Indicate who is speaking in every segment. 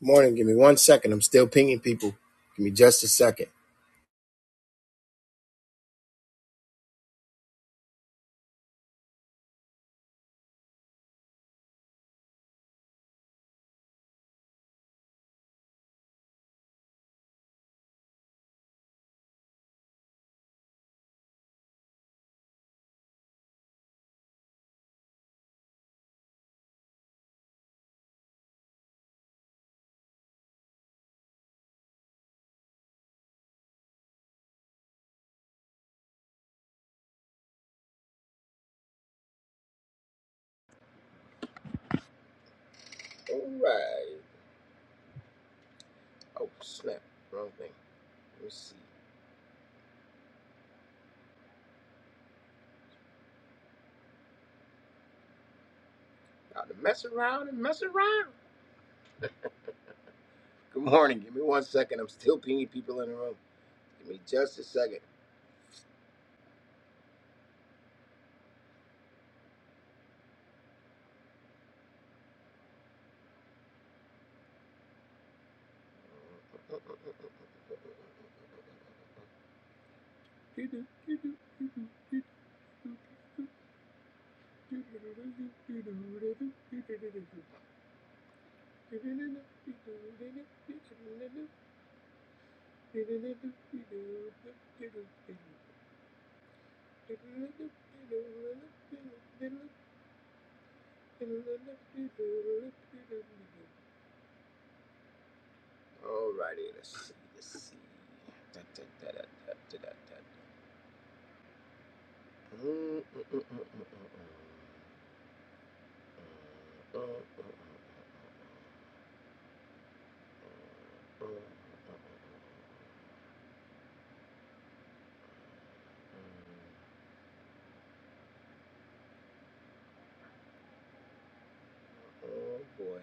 Speaker 1: Morning, give me one second. I'm still pinging people. Give me just a second.
Speaker 2: Alright. Oh snap. Wrong thing. Let me see. About to mess around and mess around. Good morning. Give me one second. I'm still pinging people in the room. Give me just a second. Alrighty. Let's see. Let's see. Da, da, da, da, da, da, da. da. Mm, mm, mm, mm, mm, mm, mm. Mm, mm, mm, mm, mm, mm, mm, mm, mm. Oh boy.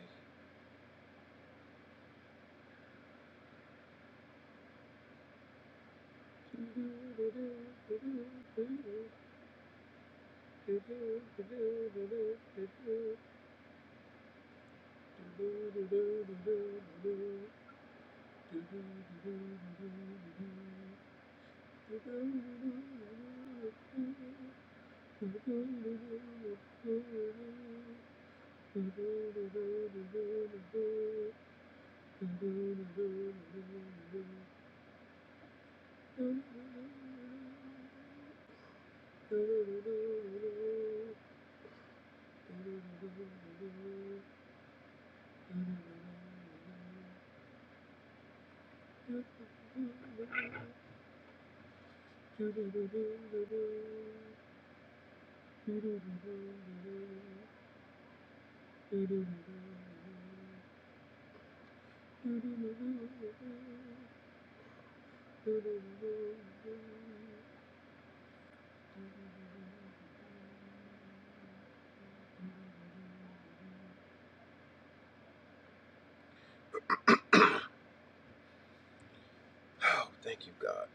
Speaker 2: Oh, thank you, God.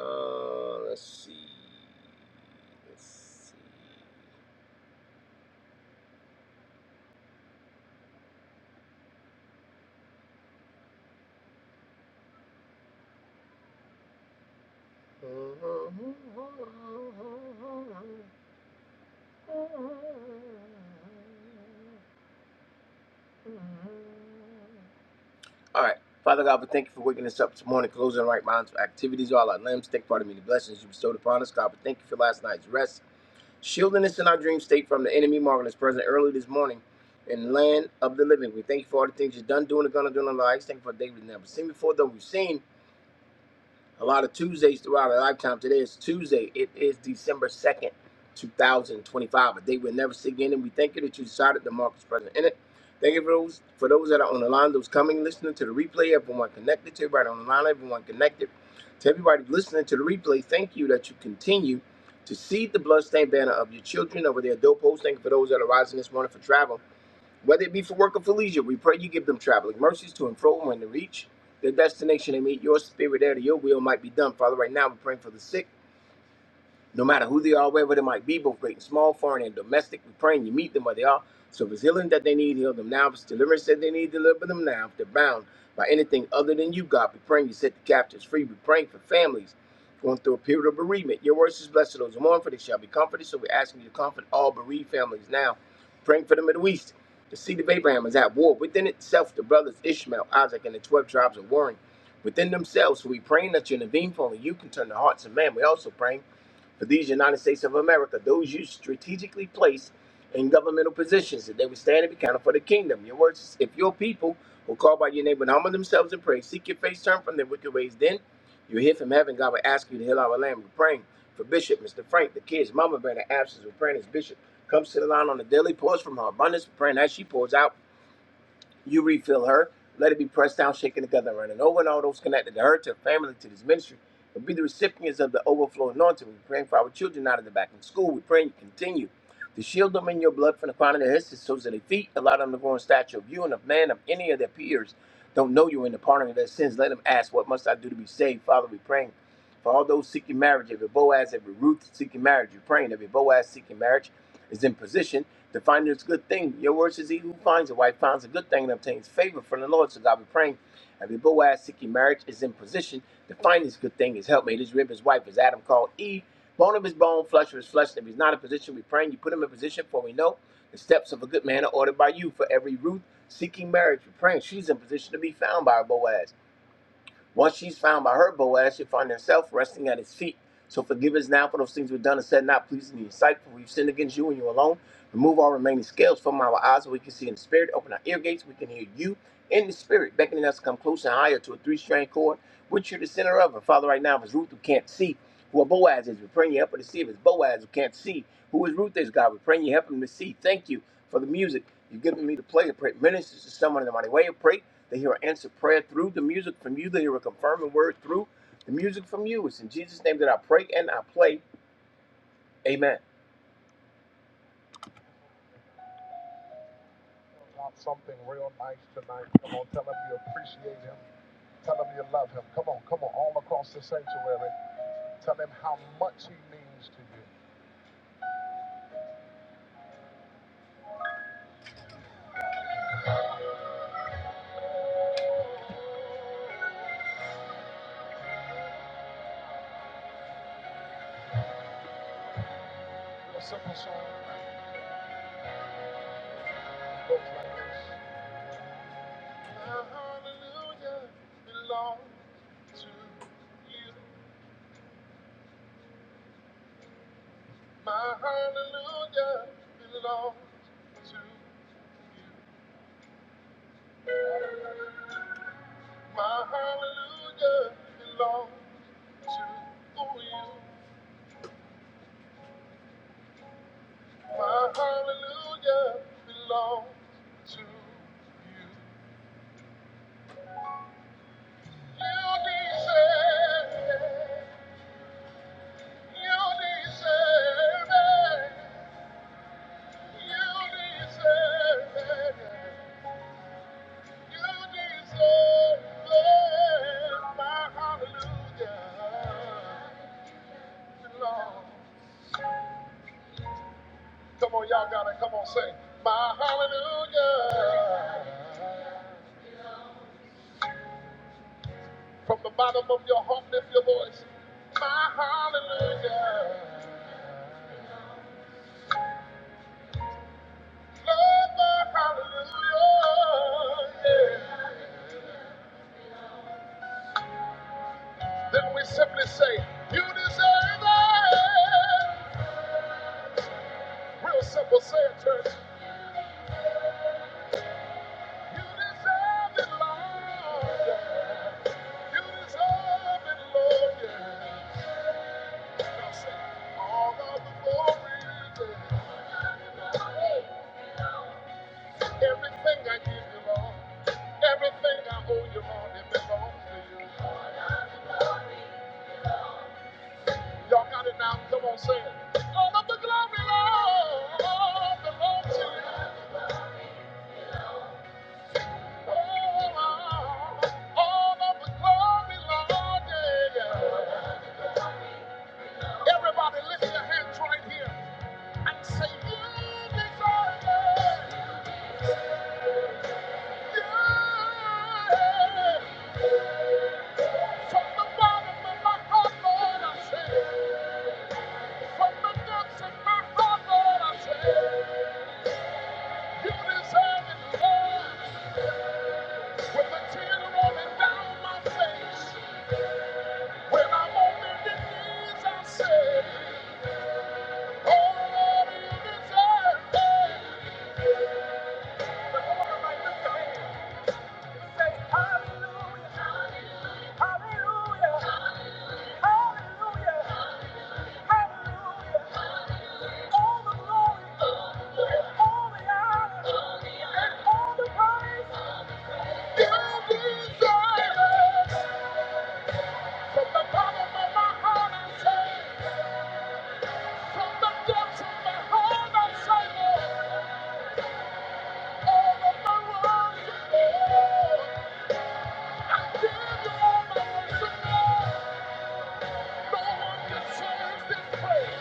Speaker 2: Uh, let's see. Let's see. Mhm. All right. Father God, we thank you for waking us up this morning, closing our right minds, for activities, all our limbs. Thank you for the many blessings you bestowed upon us. God, we thank you for last night's rest, shielding us in our dream state from the enemy, marvelous present early this morning in land of the living. We thank you for all the things you've done, doing, and gonna do in our lives. Thank you for David never seen before, though we've seen. a lot of Tuesdays throughout our lifetime. Today is Tuesday. It is December 2nd, 2025. A day we'll never see again. And we thank you that you decided to mark as present in it. Thank you for those, for those that are on the line, those coming, listening to the replay, everyone connected to everybody on the line, everyone connected to everybody listening to the replay. Thank you that you continue to see the bloodstained banner of your children over their doorpost. Thank you for those that are rising this morning for travel. Whether it be for work or for leisure, we pray you give them traveling mercies to and fro when they reach their destination and meet your spirit there that your will might be done. Father, right now we're praying for the sick no matter who they are, wherever they might be, both great and small, foreign and domestic. We are praying you meet them where they are. So if it's healing that they need, heal them now. If it's deliverance that they need, deliver them now. If they're bound by anything other than you, God, we are praying you set the captives free. We are praying for families going through a period of bereavement. Your word is blessed to those who mourn, for they shall be comforted. So we're asking you to comfort all bereaved families now. Praying for the Middle East. The seed of Abraham is at war within itself. The brothers Ishmael, Isaac, and the twelve tribes are warring within themselves. So we praying that you intervene, for only you can turn the hearts of man. We also praying for these United States of America, those you strategically placed in governmental positions, that they would stand and be counted for the kingdom. Your words, is, if your people will call by your name and humble themselves and pray, seek your face, turn from their wicked ways, then you'll hear from heaven. God will ask you to heal our land. We're praying for Bishop, Mr. Frank, the kids, Mama Bear, in the absence. We're praying as Bishop comes to the line on the daily, pours from her abundance. We're praying as she pours out. You refill her. Let it be pressed down, shaken together, and running over, and all those connected to her, to her family, to this ministry. But be the recipients of the overflow anointing. We're praying for our children out of the back in school. We're praying you continue to shield them in your blood from the crown of their heads to the soles of their feet. Allow them to grow in stature of you and of man, of any of their peers. Don't know you in the pardon of their sins. Let them ask, What must I do to be saved? Father, we're praying for all those seeking marriage, every Boaz, every Ruth seeking marriage. We are praying every Boaz seeking marriage is in position to find this good thing. Your word says, He who finds a wife finds a good thing and obtains favor from the Lord. So God be praying. Every Boaz seeking marriage is in position to find this good thing, his helpmate, his rib, his wife, as Adam called Eve, bone of his bone, flesh of his flesh. And if he's not in position, we praying you put him in position, for we know the steps of a good man are ordered by you. For every Ruth seeking marriage, we're praying she's in position to be found by her Boaz. Once she's found by her Boaz, she'll find herself resting at his feet. So forgive us now for those things we've done and said not pleasing in your sight, for we've sinned against you and you alone. Remove all remaining scales from our eyes so we can see in the spirit. Open our ear gates, we can hear you in the spirit, beckoning us to come closer and higher to a three-strand cord, which you're the center of. And Father, right now, if it's Ruth who can't see who a Boaz is, we're praying you help her to see. If it's Boaz who can't see who is Ruth is, God, we're praying you help him to see. Thank you for the music. You've given me to play. I pray it ministers to someone in the mighty way. I pray they hear an answered prayer through the music from you. They hear a confirming word through the music from you. It's in Jesus' name that I pray and I play. Amen. I Want something real nice tonight. Come on, tell him you appreciate him. Tell him you love him. Come on, come on, all across the sanctuary. Tell him how much he means to you. A simple song goes like this. My hallelujah belongs to you. My hallelujah belongs to you. My hallelujah belongs to you. My hallelujah belongs to you. You deserve it. You deserve it. You deserve it. You deserve it. My hallelujah belongs. Come on, y'all gotta come on, say, My hallelujah. From the bottom of your heart, lift your voice. My hallelujah. Lord, my hallelujah. Yeah. Then we simply say, You deserve it. Real simple, say it, church. You deserve it, Lord. Yeah. You deserve it, Lord. Yeah. Now say, All of the glory. Yeah. Everything I give you, Lord. Everything I owe you, Lord, it belongs to you. Y'all got it now? Come on, say it. All of the glory, Lord, belongs to you. Oh, all of the glory, Lord, yeah, yeah. Everybody lift your hands right here and say, You deserve it. You. From the bottom of my heart, Lord, I say, From the depths of my heart I said, You deserve it all. With a tear rolling down my face, when I'm on bended I say, Oh Lord, you deserve Hallelujah, hallelujah, hallelujah, hallelujah. all the glory, all the honor, all the praise. You deserve it. From the bottom of my heart, I say, from the depths of my heart, I say, all of my worries and I give you all my worries No one can change this praise.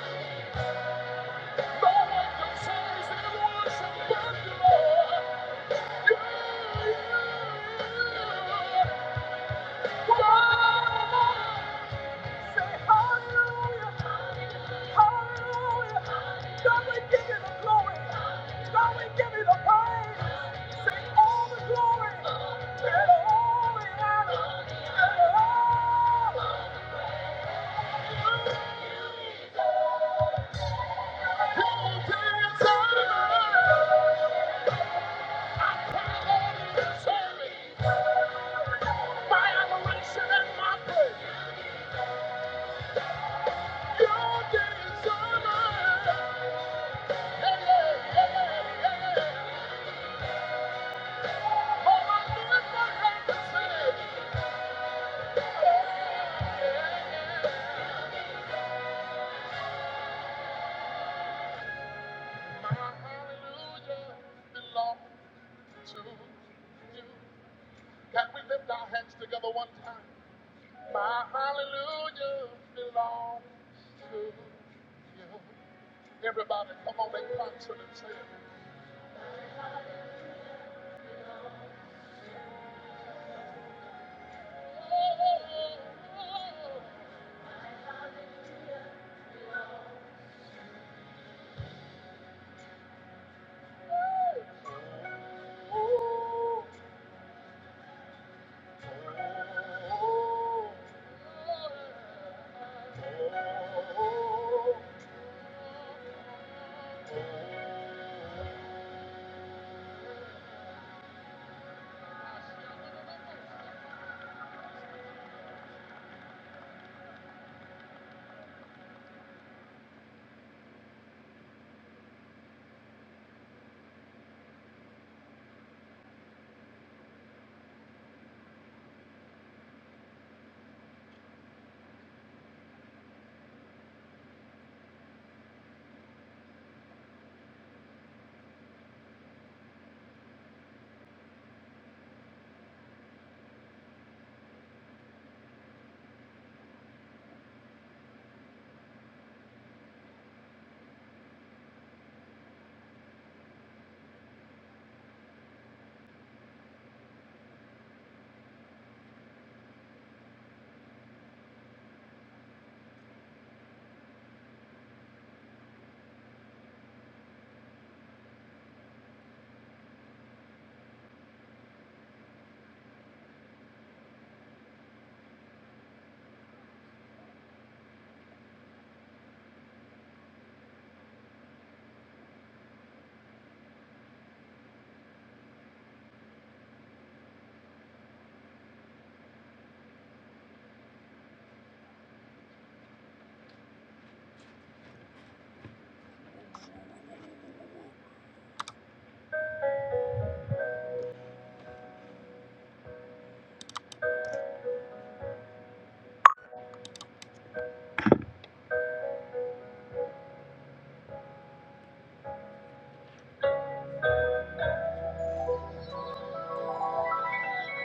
Speaker 2: oh, you. Can we lift our hands together one time? My hallelujah belongs to you. Everybody, come on and concert and say it. Oh, oh, oh.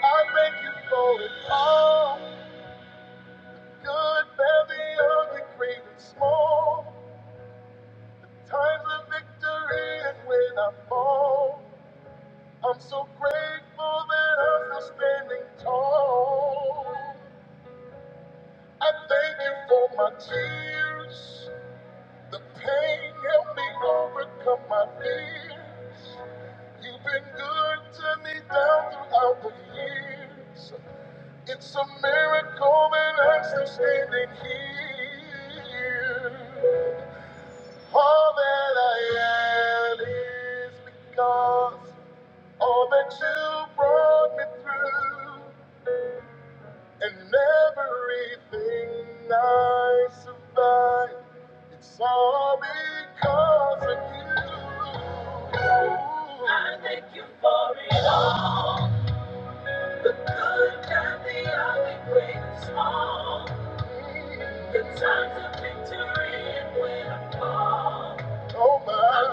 Speaker 2: I thank you for it all. Good, very ugly, great and small. Times of victory and when I fall. I'm so grateful that I'm still standing tall. I thank you for my tears. The pain helped me overcome my fears. You've been good to me down throughout the years. It's a miracle that I'm still standing here. All that I am is because all that you brought me through, and everything I survived, it's all because of you. I think for it all, the good and the ugly, great and small, the times of victory and when I fall. It's a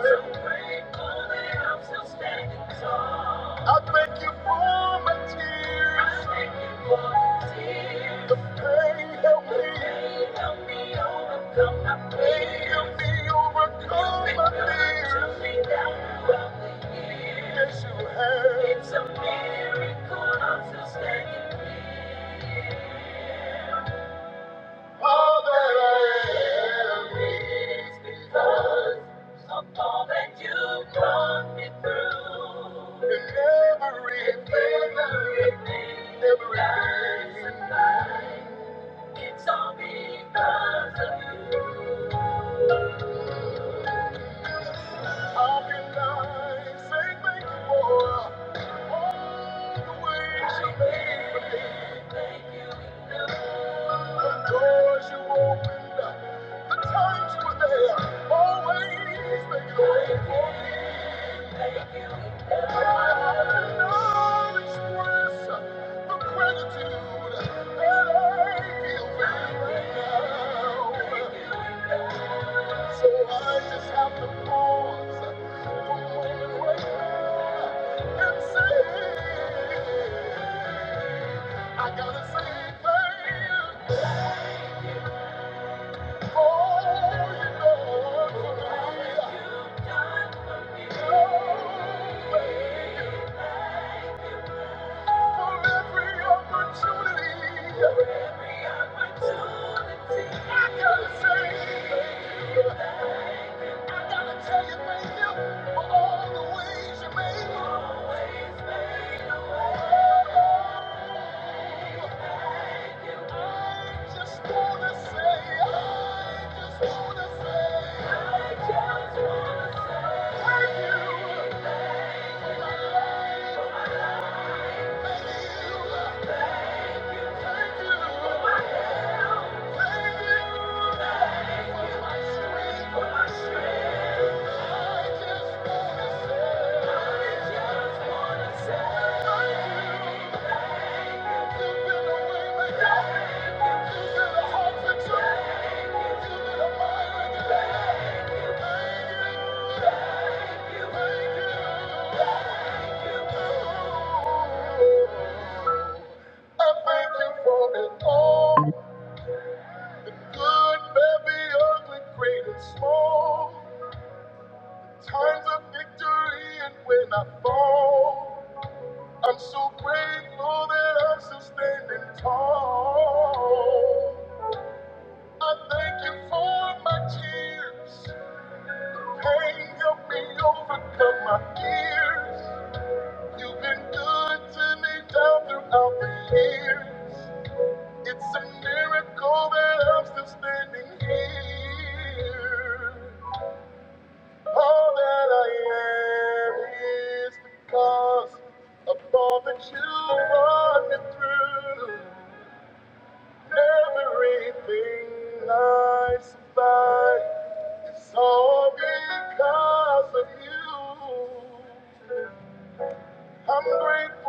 Speaker 2: miracle I'm still standing here. All that I am is because of all that you've brought me through. In everything, in everything, everything. in life, It's all because of you. Everything, thank you. Lord. Thank you. Lord. So I just have to pause for a moment right now and say, I gotta say thank you for all you done for me. Oh, thank you. Thank you. I thank you for it all. Good, baby, ugly, great and small. Times of victory and when I fall, I'm so grateful that I'm still standing tall. I thank you for my tears. Pain helped me overcome my fears. You've been good to me down throughout the years. It's a miracle that I'm still standing here. All that I am is because of all that you brought me through. Everything I survived is all because of you. I'm grateful.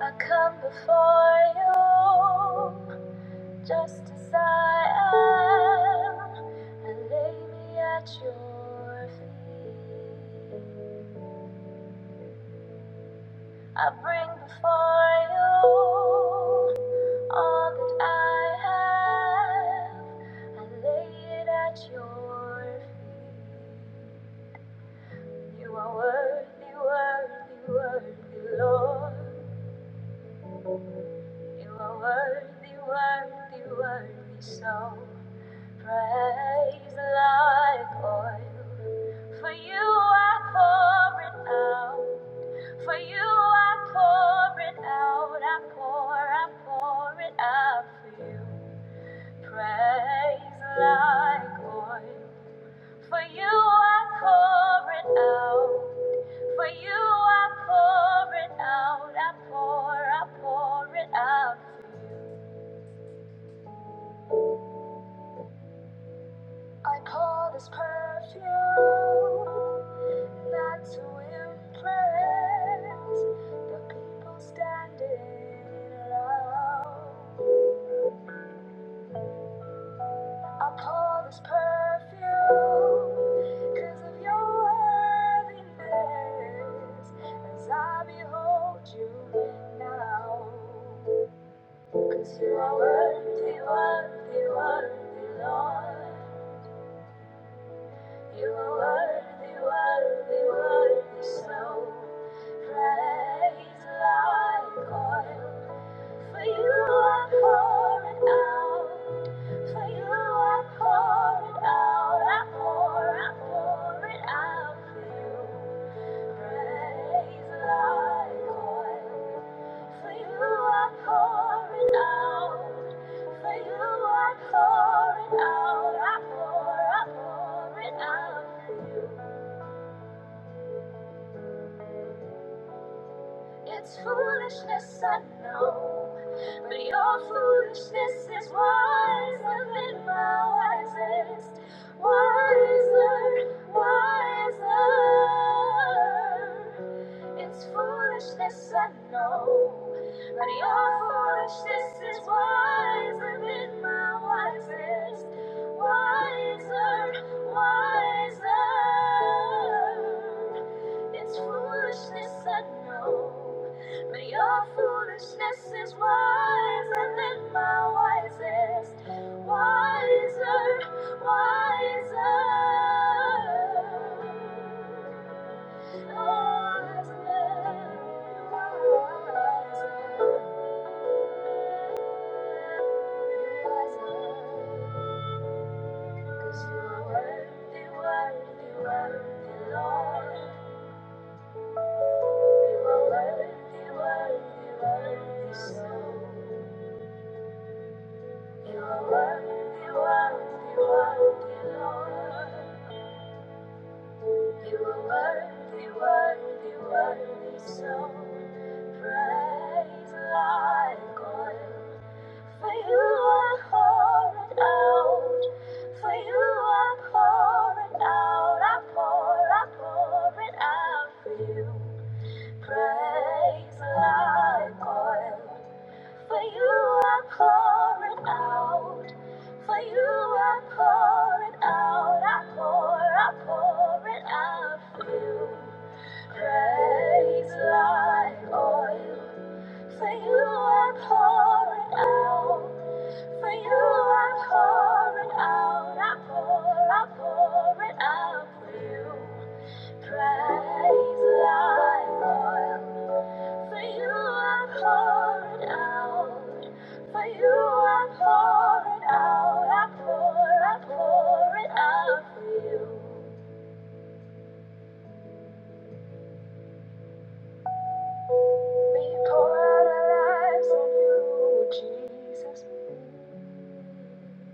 Speaker 2: I come before you just as I am. I lay me at your feet. I bring before you all that I have. I lay it at your feet. You are worthy, worthy, worthy, Lord. You are worthy, worthy, worthy. So praise like oil. For you I pour it out. For you I pour it out, I pour, I pour it out for you. Praise like oil. For you I pour it out. For you I pour it out, I pour, I pour it out. I pour this perfume not to impress the people standing around. I pour this perfume because of your worthiness as I behold you now. Because you are worthy, worthy, worthy, Lord. You are worthy, worthy, worthy, so praise like oil. For you I pour it out, for you I pour it out, I pour, I pour it out for you. Praise like oil. For you are pouring out. For you are pouring out. I pour, I pour it out for you. It's foolishness, I know, but your foolishness is wiser than my wisest. Wiser, wiser. It's foolishness, I know, but your foolishness is wiser than my wisest. Wiser, wiser. It's foolishness, I know. But your foolishness is wiser than my wisest. Wiser, wiser. You're Wiser, you're wiser, you're wiser. 'Cause you are worthy, worthy, worthy, Lord. You are worthy, worthy, worthy, so. You are worthy, worthy, worthy, Lord. You are worthy, worthy, worthy, so praise like oil. For you are pouring out, for you are pouring out, I pour, I pour it out for you. Praise like oil, for you are pouring out. For you, I pour it out, I pour, I pour it out for you. Praise like oil. For you, I pour it out. For you, I pour it out. I pour, I pour it out for you. Praise like oil. For you, I pour it out. For you, I pour it out. I pour, I pour it out for you. We pour out our lives on you, Jesus.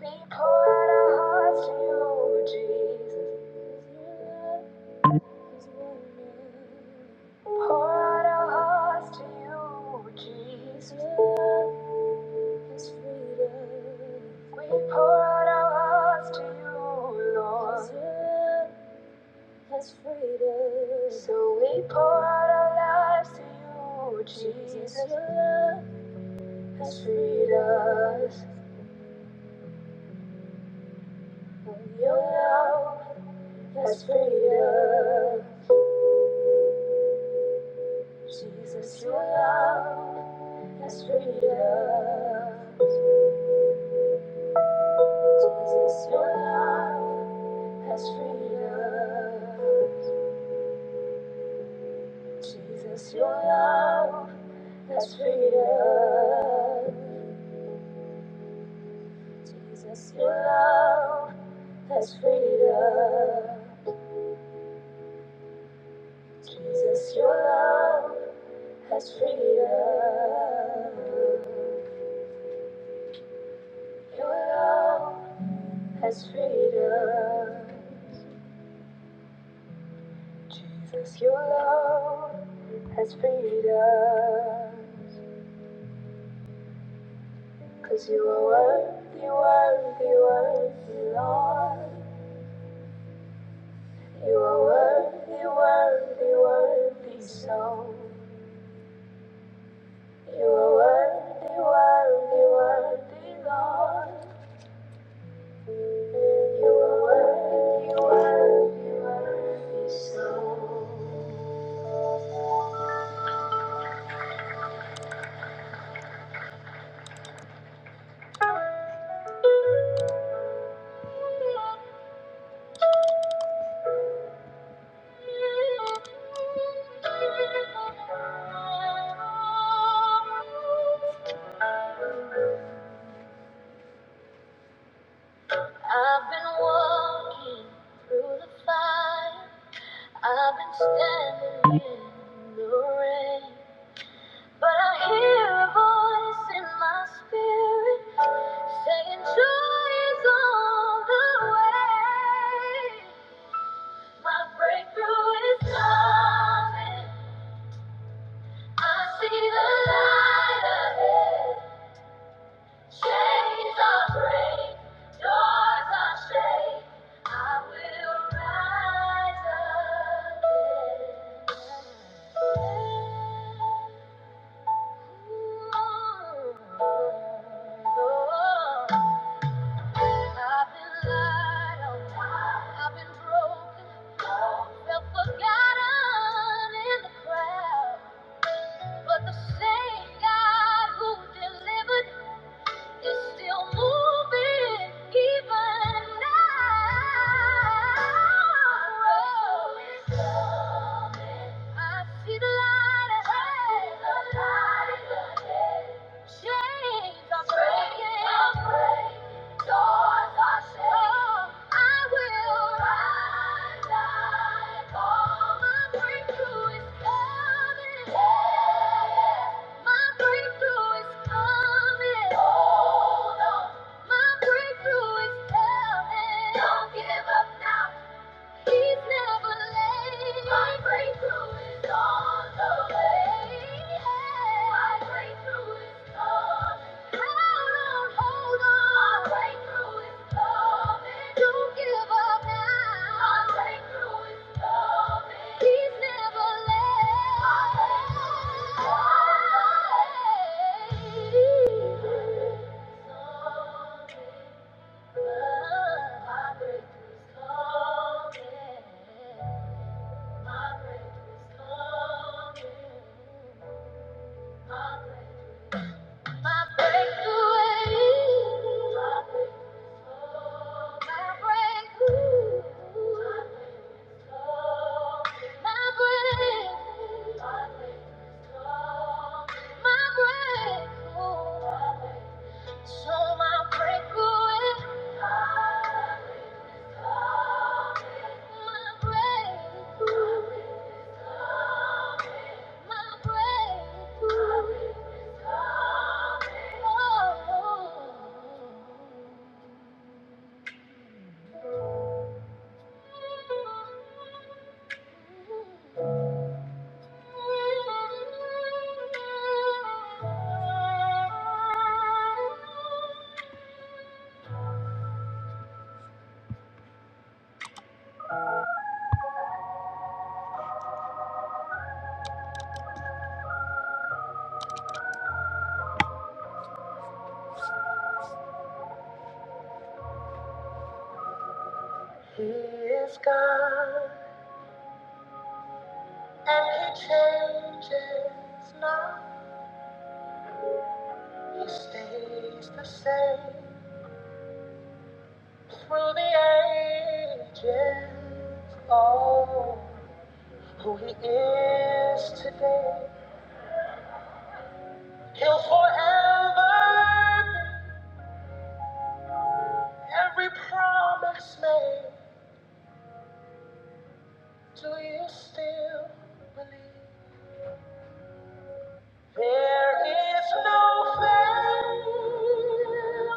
Speaker 2: We pour out our hearts to you, Lord Jesus. 'Cause your Pour out our hearts to you, Lord Jesus. 'Cause your We pour out our hearts to you, Lord. So we pour out our lives to you, Lord I've been walking through the fire. I've been standing in the rain. But I hear a voice in my spirit saying, Joy is on the way. My breakthrough is coming. I see the light ahead. Chains are break, doors are shake. I will rise again. I've been lied on, I've been broken, felt forgotten in the crowd. But the same God who delivered You're still moving even now. Oh, I see the light ahead. Chains are breaking. Doors are shut. I will rise like all my breakers Don't give up now. Our breakthrough is coming. He's never late. Our breakthrough's coming. My breakthrough's coming. My breakthrough. My breakthrough. My breakthrough. My breakthrough. My breakthrough. So my breakthrough. My breakthrough. Oh. And changes not. He stays the same. Through the ages, oh, who he is to us made when it's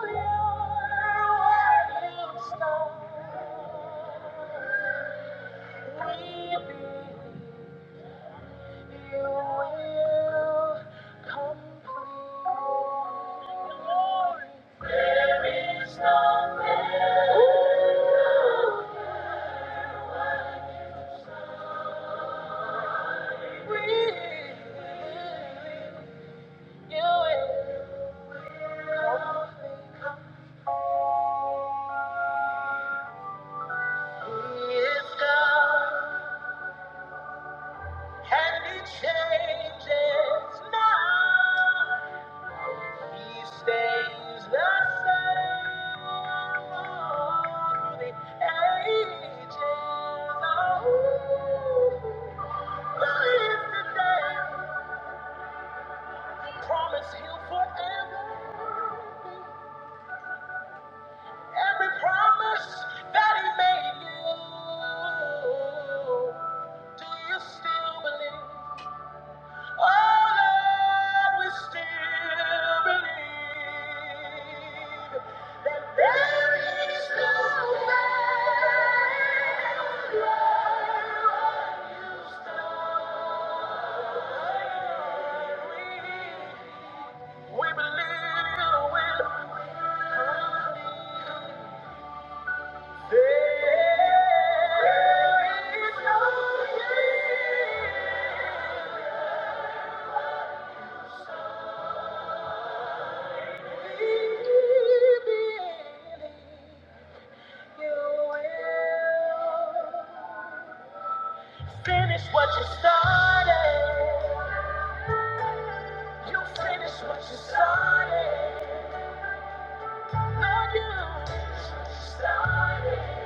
Speaker 2: real. where you start, we believe you will complete. glory. There is no man. We believe. You is God, and He changes not. He stays the same through the ages. Oh, who is today? Promise He'll forever. That we we believe in the will Finish what you started. You finish what you started. Lord, you started.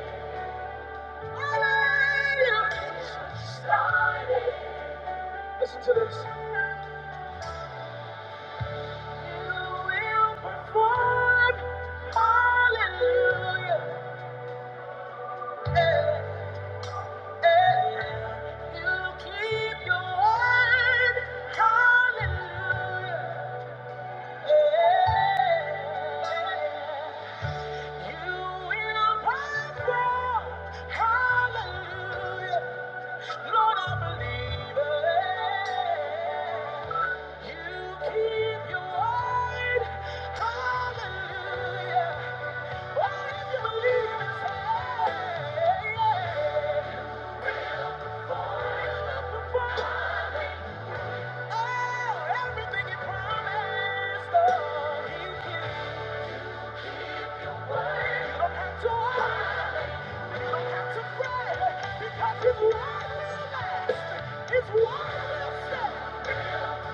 Speaker 2: Hallelujah. Finish what you started. Listen to this. You will perform. Hallelujah. Hallelujah. Everything He promised, oh, He keeps. You don't have to worry, you don't have to fret, because His word will last. His word will stand.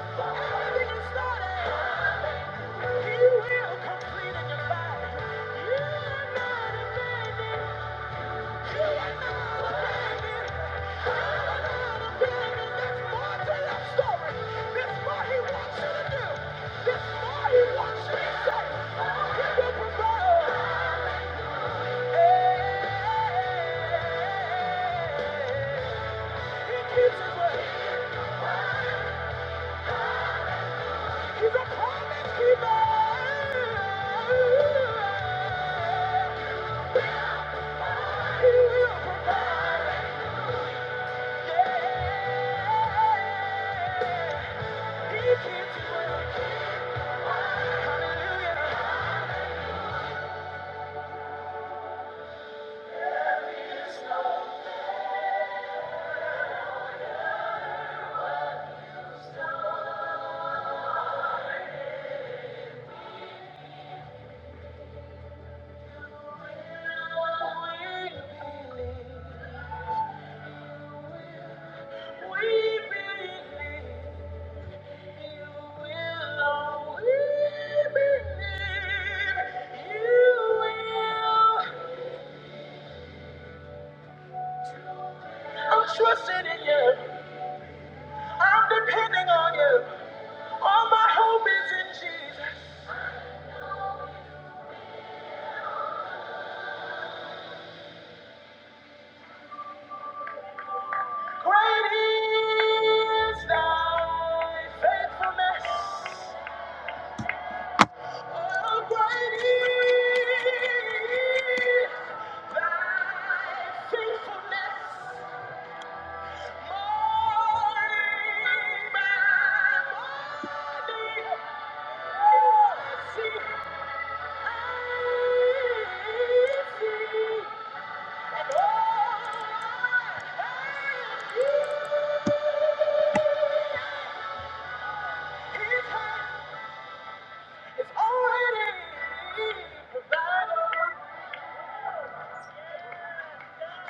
Speaker 2: Everything He started, He will complete in your life. You are not a man. Yeah. Hallelujah. I'm trusting in you. I'm depending on you. All my hope is in Jesus. Great is thy faithfulness.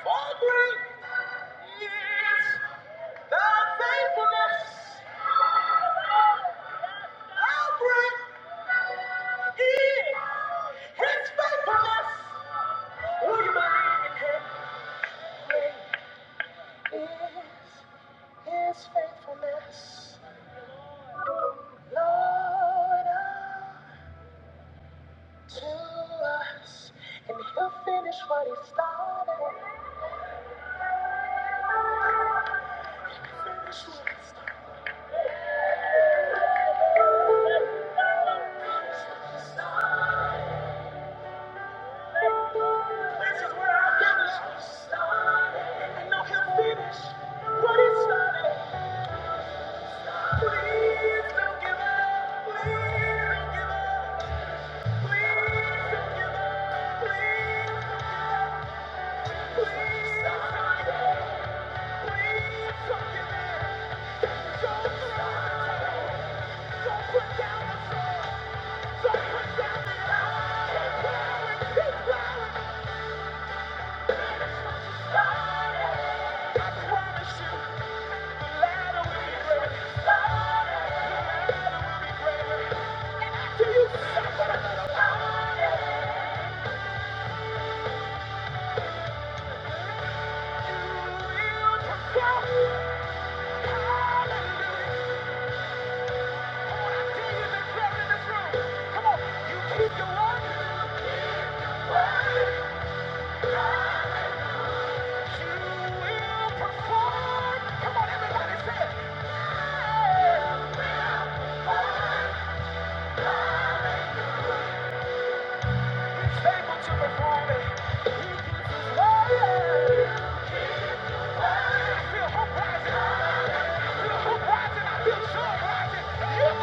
Speaker 2: All great. What he started, finish what he started. This is where I finish. And I can finish what it started. Please don't give up. Please don't give up. Please don't give up. Please don't give up. don't give don't the towel. Don't put down the sword. Don't put down the iron. Keep plowing. Keep plowing. you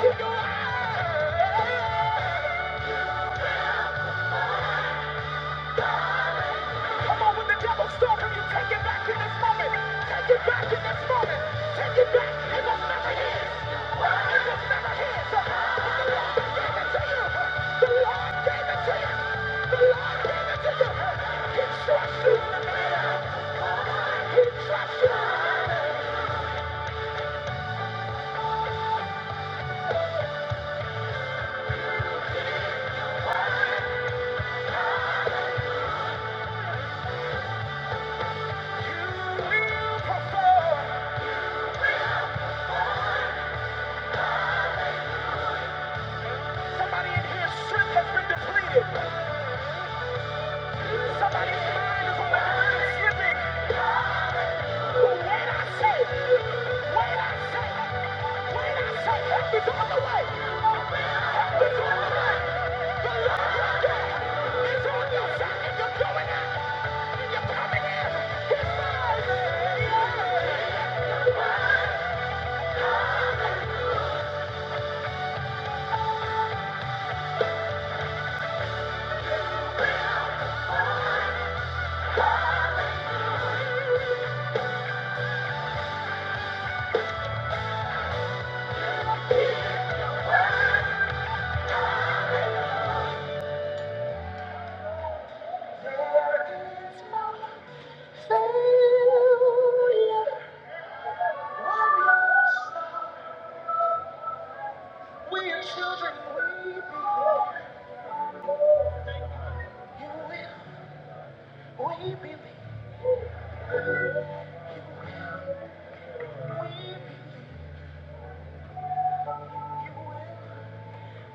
Speaker 2: Keep your eyes. Come on, when the devil's stalking you, take it back in this moment. Take it back in this moment. Take it back. It was never his. It was never his. The Lord gave it to you. The Lord gave it to you. The Lord gave it to you. He trusts you. He trusts you. You will perform. Somebody in here, strength has been depleted. Somebody's mind is on the verge of slipping. There is no failure. We are children, we believe. You will, we believe.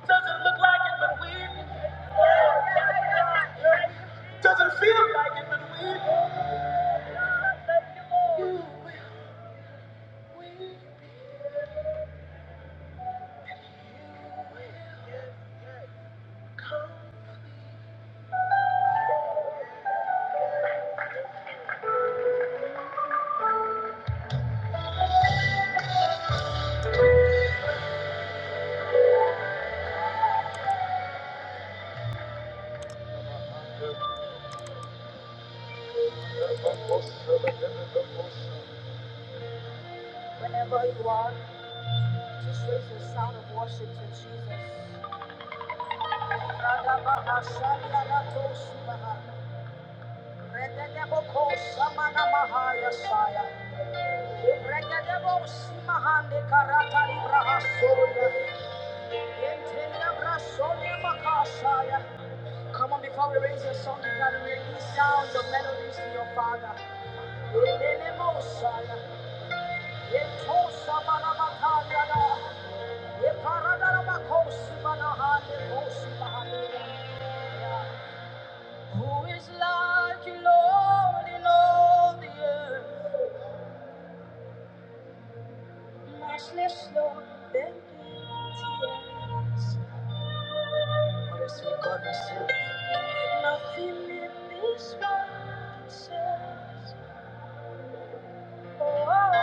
Speaker 2: Doesn't look like it, but we believe. Doesn't feel like it, but we believe. You will, we believe. Whenever you are, just raise your sound of worship to Jesus. Come on, before we raise your song, you gotta release sounds of melodies to your Father. Elelemosaya, etosamanamatanada, eparadarabakosimanahandekosimahandea. Who is like you, Lord, in all the earth? Matchless love that gives. Honestly, God is so. Nothing in this world says. Oh, oh,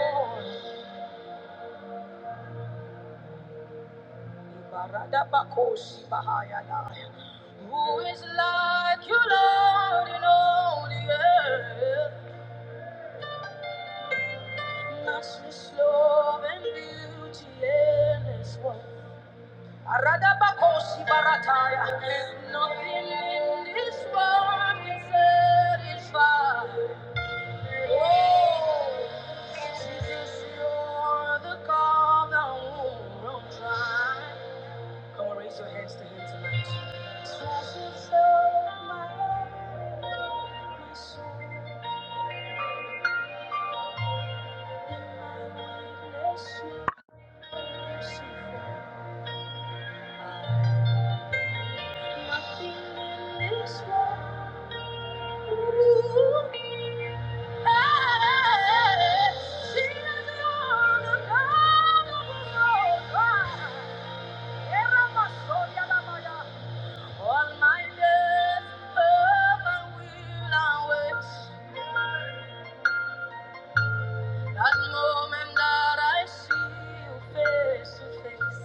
Speaker 2: oh. Ibaradabakosi bahayada. Who is like you, Lord, in all the earth? Matchless love and beauty endless one. Aradabakosi barataya. Nothing in this world can satisfy. Oh, Jesus, you're the God that won't try. Come on, raise your hands to Him tonight. Treasures of my heart, my soul, in my weakness, you see. Nothing this world. That moment that I see you face to face,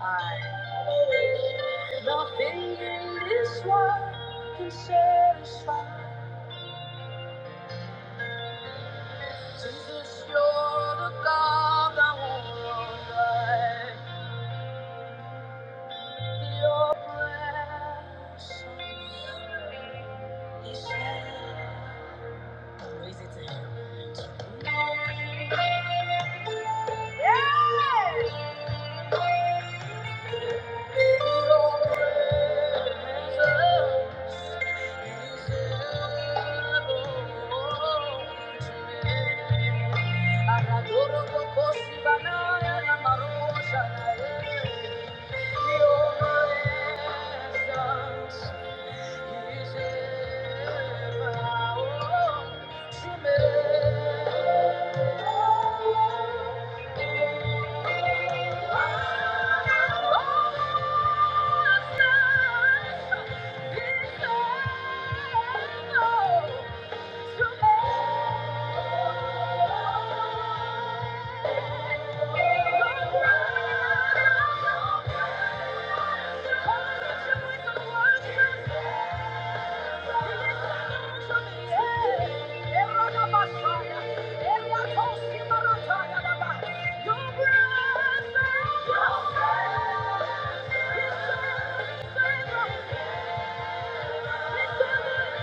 Speaker 2: I nothing in this world can satisfy. Jesus, you're the God that won't lie. Your Yeah! Thank you.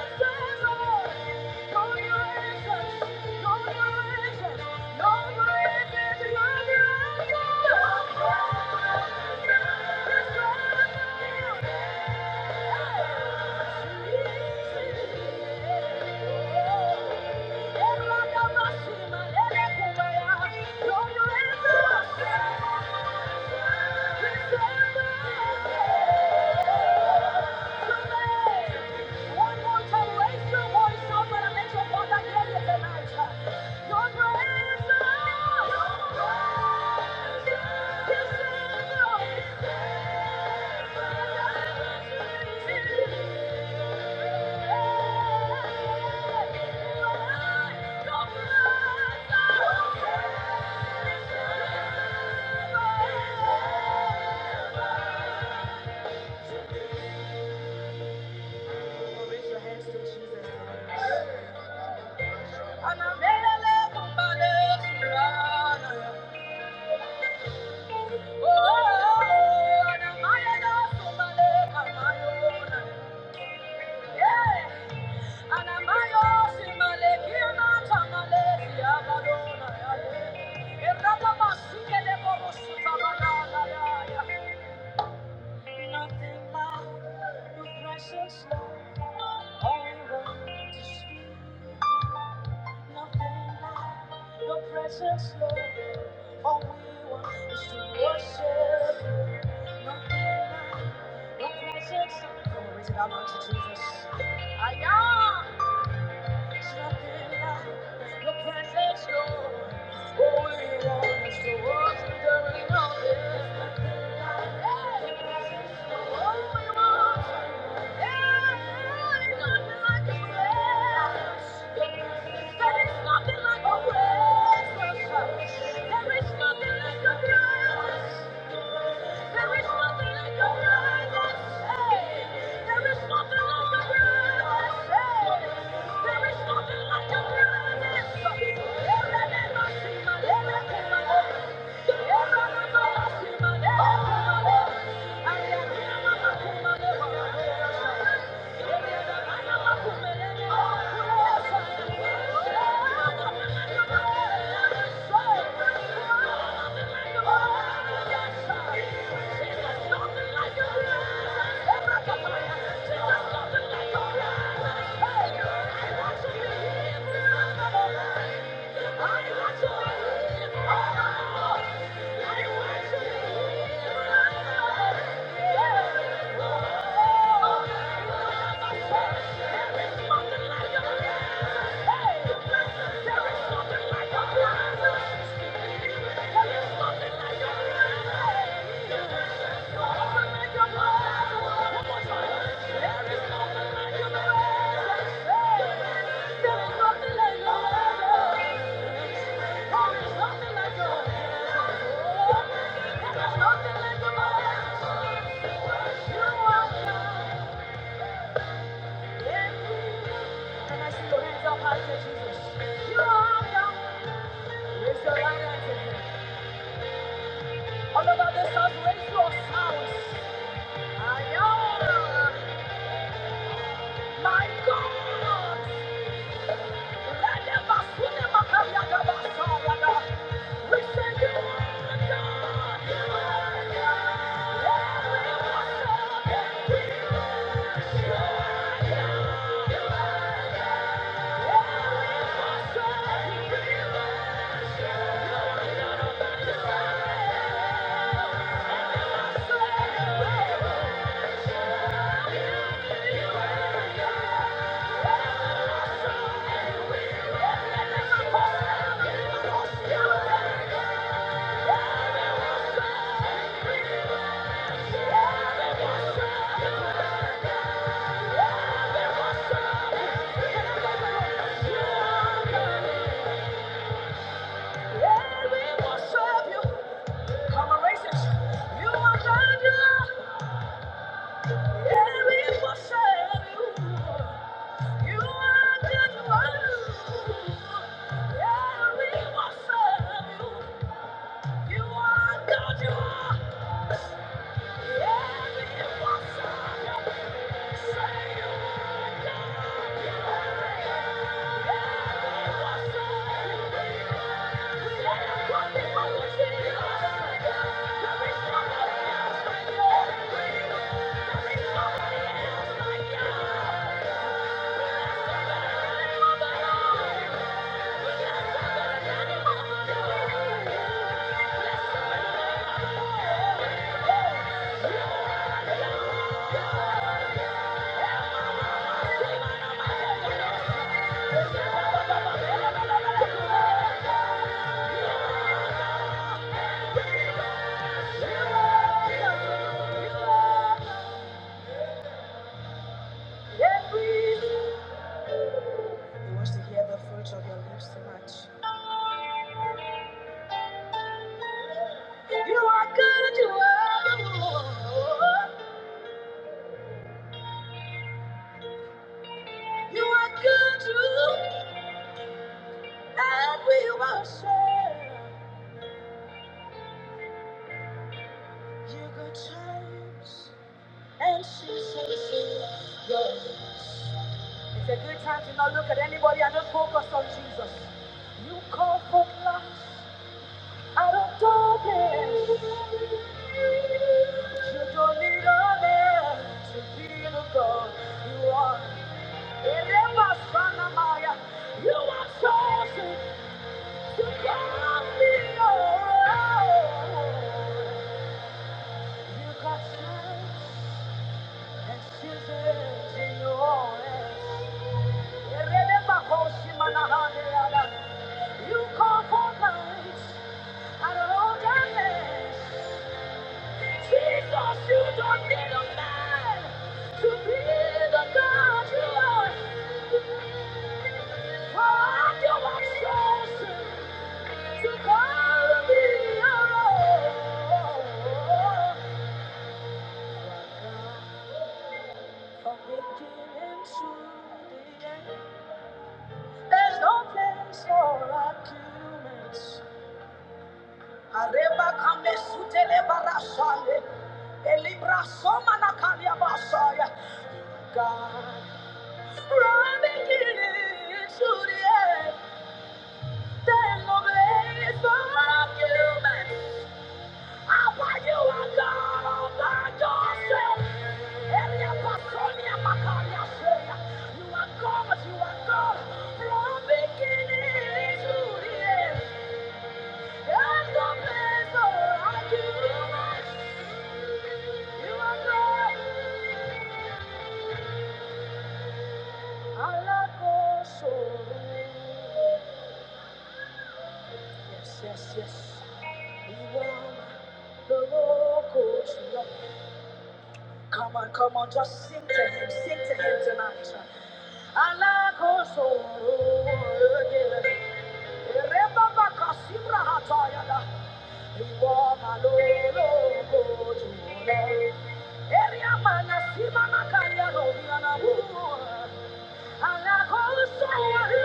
Speaker 2: Thank you. Thank you. One more time, raise your voice up and let your father hear tonight. Your praise is loud. Your praise is loud. Raise your hands to Jesus tonight. And I'm Precious Lord, all we want is to worship you. Nothing like your presence. Glory to God, Lord Jesus. I am. There is nothing like a prayer. There is nothing like your presence. There is nothing like your presence. There is nothing like your presence. Thank you. Hey! All over this house, raise your sounds. My God, we send you Come and raise You are God, yeah, we worship you. It's a good time to not look at anybody and just focus on Jesus. You call for light out of darkness. You don't need a man to be the God you are. You are chosen to call me your own. You got strength and scissors in your hands. You call for nights and of all darkness. Jesus, you don't need a man to be the God you are. For you are chosen. There's no place for arguments. Areba kame sutele barasale. Elibra soma na kalia basaya. God, from beginning to the end, there's no place for arguments. I want you you? You You to yourself. Elia Pasonia Macaria Shea. You are God? you are God? From beginning to the end. There's no place like you. You are God. Alakoso. Yes, yes, yes. You are the Lord, God, you are. Come on, come on, just sing to him, sing to him tonight. Alagoso, Remember Kasimra Hatayada, Iwama Lolo Gojule, Eriamana Simana Kaya Robiana Oh, yeah,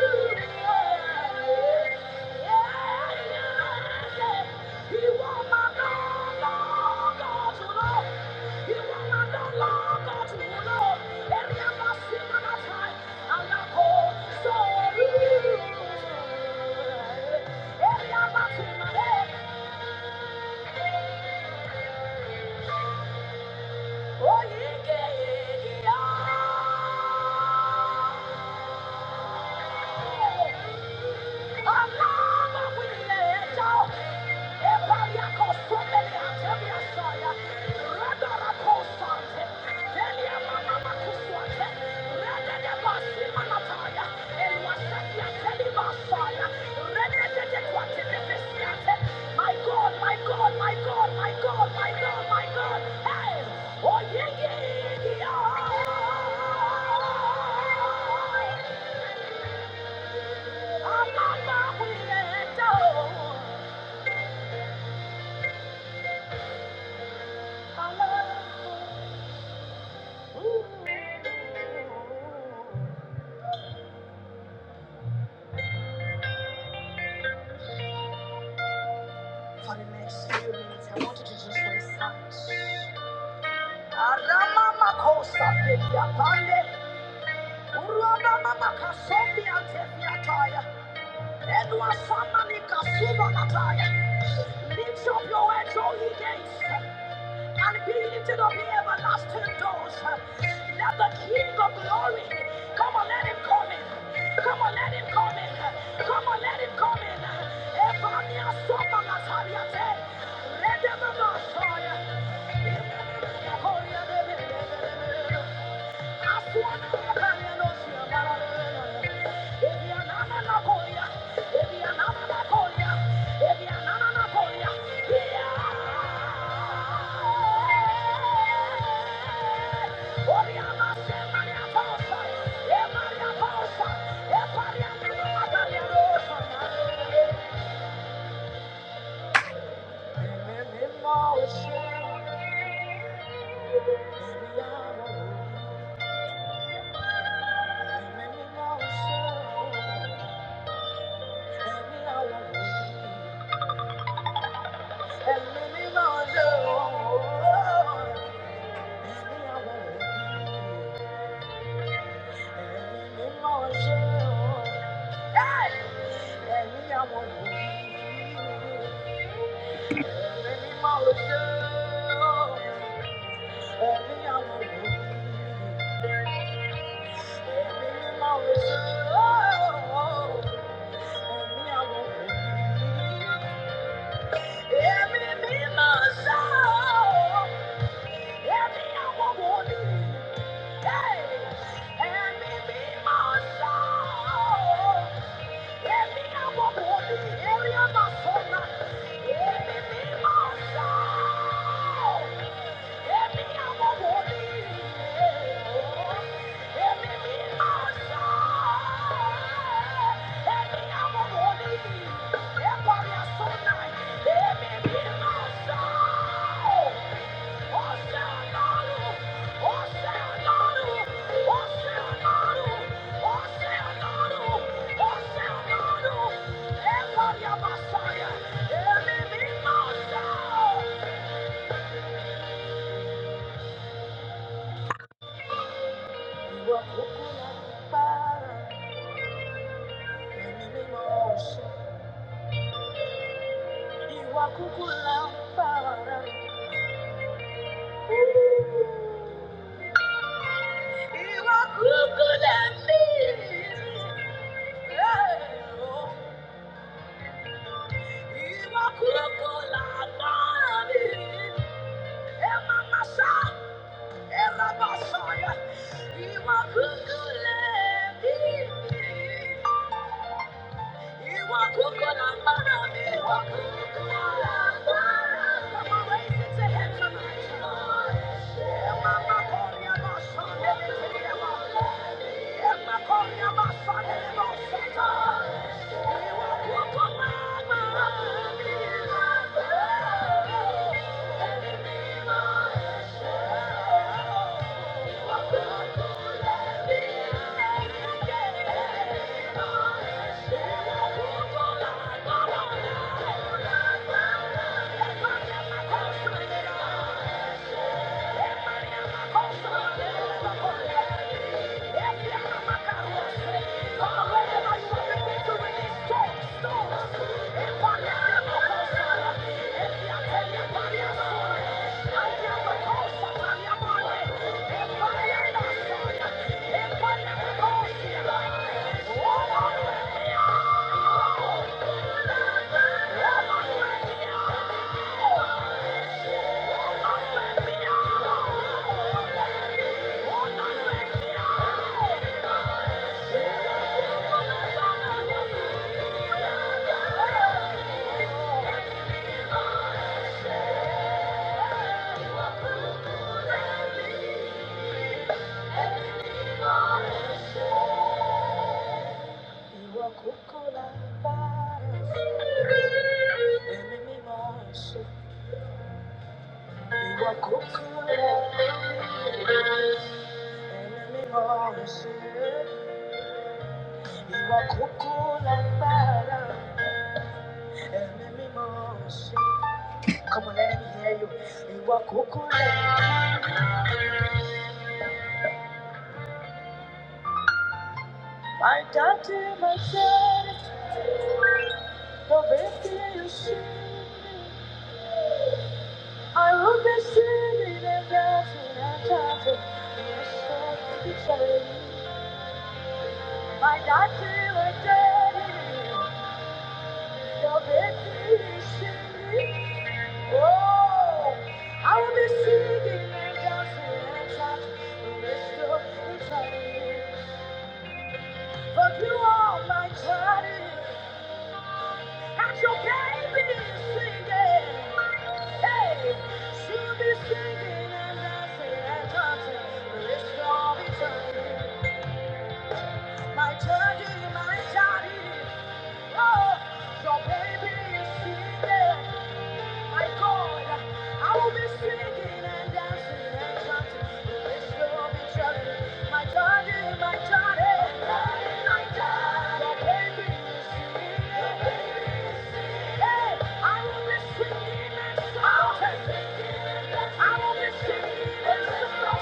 Speaker 2: yeah, yeah. yeah. My God, my God, my God, my God, my God, my God. Hey! Oh, yeah, yeah, yeah. I'm not my weekend dog. I love you. For the next year. Arama makosa fedia pande. Uruana mama kasombi antefia taya. Edwa samani kasuma Lift up your heads, all ye gates. and be lifted up the everlasting doors. Let the King of glory come on, let him come in. Come on, let him come in. Come on, let him come in. Evania Somala Saliate, Redemana Soya. Yeah. Oh, Every me, my soul. Yeah. Iwa kukula mpara, iwa kukula mbili. Thank you. Thank you. I'm Thank you. Ìwọ kúkú lágbára, ẹ̀mí mímọ́ ẹ̀ṣẹ̀. Ìwọ kúkú lágbára, ẹ̀mí mímọ́ ẹ̀ṣẹ̀. Ìwọ kúkú lágbára. Come on, let me hear you. You are cuckoo. My daddy, my daddy. No baby, you see. me. I will be singing and dancing and dancing. Yes, sir, it's a- My daddy, my daddy. My daddy, my daddy, oh, your baby is singing. My God, I will be singing and dancing and chanting. This will be chanting. My daddy, my daddy, my daddy. Your baby is singing. Your baby singing. Hey, I will be singing and shouting. I will be singing and shouting.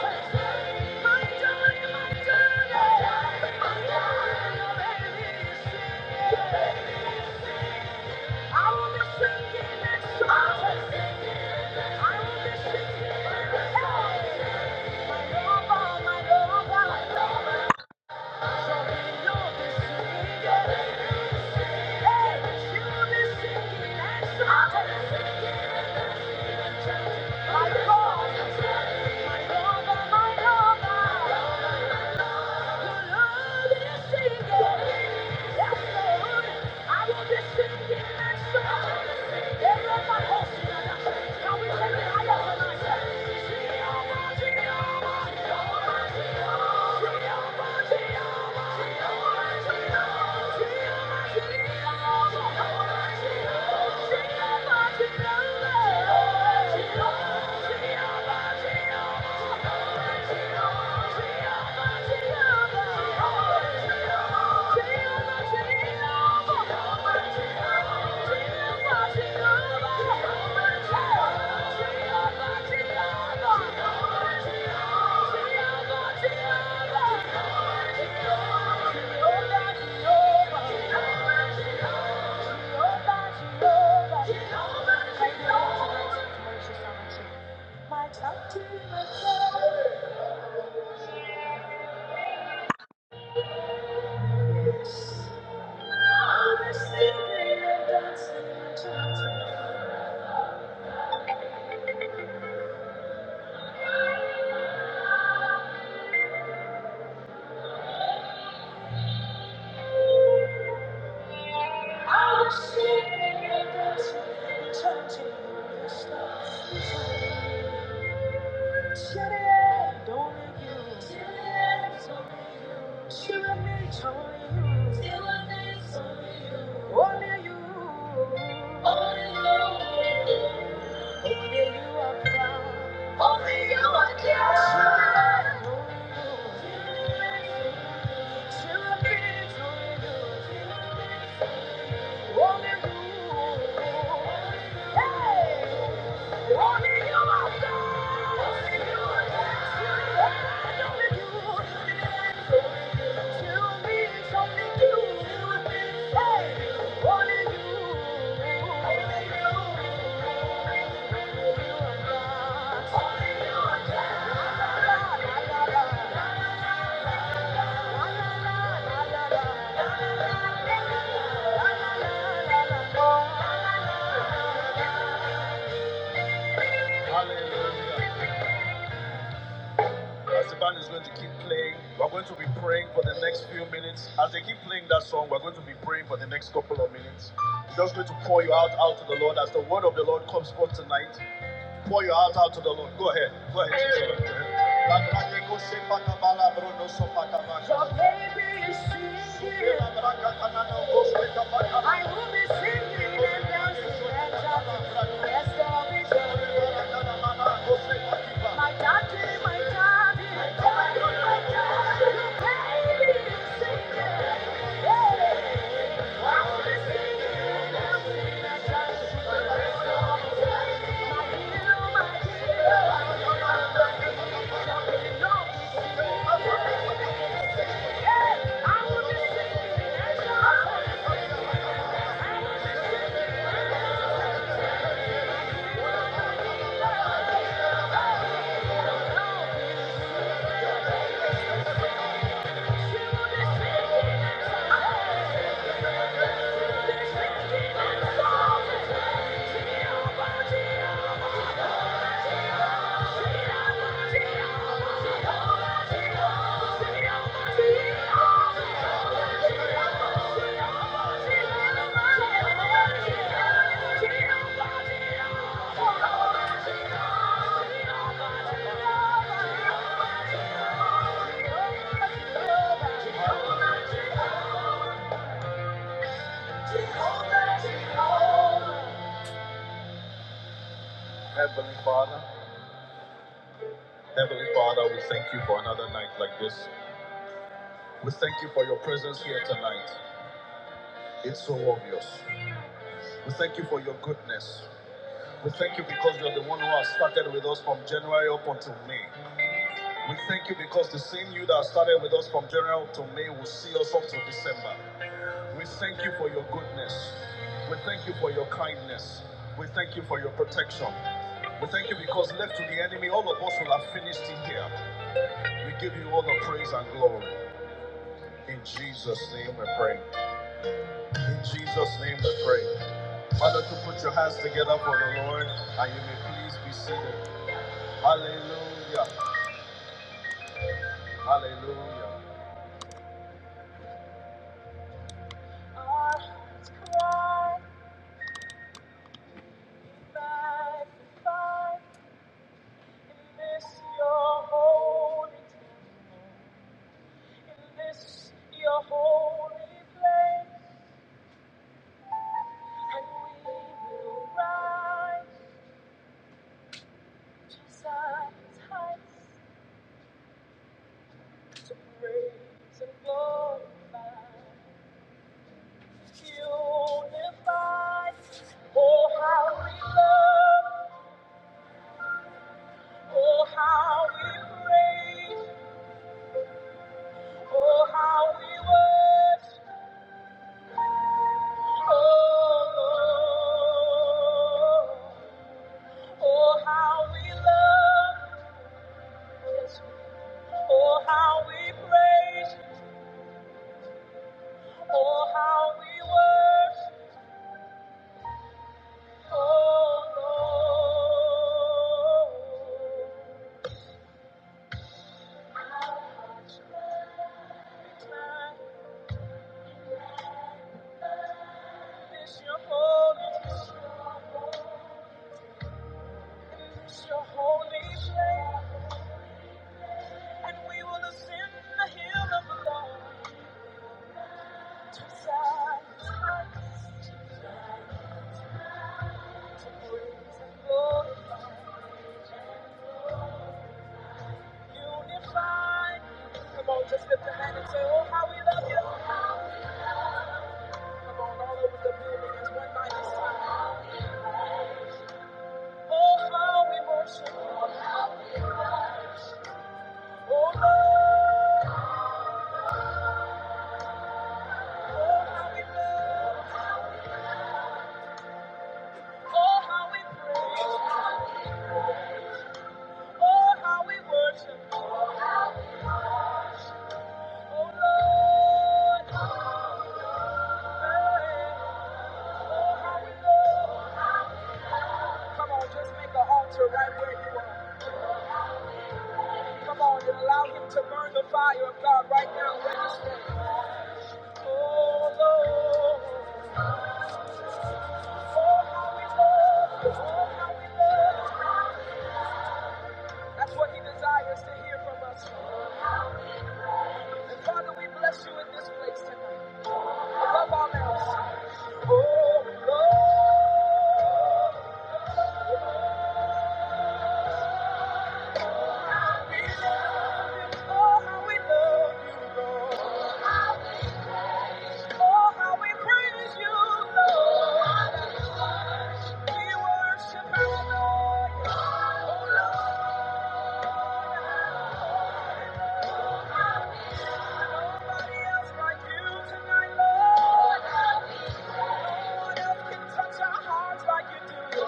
Speaker 2: My God, my God, my God. Thank you. My tongue to myself. Yes. Only you Only are God. Thank you. As the band is going to keep playing, we're going to be praying for the next few minutes. As they keep playing that song, we're going to be praying for the next couple of minutes. We're just going to pour you out out to the Lord as the word of the Lord comes forth tonight. Pour your heart out to the Lord. Go ahead. Go ahead. Go ahead. so baby is singing. I will be singing and dancing Yes, I'll be shouting. My daddy, my daddy, my daddy, my daddy. Your baby is singing. Yeah. I'll be singing. Thank you. Heavenly Father, Heavenly Father, we thank you for another night like this. We thank you for your presence here tonight. It's so obvious. We thank you for your goodness. We thank you because you're the one who has started with us from January up until May. We thank you because the same you that started with us from January up to May will see us up to December. We thank you for your goodness. We thank you for your kindness. We thank you for your protection. We thank you because left to the enemy, all of us will have finished in here. We give you all the praise and glory. In Jesus' name we pray. In Jesus' name we pray. Why don't you put your hands together for the Lord and you may please be seated. Hallelujah. Hallelujah. Our cry, magnify this your holy temple, in this your holy place, and we will rise to Zion's to praise and glorify, unified. Oh how we love, oh how we praise, oh how we worship, oh Lord. Oh, how we love, oh, how we praise, how we worship, man. It's your holy, it's your holy, it's your holy place. And we will ascend the hill of the Lord to Zion's heights, to praise and glory, unified. Come on, just lift a hand and say, Oh, how we love you. Come on, all over the building, it's one night mighty time. Oh, how we worship. Oh, Lord. Oh, how we love. Oh, how we praise. Oh, how we worship. Oh, Lord. Oh, how we love. Come on, just make an altar right where you are. Come on and allow him to burn the fire of God right now where you stand. Oh, Lord. Oh, how we love. Oh, how we love. That's what he desires to hear from us. Father, we bless you in this place tonight. Above all else. Oh, we love you. Oh, how we love you, Lord. Oh, how we praise you. It's like you tonight, Lord. No one else can touch our hearts like you do.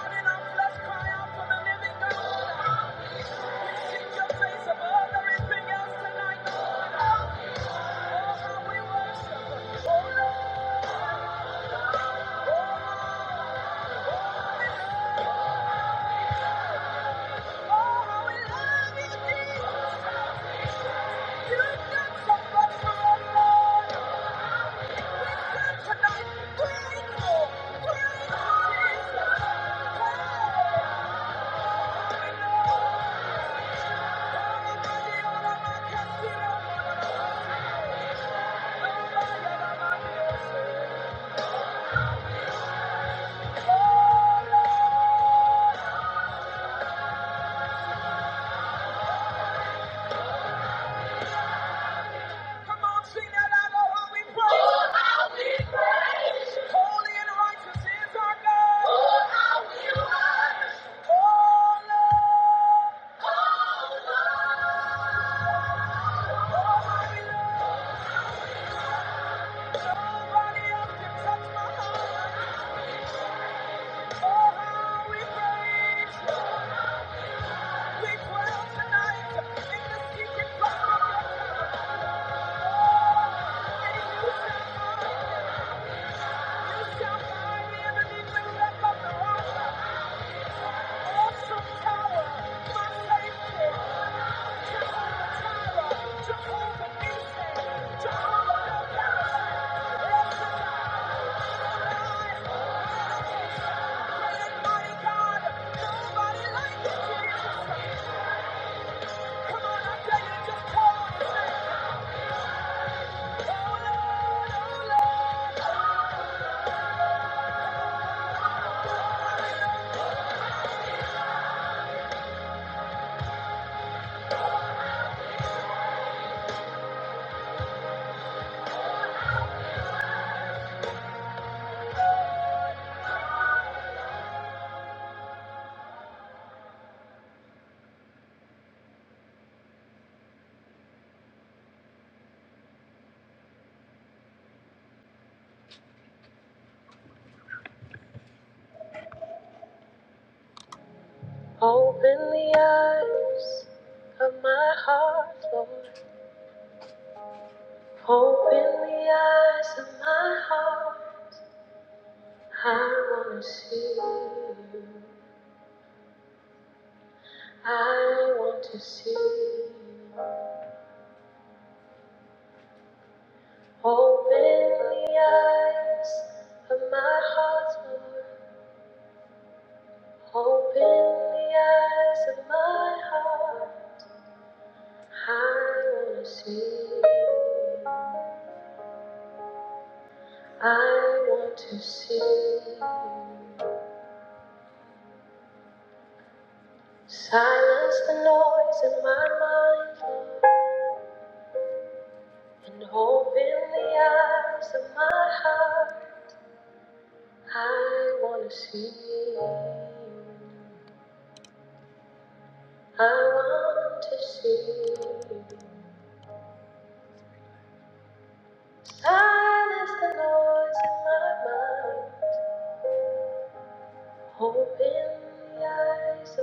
Speaker 2: Lord, in our flesh, cry out for the living God. Seek your face above everything else tonight. Tonight, great, Lord. Great, Lord. Come on, sing that out loud. How we praise. Oh, how we praise. Holy and righteous is our God. Oh, how we worship. Oh, Lord, you touch my soul. How we praise. We dwell tonight in the secret place of your tabernacle. And you shall find, you shall find me beneath the cleft of the rock. Some tower, my safety, Jehovah Nissi, Jehovah. Open the eyes of my heart, Lord. Open the eyes of my heart. I want to see you. I want to see you. Open the eyes of my heart, Lord. Open the eyes of my heart. I wanna see. I want to see. Silence the noise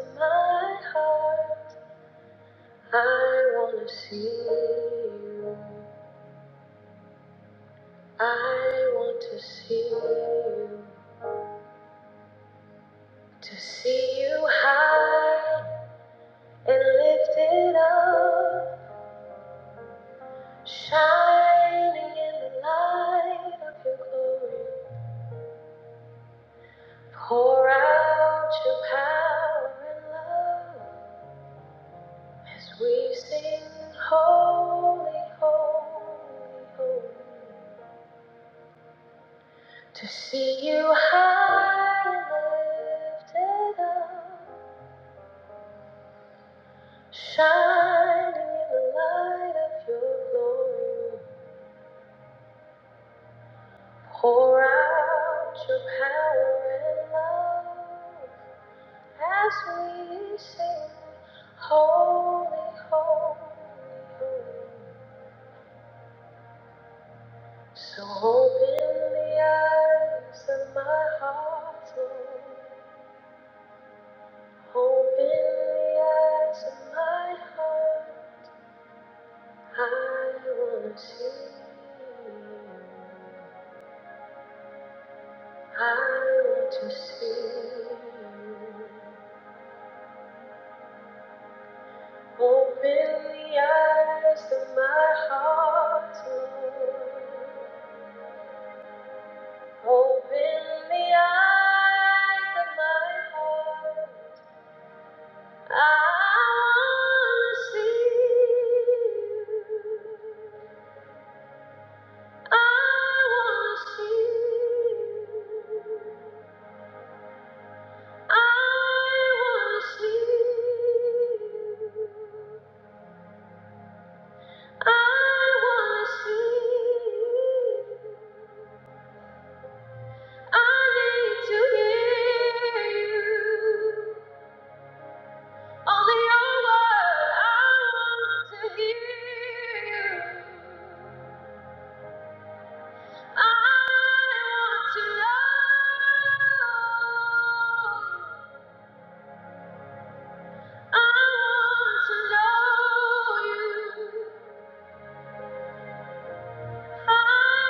Speaker 2: in my heart. I see. you Shining in the light of your glory. Pour out your power and love as we sing holy, holy, holy. To see you high and lifted up. Shining in the light of your glory, pour out your power and love as we sing, Holy, Holy, Holy. So open the eyes of my heart, Lord. Open the eyes of my heart. I want to see you. I want to see. Open the eyes of my heart, Lord. Open the eyes of my heart. I want to see. you. I want to see. you. I want to see. you. I wanna see. I need to hear you. Only your word. I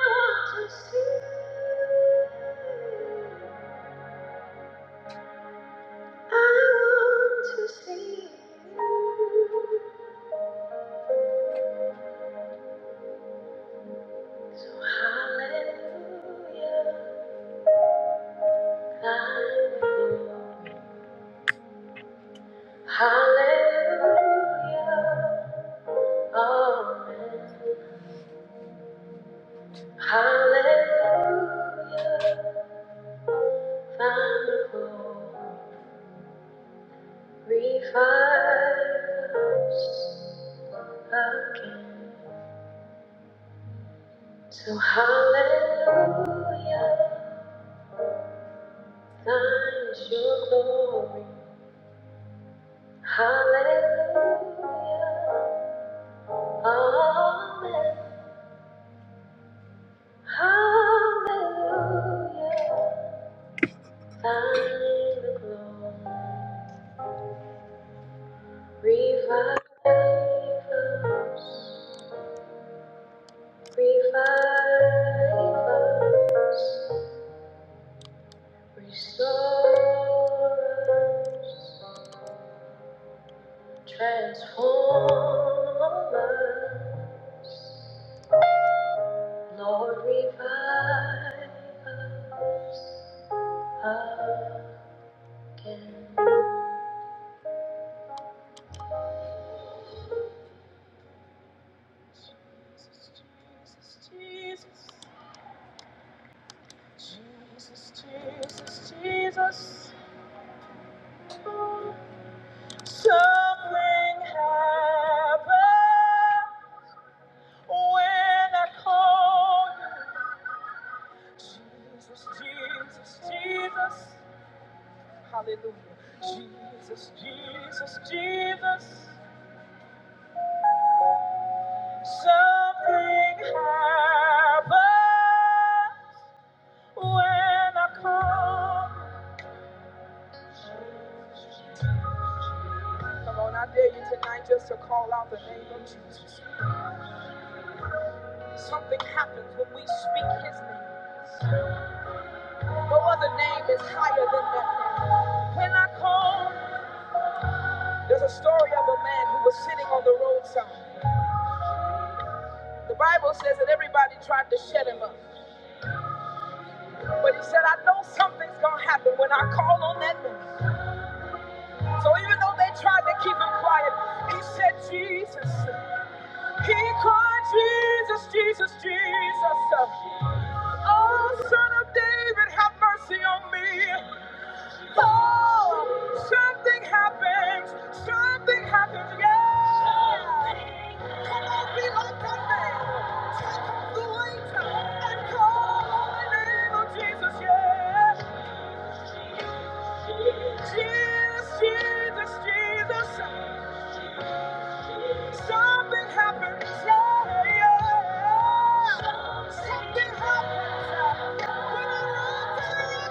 Speaker 2: want to hear you. Hallelujah, thine the glory. Revive us, revive us, restore us, transform us. Jesus, Jesus, Jesus, hallelujah. Jesus, Jesus, Jesus, something high will come. Come on, I dare you tonight just to call out the name of Jesus. Something happens when we speak his name. No other name is higher than that name. When I call, there's a story of a man who was sitting on the roadside. The Bible says that everybody tried to shut him up. But he said, I know something's going to happen when I call on that name. So even though they tried to keep him quiet, he said, Jesus. He cried, Jesus, Jesus, Jesus. Oh, son of David, have mercy on me. Oh, something happens. Something happens. Come on, be like that man. Take off the weight and call on the name of Jesus. Yes. Jesus, Jesus, Jesus. Something happens, yeah, yeah. Something happens when I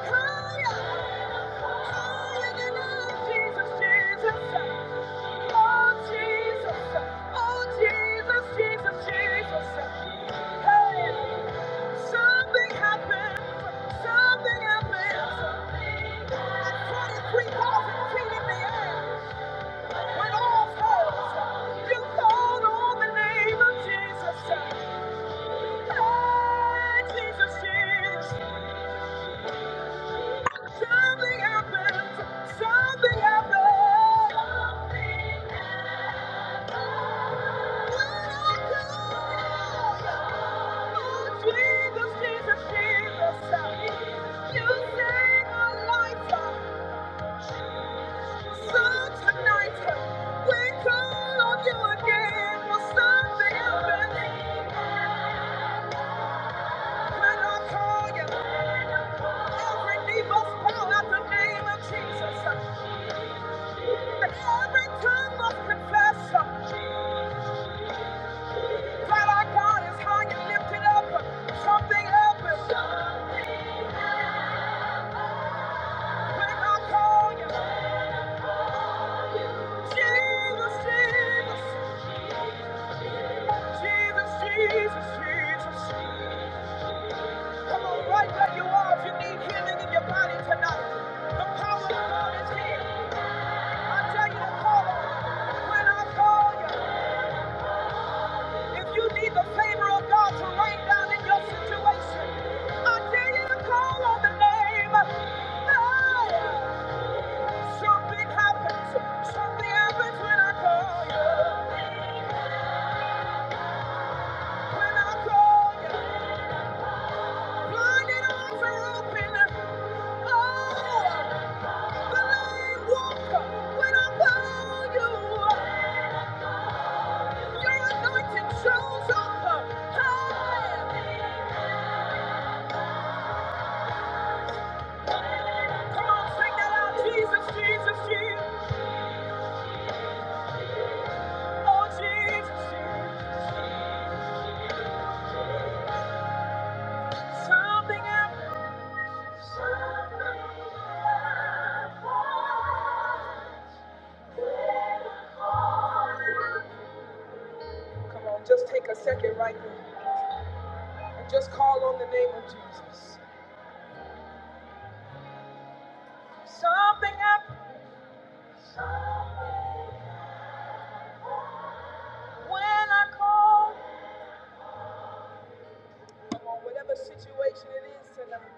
Speaker 2: run to you, cry, Hallelujah, Jesus, Jesus, oh Jesus, oh Jesus, Jesus, Jesus. Hey, something happened, something happened. I twenty-three thousand feet in the air. When all fails, you call on the name of Jesus. Hey, Jesus, Jesus. Something happens. Something happens. Oh, Jesus, Jesus, Jesus. You save our life. So tonight, we call on you again. Well, something happens. Come on, right where you are, if you need healing in your body tonight, the power of God is here. I tell you to call on Him. When I call you, If you need the favor of God to rain down in your situation, I dare you to call on the name. Hey, something happens. Something happens when I call you. When I call you. Blinded eyes are open. Oh, the lame walk. When I call you. Your anointing shows up. Hey. Come on, sing that out. Jesus, Jesus, Jesus. Oh, Jesus, Something happened. Come on, just take a second right there and just call on the name of Jesus. Something happened when I call. Come on, whatever situation it is tonight,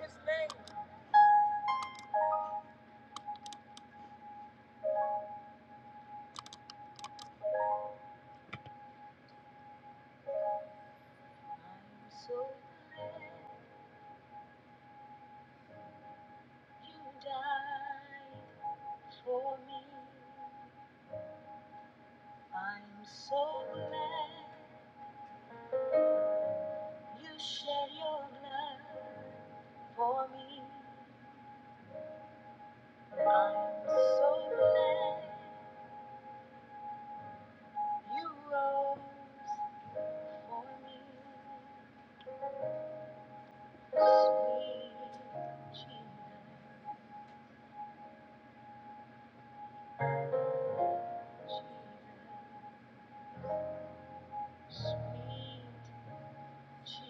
Speaker 2: His name. You shed your blood for me. I'm so glad you rose for me. Sweet Jesus, sweet So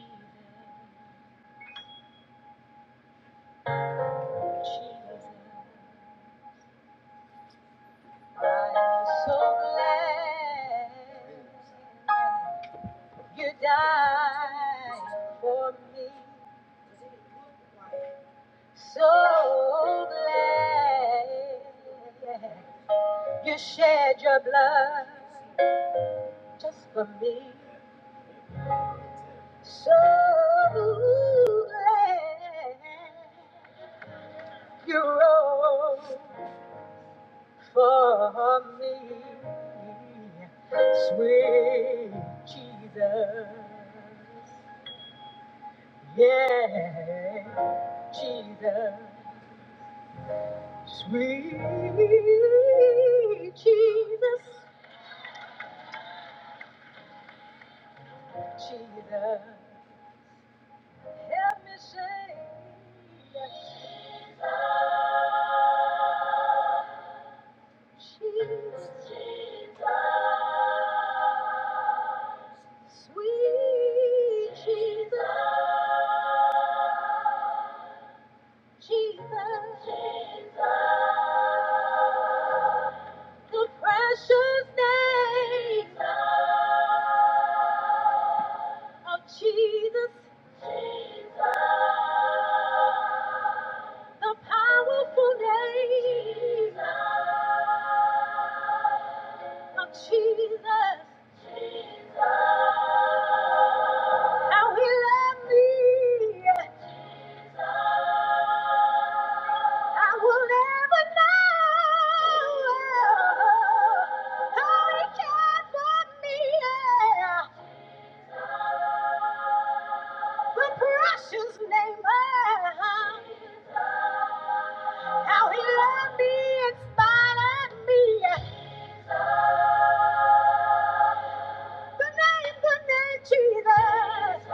Speaker 2: glad you died. So glad you shed your blood just for me. So glad you rose for me. Sweet Jesus, sweet Jesus, Jesus. The precious name of Jesus, the powerful name of Jesus. How he loved me, I will never know. How he cared for me, the precious name of how he loved me and spotted me. The name, the name Jesus.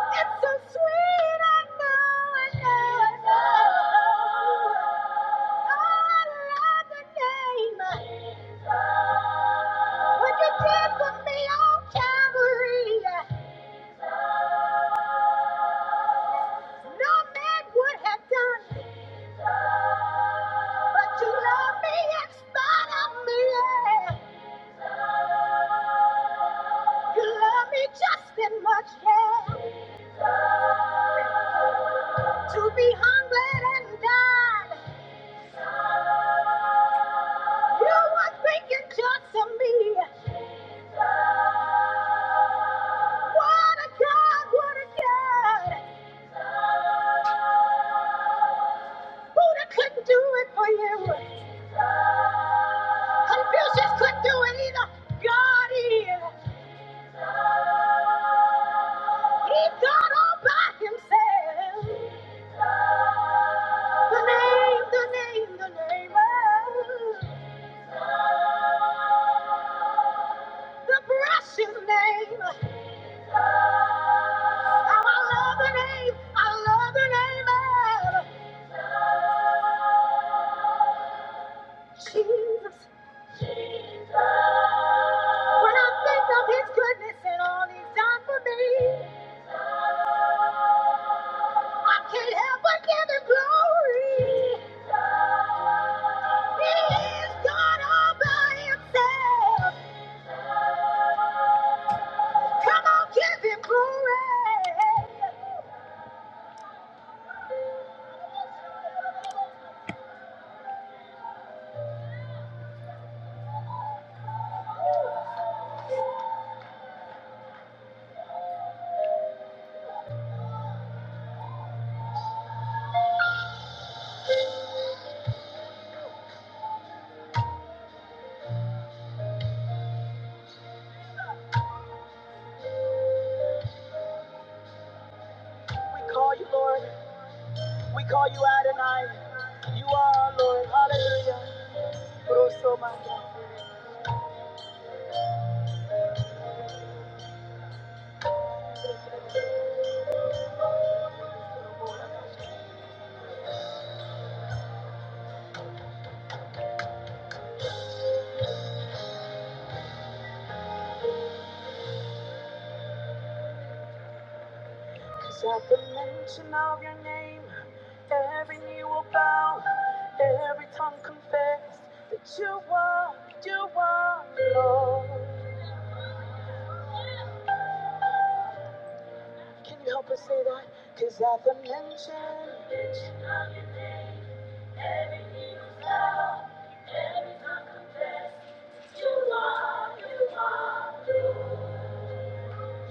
Speaker 2: It's so sweet. I know, I know, I know. Oh, I love the name. What you did for me on Calvary, no man would have done. But you love me in spite of me. Yeah. You love me just as much, yeah. To be hungry and die. You were thinking just of me. What a God, what a God. Buddha couldn't do it for you. Confucius couldn't do it either. God is. He's God all by himself. The name, the name, the name. Oh, the precious name. How I love the name. I love the name of Jesus. Jesus. When I think of his goodness and all he's done for me. I can't help but give him glory. He is God all by himself. We call you Lord. We call you Adonai. You are our Lord. Hallelujah. Rosso Manda. 'Cause at the mention of your name, every knee will bow, every tongue confess that you are, you are Lord. Can you help us say that? 'Cause at the mention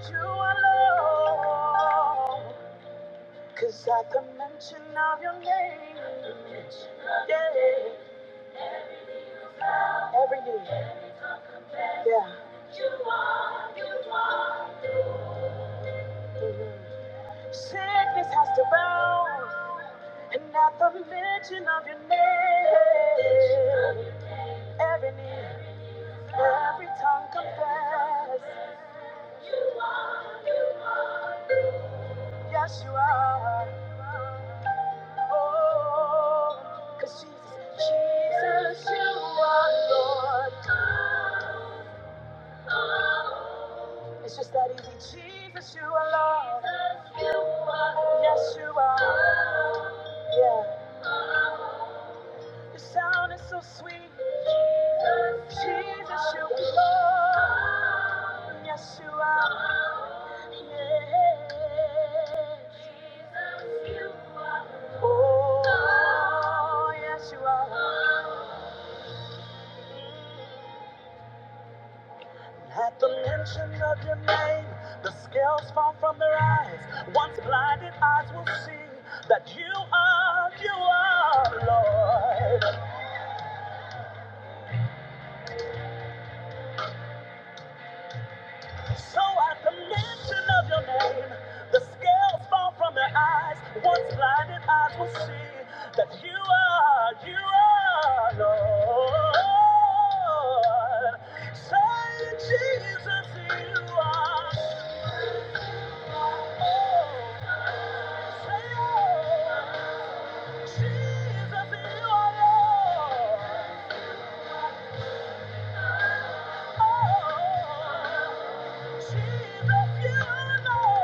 Speaker 2: You alone, 'cause at the mention of your name, yeah, every knee, yeah, mhm. sickness has to bow. And at the mention of your name, every knee, every tongue confess, yes, you are. Oh, 'cause Jesus, Jesus, you are Lord. It's just that easy. Jesus, you are Lord. Yes, you are. Yeah. Your sound is so sweet. Jesus, you are Lord. Yes, you are. Yeah. Oh, yes, you are. At the mention of your name, the scales fall from their eyes. Once blinded eyes will see that you are, you are Lord. So at the mention that you are, you are Lord. You are so, so, so, you, Lord.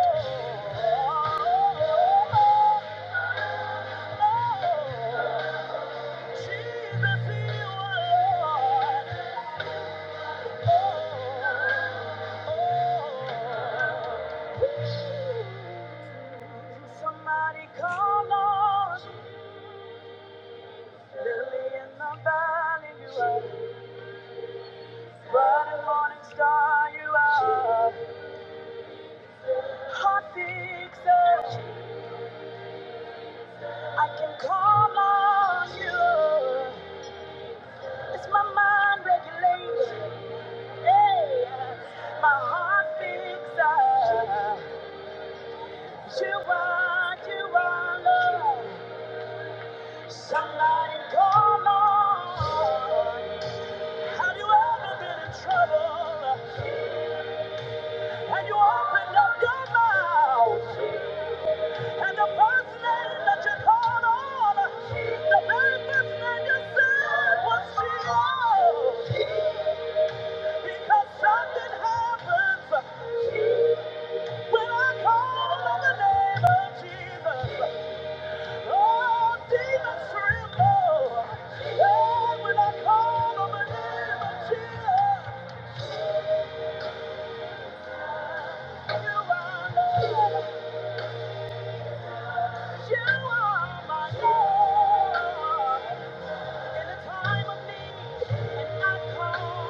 Speaker 2: Somebody call on Lily in the valley, you are. Bright morning star, you are. Heart fixer, I can call on you. It's my mind regulation. Hey, my heart fixer. You are, you are love. Somebody call on. Have you ever been in trouble? And you opened up your mouth. And the first name that you called on, the very first name you said was Jesus. Because something happens when I call on the name of Jesus. Oh, demons tremble. when I call on the name of Jesus, you are Lord. You are my Lord. And it's me and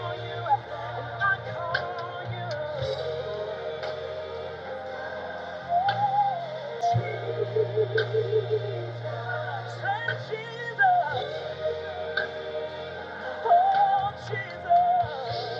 Speaker 2: all you and all you. Say Jesus. Oh, Jesus.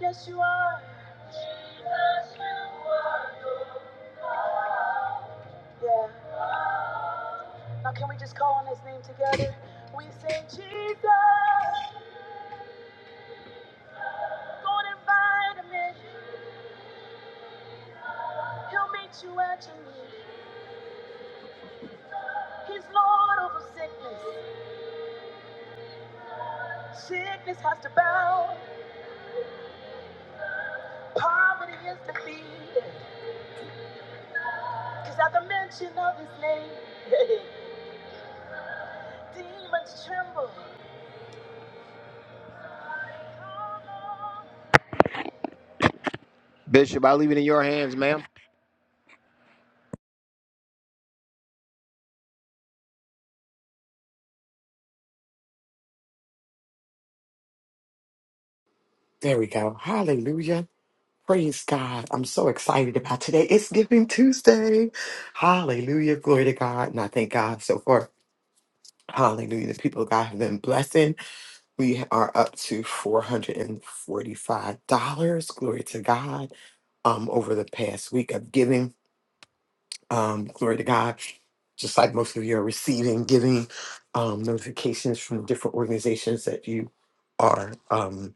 Speaker 2: Yes, you are. Jesus, you are. Yeah. Now can we just call on his name together? We say Jesus, go and invite Him. in. He'll meet you at your need. He's Lord over sickness. Sickness has to bow. Poverty is defeated. Cause at the mention of his name, demons tremble.
Speaker 3: There we go. Hallelujah. Praise God. I'm so excited about today. It's Giving Tuesday. Hallelujah. Glory to God. And I thank God so far. Hallelujah. The people of God have been blessing. We are up to $445. Glory to God. Um, over the past week of giving. Um, glory to God. Just like most of you are receiving, giving um, notifications from different organizations that you are. um.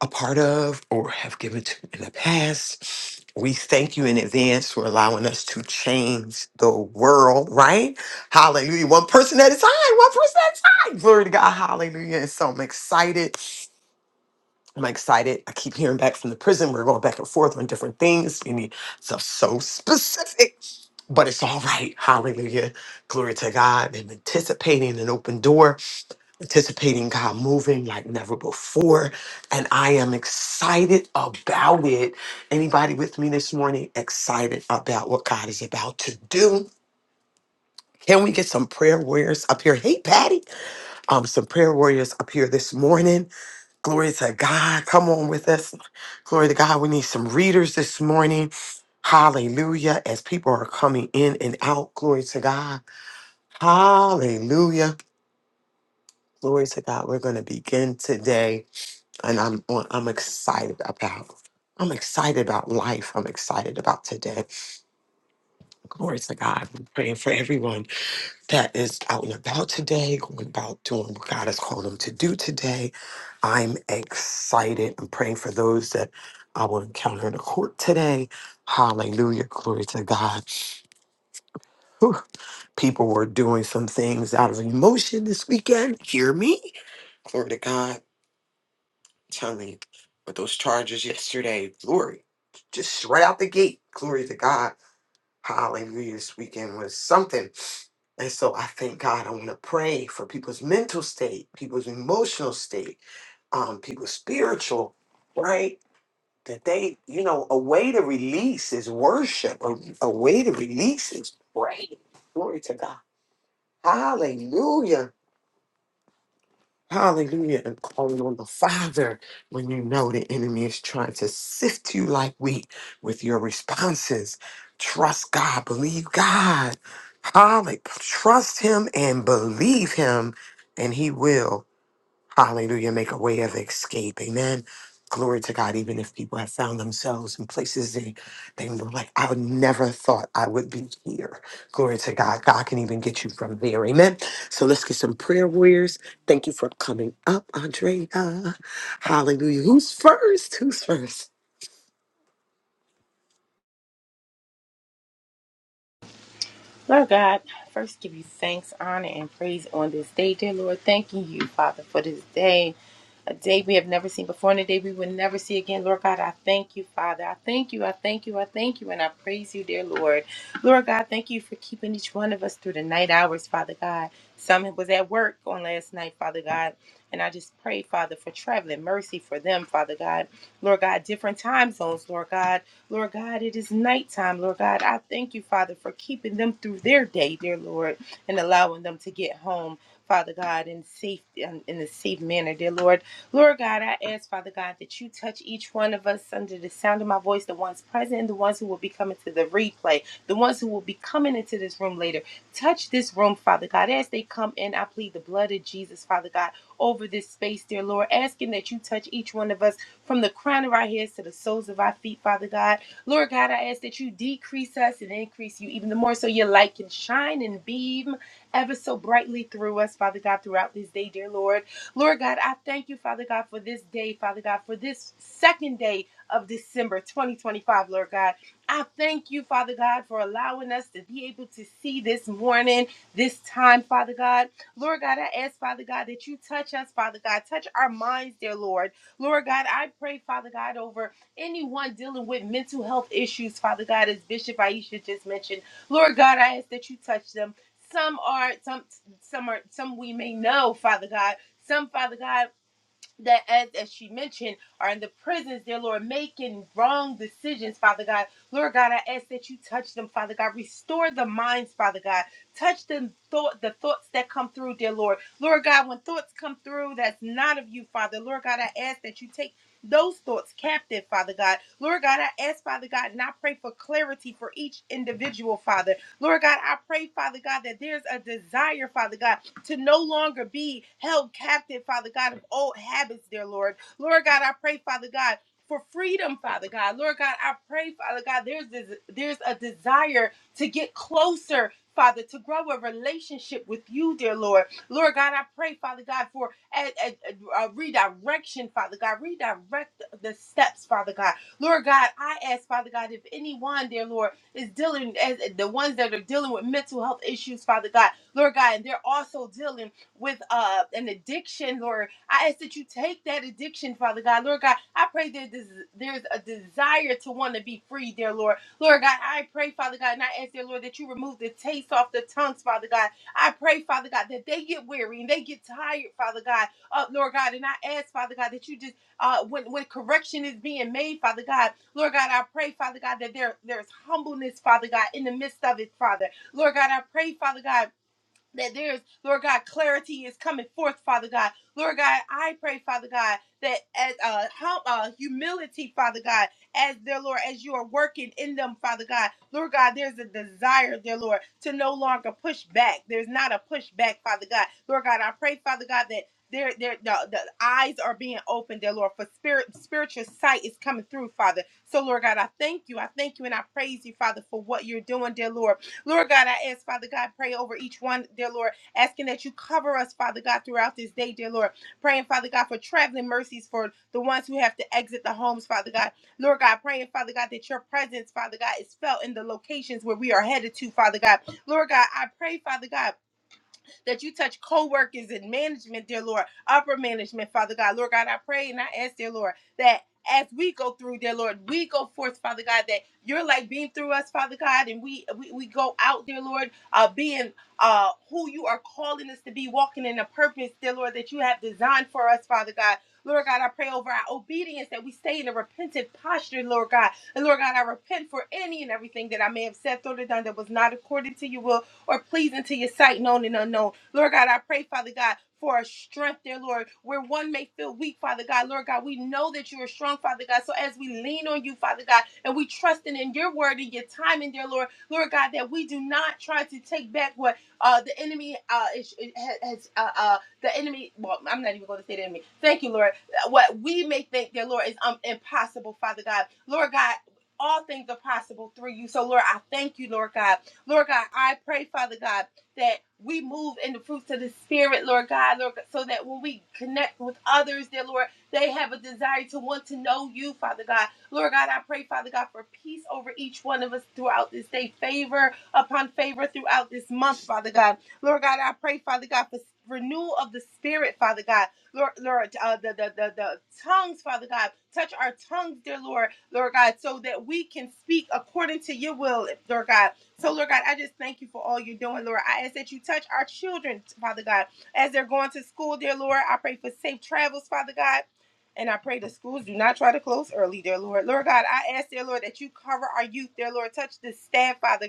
Speaker 3: a part of or have given to in the past. We thank you in advance for allowing us to change the world, right? Hallelujah. One person at a time, one person at a time. Glory to God. Hallelujah. And so I'm excited. I'm excited. I keep hearing back from the prison. We're going back and forth on different things. We need stuff so specific, but it's all right. Hallelujah. Glory to God. I'm anticipating an open door anticipating God moving like never before, and I am excited about it. Anybody with me this morning excited about what God is about to do? Can we get some prayer warriors up here? Hey, Patty, um, some prayer warriors up here this morning. Glory to God. Come on with us. Glory to God. We need some readers this morning. Hallelujah. As people are coming in and out, glory to God. Hallelujah. Glory to God. We're going to begin today. and I'm on- I'm excited about. I'm excited about life. I'm excited about today. Glory to God. I'm praying for everyone that is out and about today, going about doing what God has called them to do today. I'm excited. I'm praying for those that I will encounter in the court today. Hallelujah. Glory to God. Whew. People were doing some things out of emotion this weekend. Hear me. Glory to God. telling you, but those charges yesterday, glory, just right out the gate, glory to God. Hallelujah. This weekend was something. And so I thank God. I want to pray for people's mental state, people's emotional state, um, people's spiritual, right? That they, you know, a way to release is worship. A, a way to release is pray. Glory to God. Hallelujah. Hallelujah. And calling on the Father when you know the enemy is trying to sift you like wheat with your responses. Trust God, believe God. Hallelujah. Trust Him and believe Him, and He will. Hallelujah. Make a way of escape. Amen. Glory to God. Even if people have found themselves in places they, they were like, I would never thought I would be here. Glory to God. God can even get you from there. Amen. So let's get some prayer warriors. Thank you for coming up, Andrea. Hallelujah. Who's first? Who's first?
Speaker 4: Lord God, first give you thanks, honor, and praise on this day, dear Lord. Thanking you, Father, for this day, a day we have never seen before and a day we will never see again. Lord God, I thank you, Father. I thank you, I thank you, I thank you, and I praise you, dear Lord. Lord God, thank you for keeping each one of us through the night hours, Father God. Some was at work on last night, Father God. And I just pray, Father, for traveling mercy for them, Father God. Lord God, different time zones, Lord God. Lord God, it is nighttime, Lord God. I thank you, Father, for keeping them through their day, dear Lord, and allowing them to get home. Father God, in safe in a safe manner, dear Lord. Lord God, I ask, Father God, that you touch each one of us under the sound of my voice, the ones present and the ones who will be coming to the replay, the ones who will be coming into this room later. Touch this room, Father God. As they come in, I plead the blood of Jesus, Father God, over this space, dear Lord, asking that you touch each one of us from the crown of our heads to the soles of our feet, Father God. Lord God, I ask that you decrease us and increase you even the more so your light can shine and beam ever so brightly through us, Father God, throughout this day, dear Lord. Lord God, I thank you, Father God, for this day, Father God, for this second day of December 2025, Lord God. I thank you, Father God, for allowing us to be able to see this morning, this time, Father God. Lord God, I ask, Father God, that you touch us, Father God. Touch our minds, dear Lord. Lord God, I pray, Father God, over anyone dealing with mental health issues, Father God, as Bishop Aisha just mentioned, Lord God, I ask that you touch them. Some are some some are some we may know, Father God. Some, Father God that as, as she mentioned are in the prisons, dear Lord, making wrong decisions, Father God. Lord God, I ask that you touch them, Father God. Restore the minds, Father God. Touch them thought the thoughts that come through, dear Lord. Lord God, when thoughts come through that's not of you, Father, Lord God, I ask that you take those thoughts captive, Father God. Lord God, I ask, Father God, and I pray for clarity for each individual, Father. Lord God, I pray, Father God, that there's a desire, Father God, to no longer be held captive, Father God, of old habits, dear Lord. Lord God, I pray, Father God. For freedom, Father God, Lord God, I pray, Father God, there's this, there's a desire to get closer, Father, to grow a relationship with you, dear Lord. Lord God, I pray, Father God, for a, a, a- a redirection, Father God, redirect the steps, Father God. Lord God, I ask, Father God, if anyone, dear Lord is dealing as the ones that are dealing with mental health issues, Father God, Lord God, and they're also dealing with uh an addiction, Lord. I ask that you take that addiction, Father God, Lord God. I pray that this, there's a desire to want to be free, dear Lord, Lord God. I pray, Father God, and I ask, dear Lord, that you remove the taste off the tongues, Father God. I pray, Father God, that they get weary and they get tired, Father God, uh, Lord God, and I ask, Father God, that you just uh, when when correction is being made, Father God, Lord God, I pray, Father God, that there there's humbleness, Father God, in the midst of it, Father, Lord God, I pray, Father God that there's, Lord God, clarity is coming forth, Father God. Lord God, I pray, Father God, that as uh, hum, uh, humility, Father God, as their Lord, as you are working in them, Father God, Lord God, there's a desire, dear Lord, to no longer push back. There's not a pushback, Father God. Lord God, I pray, Father God, that their their the, the eyes are being opened, dear Lord, for spirit spiritual sight is coming through, Father. So Lord God, I thank you, I thank you, and I praise you, Father, for what you're doing, dear Lord. Lord God, I ask, Father God, pray over each one, dear Lord, asking that you cover us, Father God, throughout this day, dear Lord. Praying, Father God, for traveling mercies for the ones who have to exit the homes, Father God. Lord God, praying, Father God, that your presence, Father God, is felt in the locations where we are headed to, Father God. Lord God, I pray, Father God that you touch co-workers and management, dear Lord, upper management, Father God. Lord God, I pray and I ask, dear Lord, that as we go through, dear Lord, we go forth, Father God, that you're like being through us, Father God, and we we, we go out, dear Lord, uh, being uh, who you are calling us to be, walking in a purpose, dear Lord, that you have designed for us, Father God. Lord God, I pray over our obedience that we stay in a repentant posture, Lord God. And Lord God, I repent for any and everything that I may have said, thought, or done that was not according to your will or pleasing to your sight, known and unknown. Lord God, I pray, Father God, for a strength dear Lord, where one may feel weak, Father God. Lord God, we know that you are strong, Father God. So as we lean on you, Father God, and we trust in in your word and your timing, dear Lord, Lord God, that we do not try to take back what uh, the enemy uh, is, is- has, uh, uh, the enemy, well, I'm not even going to say the enemy. Thank you, Lord Uh, what we may think, dear Lord, is um, impossible, Father God. Lord God, all things are possible through you. So, Lord, I thank you, Lord God. Lord God, I pray, Father God, that we move in the fruits of the Spirit, Lord God, Lord, so that when we connect with others, dear Lord, they have a desire to want to know you, Father God. Lord God, I pray, Father God, for peace over each one of us throughout this day, favor upon favor throughout this month, Father God. Lord God, I pray, Father God, for renewal of the Spirit, Father God. Lord, Lord uh, the, the, the, the tongues, Father God. Touch our tongues, dear Lord, Lord God, so that we can speak according to your will, Lord God. So, Lord God, I just thank you for all you're doing, Lord. I ask that you touch our children, Father God, as they're going to school, dear Lord. I pray for safe travels, Father God. And I pray the schools do not try to close early, dear Lord. Lord God, I ask, dear Lord, that you cover our youth, dear Lord. Touch the staff, Father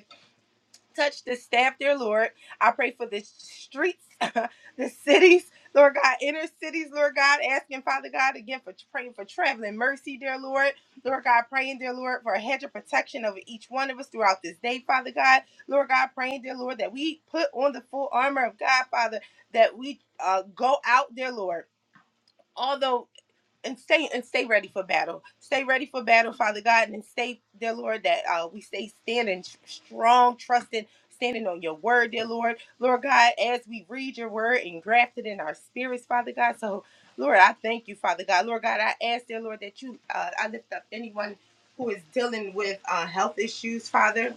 Speaker 4: touch this staff, dear Lord. I pray for the streets, the cities, Lord God, inner cities, Lord God, asking Father God again for praying for traveling mercy, dear Lord. Lord God, praying, dear Lord, for a hedge of protection over each one of us throughout this day, Father God. Lord God, praying, dear Lord, that we put on the full armor of God, Father, that we uh, go out, dear Lord. Although and stay and stay ready for battle. Stay ready for battle, Father God, and stay, dear Lord, that uh, we stay standing tr- strong, trusting, standing on your word, dear Lord. Lord God, as we read your word and graft it in our spirits, Father God. So, Lord, I thank you, Father God. Lord God, I ask, dear Lord, that you, uh, I lift up anyone who is dealing with uh, health issues, Father.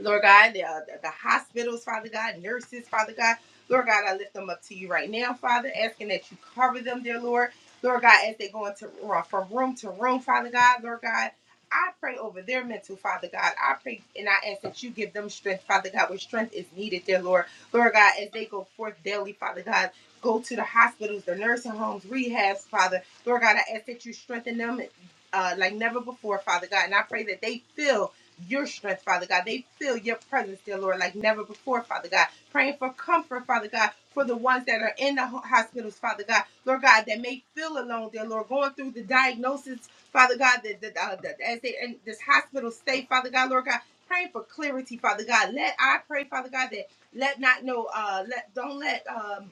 Speaker 4: Lord God, the, uh, the hospitals, Father God, nurses, Father God. Lord God, I lift them up to you right now, Father, asking that you cover them, dear Lord. Lord God, as they go into uh, from room to room, Father God, Lord God, I pray over their mental, Father God. I pray and I ask that you give them strength, Father God, where strength is needed, dear Lord. Lord God, as they go forth daily, Father God, go to the hospitals, the nursing homes, rehabs, Father. Lord God, I ask that you strengthen them uh, like never before, Father God. And I pray that they feel your strength, Father God. They feel your presence, dear Lord, like never before, Father God. Praying for comfort, Father God, for the ones that are in the ho- hospitals, Father God. Lord God, that may feel alone, dear Lord, going through the diagnosis, Father God, that, that, uh, that as they in this hospital stay, Father God, Lord God. Praying for clarity, Father God. Let I pray, Father God, that let not know, uh, let don't let um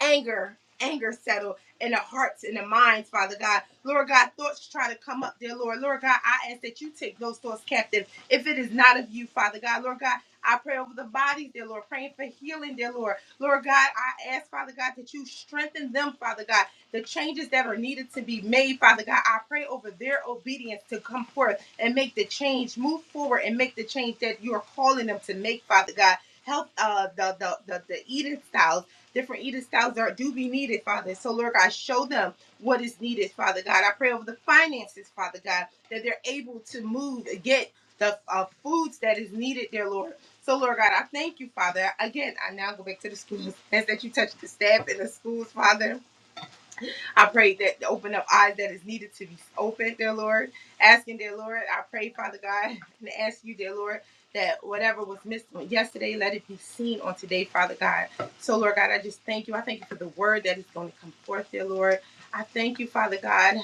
Speaker 4: anger, anger settle in the hearts and the minds, Father God. Lord God, thoughts try to come up, dear Lord. Lord God, I ask that you take those thoughts captive if it is not of you, Father God. Lord God, I pray over the bodies, dear Lord, praying for healing, dear Lord. Lord God, I ask, Father God, that you strengthen them, Father God. The changes that are needed to be made, Father God, I pray over their obedience to come forth and make the change, move forward and make the change that you are calling them to make, Father God. Help uh, the, the, the, the eating styles different eating styles that do be needed, Father. So, Lord God, show them what is needed, Father God. I pray over the finances, Father God, that they're able to move, get the uh, foods that is needed there, Lord. So, Lord God, I thank you, Father. Again, I now go back to the schools. As that you touch the staff in the schools, Father. I pray that open up eyes that is needed to be opened, dear Lord. Asking, dear Lord, I pray, Father God, and ask you, dear Lord, that whatever was missed on yesterday, let it be seen on today, Father God. So, Lord God, I just thank you. I thank you for the word that is going to come forth, dear Lord. I thank you, Father God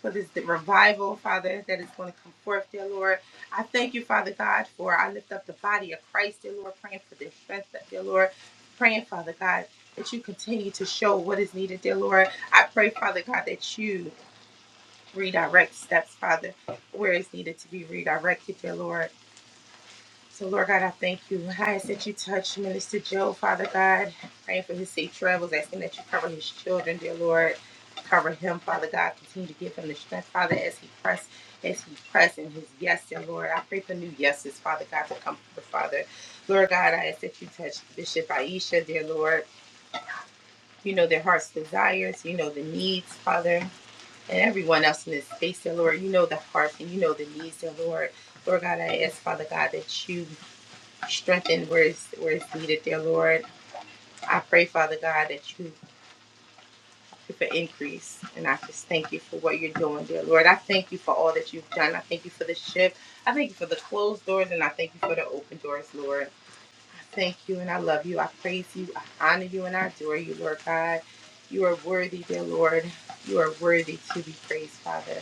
Speaker 4: for this revival, Father, that is going to come forth, dear Lord. I thank you, Father God, for I lift up the body of Christ, dear Lord, praying for their strength, dear Lord, praying, Father God, that you continue to show what is needed, dear Lord. I pray, Father God, that you redirect steps, Father, where it's needed to be redirected, dear Lord. So, Lord God, I thank you. I ask that you touch Minister Joe, Father God. Praying for his safe travels, asking that you cover his children, dear Lord. Cover him, Father God. Continue to give him the strength, Father, as he press, as he press in his yes, dear Lord. I pray for new yeses, Father God, to come forth, Father. Lord God, I ask that you touch Bishop Aisha, dear Lord. You know their heart's desires. You know the needs, Father, and everyone else in this space, dear Lord. You know the hearts and you know the needs, dear Lord. Lord God, I ask, Father God, that you strengthened where it's, where it's needed, dear Lord. I pray, Father God, that you give increase. And I just thank you for what you're doing, dear Lord. I thank you for all that you've done. I thank you for the shift. I thank you for the closed doors and I thank you for the open doors, Lord. I thank you and I love you. I praise you. I honor you and I adore you, Lord God. You are worthy, dear Lord. You are worthy to be praised, Father.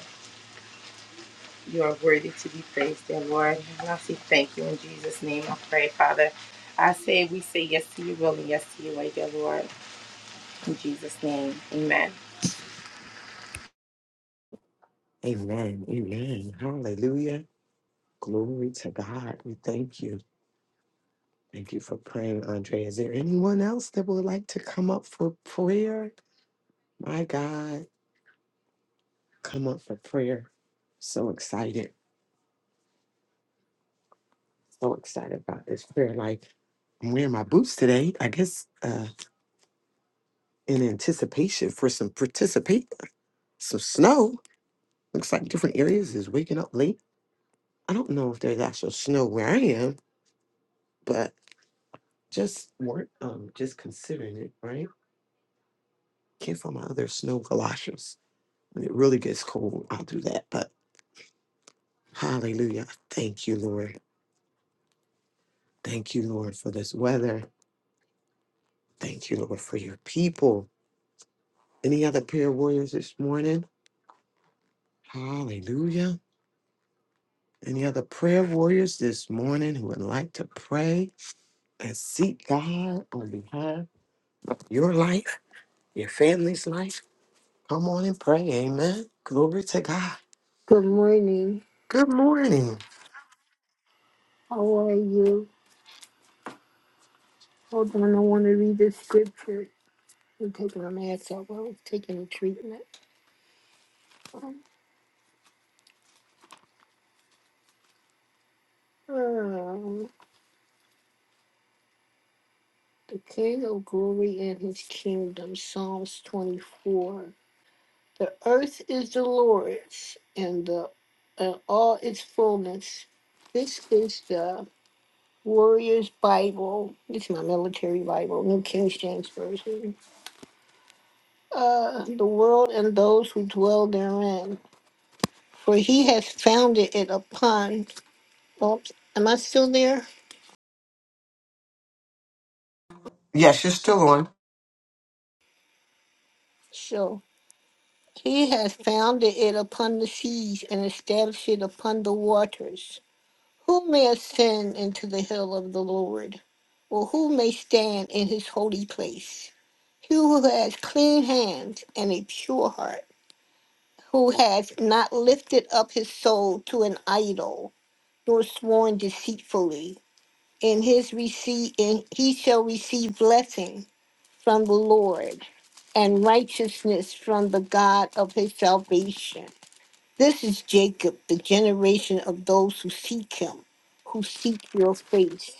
Speaker 4: You are worthy to be praised, dear Lord. And I say thank you in Jesus' name. I pray, Father. I say we say yes to your will and yes to your way, dear Lord. In Jesus' name, amen.
Speaker 3: Amen. Amen. Hallelujah. Glory to God. We thank you. Thank you for praying, Andrea. Is there anyone else that would like to come up for prayer? My God. come up for prayer. So excited, so excited about this prayer life. I'm wearing my boots today, I guess, uh, in anticipation for some participate, some snow. Looks like different areas is waking up late. I don't know if there's actual snow where I am, but just weren't um just considering it, right? Can't find my other snow galoshes. When it really gets cold, I'll do that. But hallelujah. Thank you, Lord. Thank you, Lord, for this weather. Thank you, Lord, for your people. Any other prayer warriors this morning? Hallelujah. Any other prayer warriors this morning who would like to pray and seek God on behalf of your life, your family's life? Come on and pray. Amen. Glory to God.
Speaker 5: Good morning.
Speaker 3: Good morning.
Speaker 5: How are you? Hold on, I want to read the scripture. I'm taking a mask off. I was taking a treatment. Um, uh, the King of Glory and His Kingdom, Psalms 24. The earth is the Lord's, and the and all its fullness. This is the Warrior's Bible. It's my military Bible, New King James Version. Uh, the world and those who dwell therein. for he has founded it upon, oops, am I still there?
Speaker 3: Yes, you're still on.
Speaker 5: So, he has founded it upon the seas and established it upon the waters. Who may ascend into the hill of the Lord? Or who may stand in his holy place? He who has clean hands and a pure heart, who has not lifted up his soul to an idol, nor sworn deceitfully. In his receipt, in, he shall receive blessing from the Lord and righteousness from the God of his salvation. This is Jacob, the generation of those who seek him, who seek your face.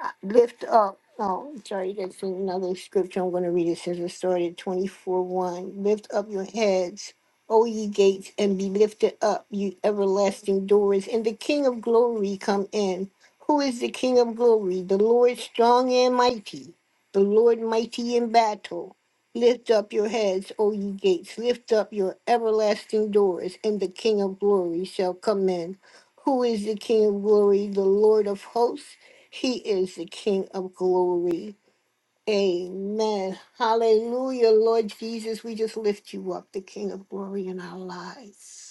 Speaker 5: I lift up. Oh, sorry, that's another scripture I'm going to read. It says, it started 24 1. Lift up your heads, O ye gates, and be lifted up, you everlasting doors, and the King of glory come in. Who is the King of glory? The Lord strong and mighty, the Lord mighty in battle. Lift up your heads, O ye gates, lift up your everlasting doors, and the King of glory shall come in. Who is the King of glory? The Lord of hosts. He is the King of glory. Amen. Hallelujah, Lord Jesus. We just lift you up, the King of glory in our lives.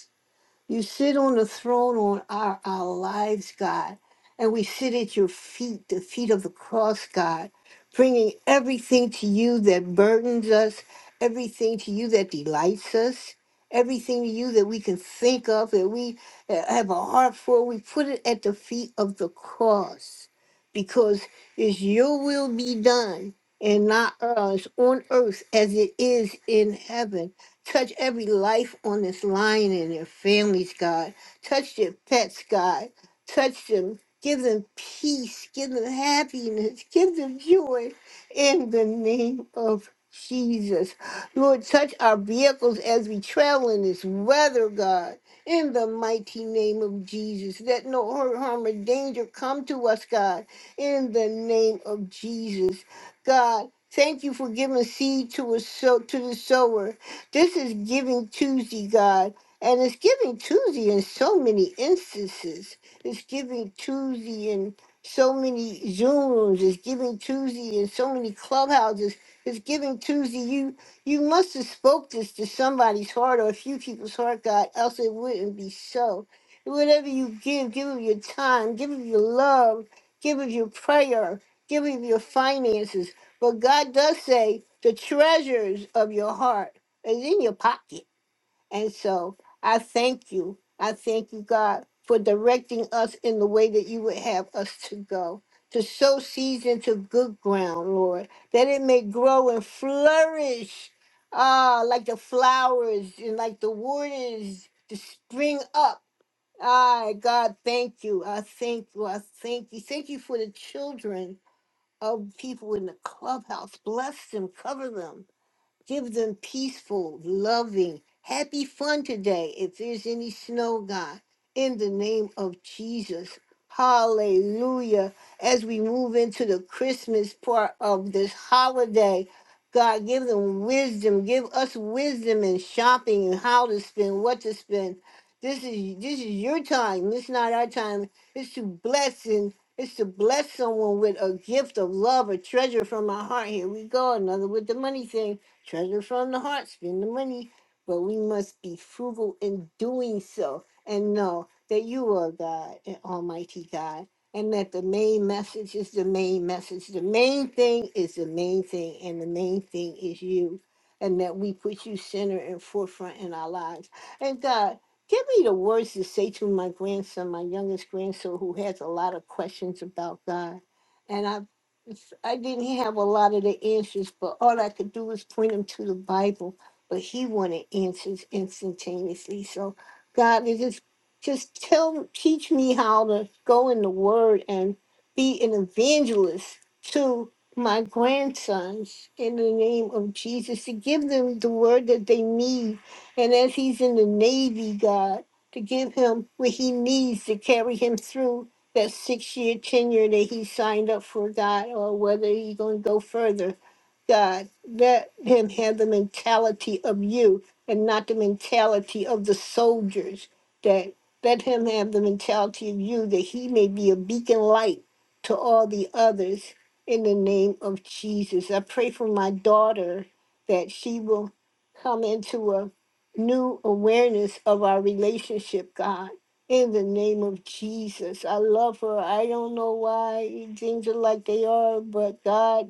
Speaker 5: You sit on the throne on our, our lives, God. And we sit at your feet, the feet of the cross, God, bringing everything to you that burdens us, everything to you that delights us, everything to you that we can think of, that we uh, have a heart for. We put it at the feet of the cross because it's your will be done and not ours on earth as it is in heaven. Touch every life on this line and their families, God. Touch their pets, God. Touch them. Give them peace. Give them happiness. Give them joy in the name of Jesus. Lord, touch our vehicles as we travel in this weather, God. In the mighty name of Jesus, let no hurt, harm, or danger come to us, God. In the name of Jesus, God, thank you for giving seed to a sow to the sower this is Giving Tuesday, God. And it's Giving Tuesday in so many instances. It's Giving Tuesday in so many Zooms. It's Giving Tuesday in so many clubhouses. It's Giving Tuesday. You you must have spoke this to somebody's heart or a few people's heart, God, else it wouldn't be so. Whatever you give, give of your time, give of your love, give of your prayer, give of your finances. But God does say the treasures of your heart. It's in your pocket. And so I thank you. I thank you, God, for directing us in the way that you would have us to go, to sow seeds into good ground, Lord, that it may grow and flourish, ah, like the flowers and like the waters to spring up. Ah, God, thank you. I thank you. I thank you. Thank you for the children of people in the clubhouse. Bless them, cover them Give them peaceful, loving, happy fun today if there's any snow, God. In the name of Jesus. Hallelujah. As we move into the Christmas part of this holiday, God, give them wisdom. Give us wisdom in shopping and how to spend, what to spend. This is this is your time. It's not our time. It's to bless and it's to bless someone with a gift of love, a treasure from our heart. Here we go, another with the money thing. Treasure from the heart, spend the money, but we must be frugal in doing so and know that you are God and Almighty God. And that the main message is the main message. The main thing is the main thing, and the main thing is you. And that we put you center and forefront in our lives. And God, give me the words to say to my grandson, my youngest grandson, who has a lot of questions about God. and I it's- I didn't have a lot of the answers, but all I could do was point him to the Bible. But he wanted answers instantaneously. So God is just just tell teach me how to go in the word and be an evangelist to my grandsons in the name of Jesus to give them the word that they need. And as he's in the Navy, God, to give him what he needs to carry him through that six-year tenure that he signed up for, God, or whether he's going to go further. God, let him have the mentality of you and not the mentality of the soldiers. That let him have the mentality of you that he may be a beacon light to all the others in the name of Jesus. I pray for my daughter that she will come into a new awareness of our relationship, God in the name of Jesus, I love her. I don't know why things are like they are, but God,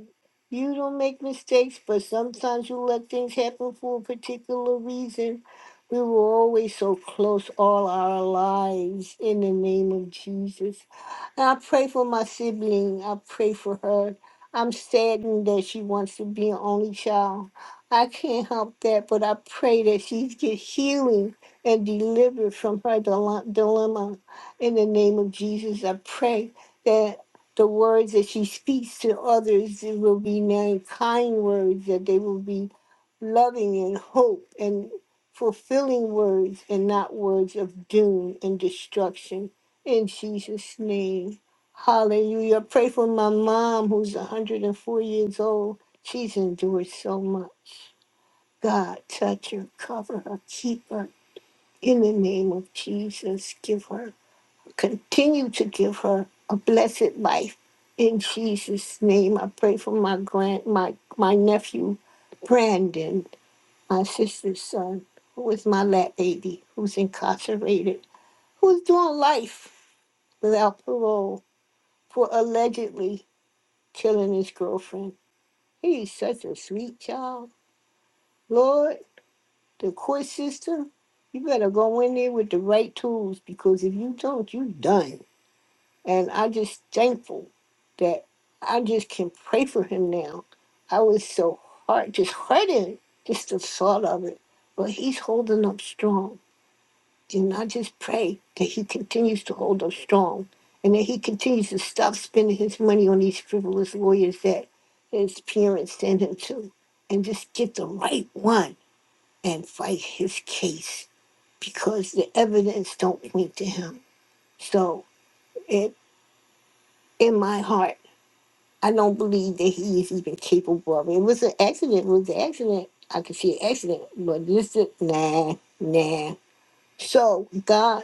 Speaker 5: you don't make mistakes, but sometimes you let things happen for a particular reason. We were always so close all our lives in the name of Jesus. And I pray for my sibling. I pray for her. I'm saddened that she wants to be an only child. I can't help that, but I pray that she gets healing and deliver from her dile- dilemma. In the name of Jesus, I pray that the words that she speaks to others it will be very kind words, that they will be loving and hope and fulfilling words and not words of doom and destruction. In Jesus' name. Hallelujah. I Pray for my mom who's 104 years old. She's endured so much. God, touch her, cover her, keep her. In the name of Jesus, give her, continue to give her a blessed life. In Jesus' name, I pray for my grand, my my nephew, Brandon, my sister's son, who is my lap baby, who's incarcerated, who's doing life without parole for allegedly killing his girlfriend. He's such a sweet child. Lord, the court system, you better go in there with the right tools because if you don't, you done. And I just thankful that I just can pray for him now. I was so hard, just hurting, just the thought of it. But he's holding up strong. And I just pray that he continues to hold up strong and that he continues to stop spending his money on these frivolous lawyers that his parents send him to and just get the right one and fight his case because the evidence don't point to him. So it in my heart. I don't believe that he is even capable of it. It was an accident. It was an accident. I could see an accident, but this is nah, nah. So God,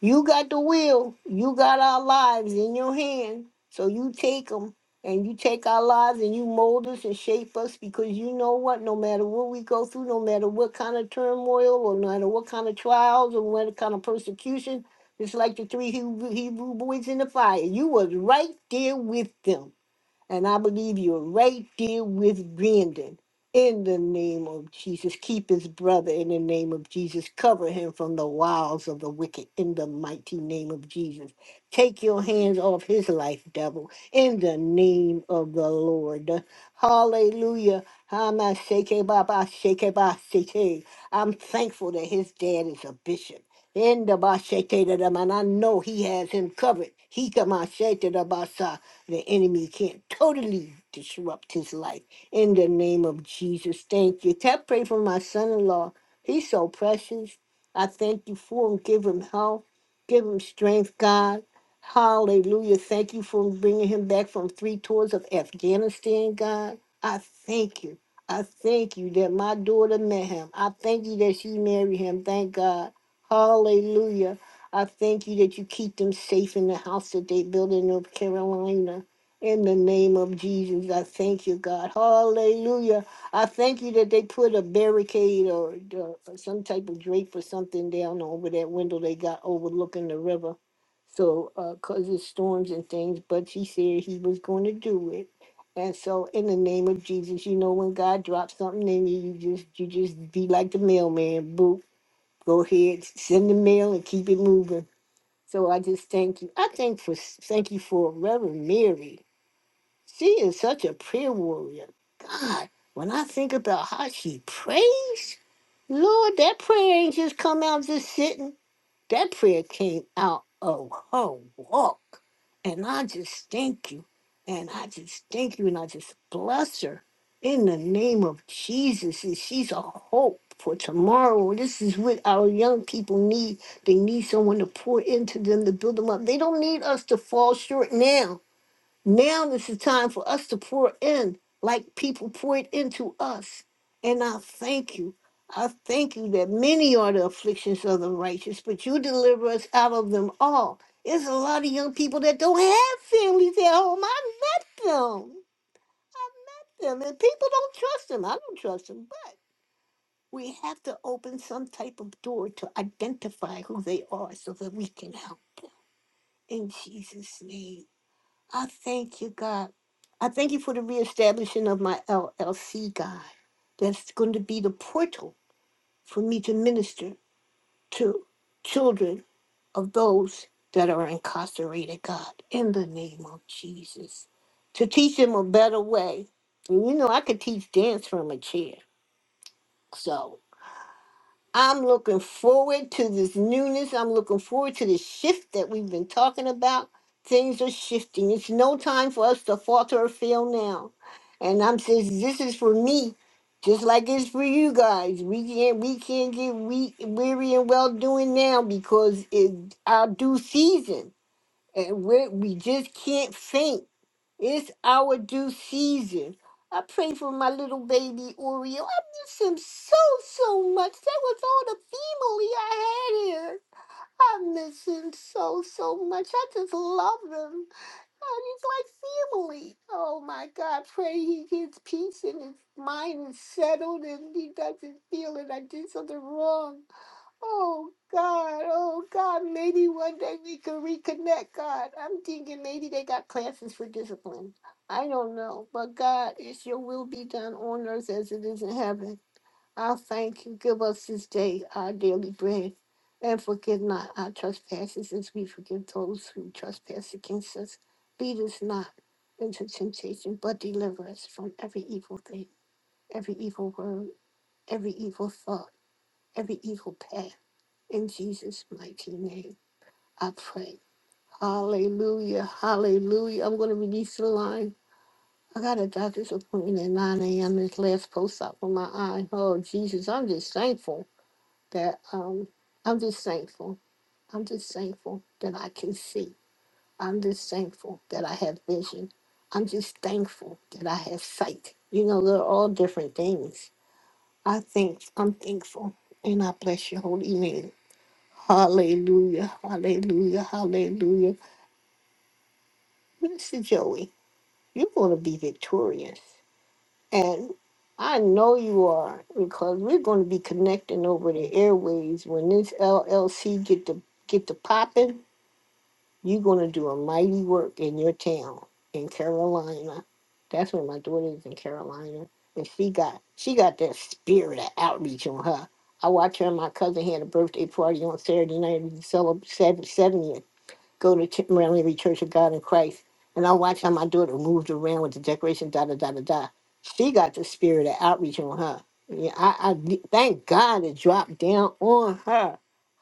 Speaker 5: you got the will. You got our lives in your hand. So you take them and you take our lives and you mold us and shape us because you know what? No matter what we go through, no matter what kind of turmoil or no matter what kind of trials or what kind of persecution, it's like the three Hebrew Hebrew boys in the fire. You was right there with them and I believe you're right there with Brandon. In the name of Jesus, keep his brother in the name of Jesus. Cover him from the wiles of the wicked in the mighty name of Jesus. Take your hands off his life, devil, in the name of the Lord. Hallelujah. Hama sheke baba sheke ba sheke. I'm thankful that his dad is a bishop. In the Bashete, and I know he has him covered. He come out sheke da ba sa. The enemy can't totally disrupt his life. In the name of Jesus, thank you. Tap pray for my son in law. He's so precious. I thank you for him. Give him health. Give him strength, God. Hallelujah. Thank you for bringing him back from three tours of Afghanistan, God. I thank you. I thank you that my daughter met him. I thank you that she married him. Thank God. Hallelujah. I thank you that you keep them safe in the house that they build in North Carolina. In the name of Jesus, I thank you, God. Hallelujah. I thank you that they put a barricade or, or some type of drape or something down over that window they got overlooking the river. So, because of storms and things, but he said he was going to do it. And so, in the name of Jesus, you know, when God drops something in you, you just you just be like the mailman. Boop, go ahead, send the mail and keep it moving. So I just thank you. I thank for thank you for Reverend Mary. She is such a prayer warrior. God, when I think about how she prays, Lord, that prayer ain't just come out just sitting. That prayer came out of her walk. And I just thank you. And I just thank you. And I just bless her in the name of Jesus. And she's a hope for tomorrow. This is what our young people need. They need someone to pour into them to build them up. They don't need us to fall short now. Now this is time for us to pour in like people poured into us. And I thank you. I thank you that many are the afflictions of the righteous, but you deliver us out of them all. There's a lot of young people that don't have families at home. I met them. I met them. And people don't trust them. I don't trust them. But we have to open some type of door to identify who they are so that we can help them. In Jesus' name. I thank you, God. I thank you for the reestablishing of my LLC, God. That's going to be the portal for me to minister to children of those that are incarcerated, God, in the name of Jesus. To teach them a better way. And you know, I could teach dance from a chair. So. I'm looking forward to this newness. I'm looking forward to this shift that we've been talking about. Things are shifting. It's no time for us to falter or fail now. And I'm saying this is for me, just like it's for you guys. We can't we can't get we weary and well doing now because it's our due season, and we we just can't faint it's our due season. I pray for my little baby Oreo. I miss him so, so much. That was all the family I had here. I miss him so, so much. I just love him. Oh, he's like family. Oh my God. Pray he gets peace and his mind is settled and he doesn't feel that I did something wrong. Oh God, oh God, maybe one day we can reconnect, God. I'm thinking maybe they got classes for discipline. I don't know. But God, it's your will be done on earth as it is in heaven. I thank you. Give us this day our daily bread. And forgive not our trespasses as we forgive those who trespass against us. Lead us not into temptation, but deliver us from every evil thing, every evil word, every evil thought, every evil path. In Jesus' mighty name, I pray. Hallelujah. Hallelujah. I'm going to release the line. I got a doctor's appointment at 9 a.m. This last post op on my eye. Oh, Jesus. I'm just thankful that, um, I'm just thankful. I'm just thankful that I can see. I'm just thankful that I have vision. I'm just thankful that I have sight. You know, they're all different things. I think I'm thankful and I bless your holy name. Hallelujah, hallelujah, hallelujah. Mr. Joey, you're going to be victorious. And I know you are because we're going to be connecting over the airways. When this LLC get to get to popping, you're going to do a mighty work in your town in Carolina. That's where my daughter is in Carolina, and she got she got that spirit of outreach on her. I watched her and my cousin had a birthday party on Saturday night, and we celebrated 70th. go to Ch- Maryland Liberty Church of God in Christ, and I'm watching how my daughter moved around with the decoration, da da da da da. She got the spirit of outreach on her. Yeah, I, I thank God it dropped down on her.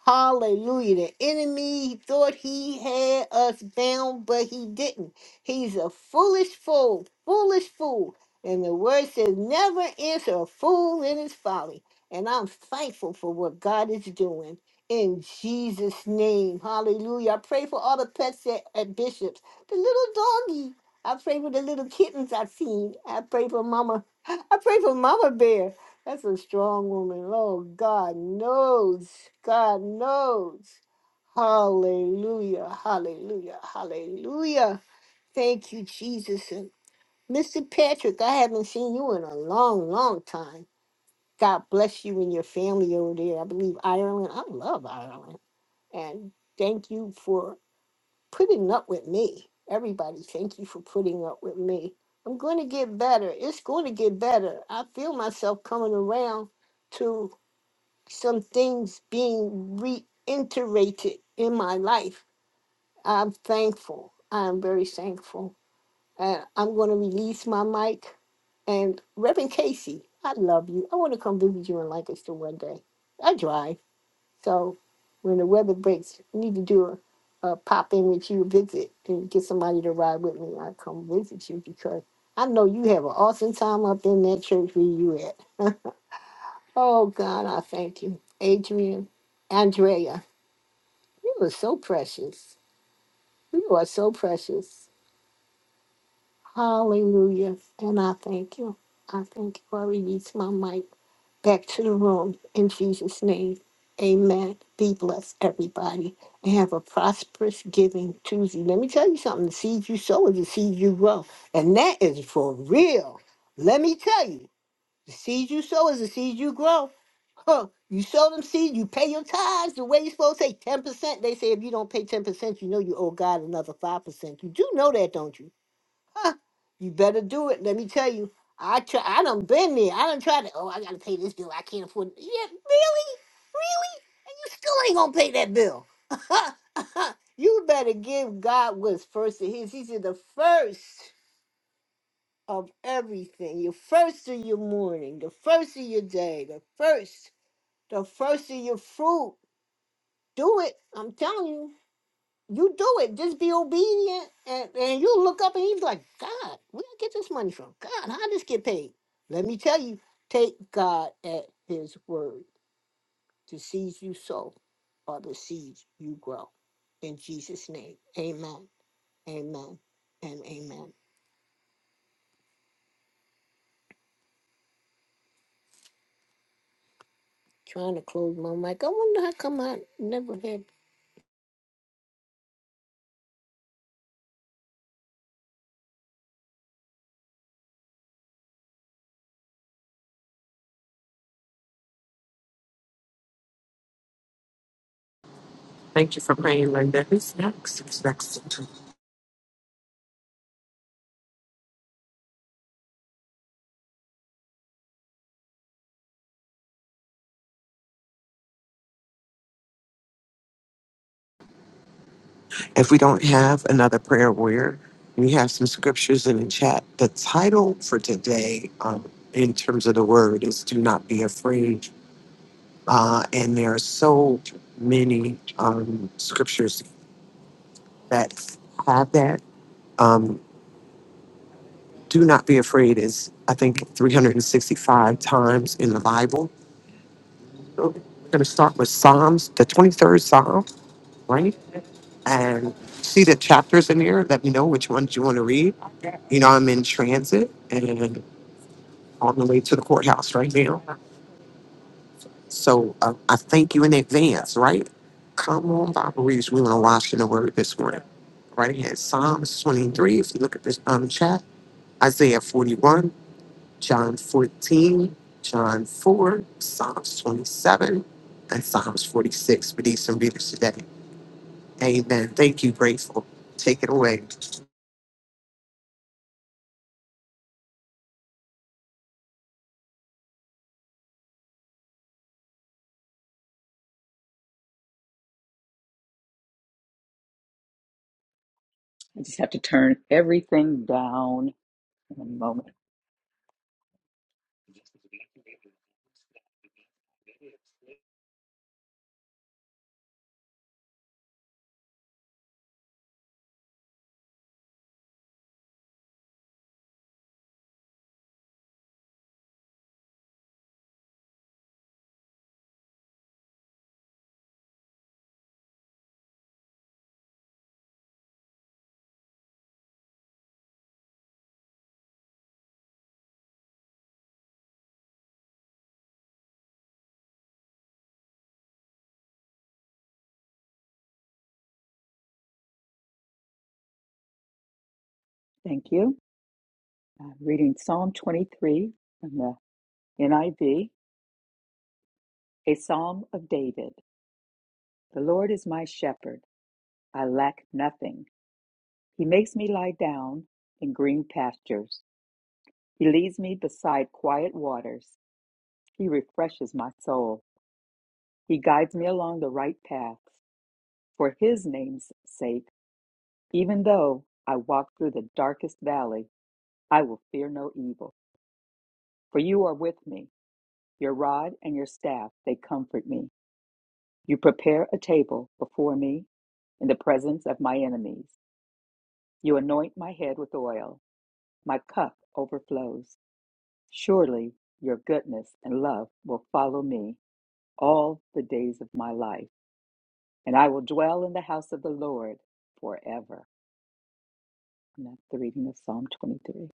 Speaker 5: Hallelujah. The enemy thought he had us bound, but he didn't. He's a foolish fool, foolish fool. And the word says, never answer a fool in his folly. And I'm thankful for what God is doing in Jesus' name. Hallelujah. I pray for all the pets at, at Bishop's. The little doggy. I pray for the little kittens I've seen. I pray for Mama. I pray for Mama Bear. That's a strong woman. Lord God knows. God knows. Hallelujah. Hallelujah. Hallelujah. Thank you, Jesus. And Mr. Patrick, I haven't seen you in a long, long time. God bless you and your family over there. I believe Ireland. I love Ireland. And thank you for putting up with me. Everybody, thank you for putting up with me. I'm going to get better. It's going to get better. I feel myself coming around to some things being reiterated in my life. I'm thankful. I'm very thankful. And I'm going to release my mic. And Reverend Casey, I love you. I want to come visit you in Lancaster one day. I drive. So when the weather breaks, I need to do a, a pop in with you visit and get somebody to ride with me. I come visit you because I know you have an awesome time up in that church where you at. Oh God, I thank you, Adrian, Andrea. You are so precious. You are so precious. Hallelujah, and I thank you. I thank you. I release my mic. back to the room in Jesus' name. Amen. Be blessed, everybody, and have a prosperous Giving Tuesday. Let me tell you something the seed you sow is the seed you grow, and that is for real. Let me tell you the seed you sow is the seed you grow. Huh. You sow them seed, you pay your tithes the way you're supposed to say 10%. They say if you don't pay 10%, you know you owe God another 5%. You do know that, don't you? You better do it. Let me tell you. I try. I done been there. I done tried to. Oh, I gotta pay this bill. I can't afford. It. Yeah, really, really, and you still ain't gonna pay that bill. you better give God what's first of His. He said the first of everything. Your first of your morning, the first of your day, the first, the first of your fruit. Do it. I'm telling you. You do it. Just be obedient, and, and you look up and he's like, God, where did I get this money from? God, how this get paid? Let me tell you, take God at His word. The seeds you sow are the seeds you grow. In Jesus' name, Amen, Amen, and Amen. Trying to close my mic. I wonder how come I never had
Speaker 3: Thank you for praying, Linda. Who's next? Who's next? If we don't have another prayer warrior, we have some scriptures in the chat. The title for today, um, in terms of the word, is Do Not Be Afraid Uh, and there are so many um, scriptures that have that. Um, do not be afraid is, I think, 365 times in the Bible. So We're going to start with Psalms, the 23rd Psalm, right? And see the chapters in there. Let me know which ones you want to read. You know, I'm in transit and on the way to the courthouse right now. So uh, I thank you in advance, right? Come on, Bible readers. We want to watch in the word this morning. right here. Psalms 23, if you look at this um, chat, Isaiah 41, John 14, John 4, Psalms 27, and Psalms 46. We need some readers today. Amen. Thank you, Grateful. Take it away.
Speaker 6: I just have to turn everything down in a moment. Thank you. I'm reading Psalm 23 from the NIV, a psalm of David. The Lord is my shepherd. I lack nothing. He makes me lie down in green pastures. He leads me beside quiet waters. He refreshes my soul. He guides me along the right paths. For his name's sake, even though I walk through the darkest valley, I will fear no evil, for you are with me. Your rod and your staff, they comfort me. You prepare a table before me in the presence of my enemies. You anoint my head with oil. My cup overflows. Surely your goodness and love will follow me all the days of my life, and I will dwell in the house of the Lord forever. And that's the reading of Psalm 23.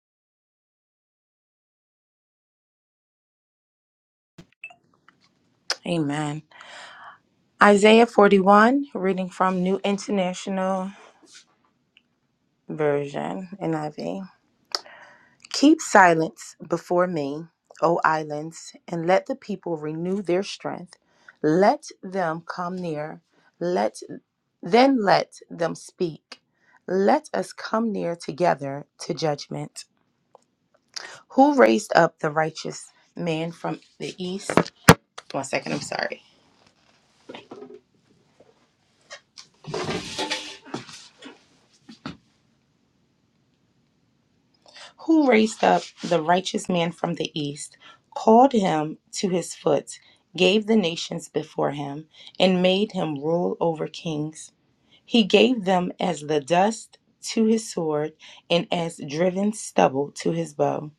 Speaker 4: Amen. Isaiah 41, reading from New International Version, NIV. Keep silence before me, O islands, and let the people renew their strength. Let them come near. Let then let them speak. Let us come near together to judgment. Who raised up the righteous man from the east? One second, I'm sorry. Who raised up the righteous man from the east, called him to his foot, gave the nations before him, and made him rule over kings? He gave them as the dust to his sword and as driven stubble to his bow.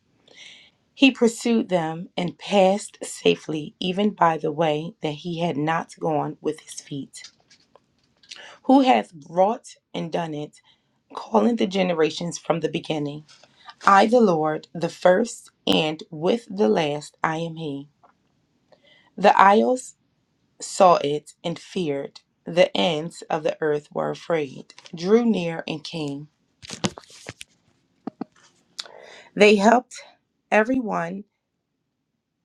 Speaker 4: He pursued them and passed safely, even by the way that he had not gone with his feet. Who hath wrought and done it, calling the generations from the beginning? I, the Lord, the first, and with the last, I am he. The isles saw it and feared. The ends of the earth were afraid, drew near and came. They helped everyone,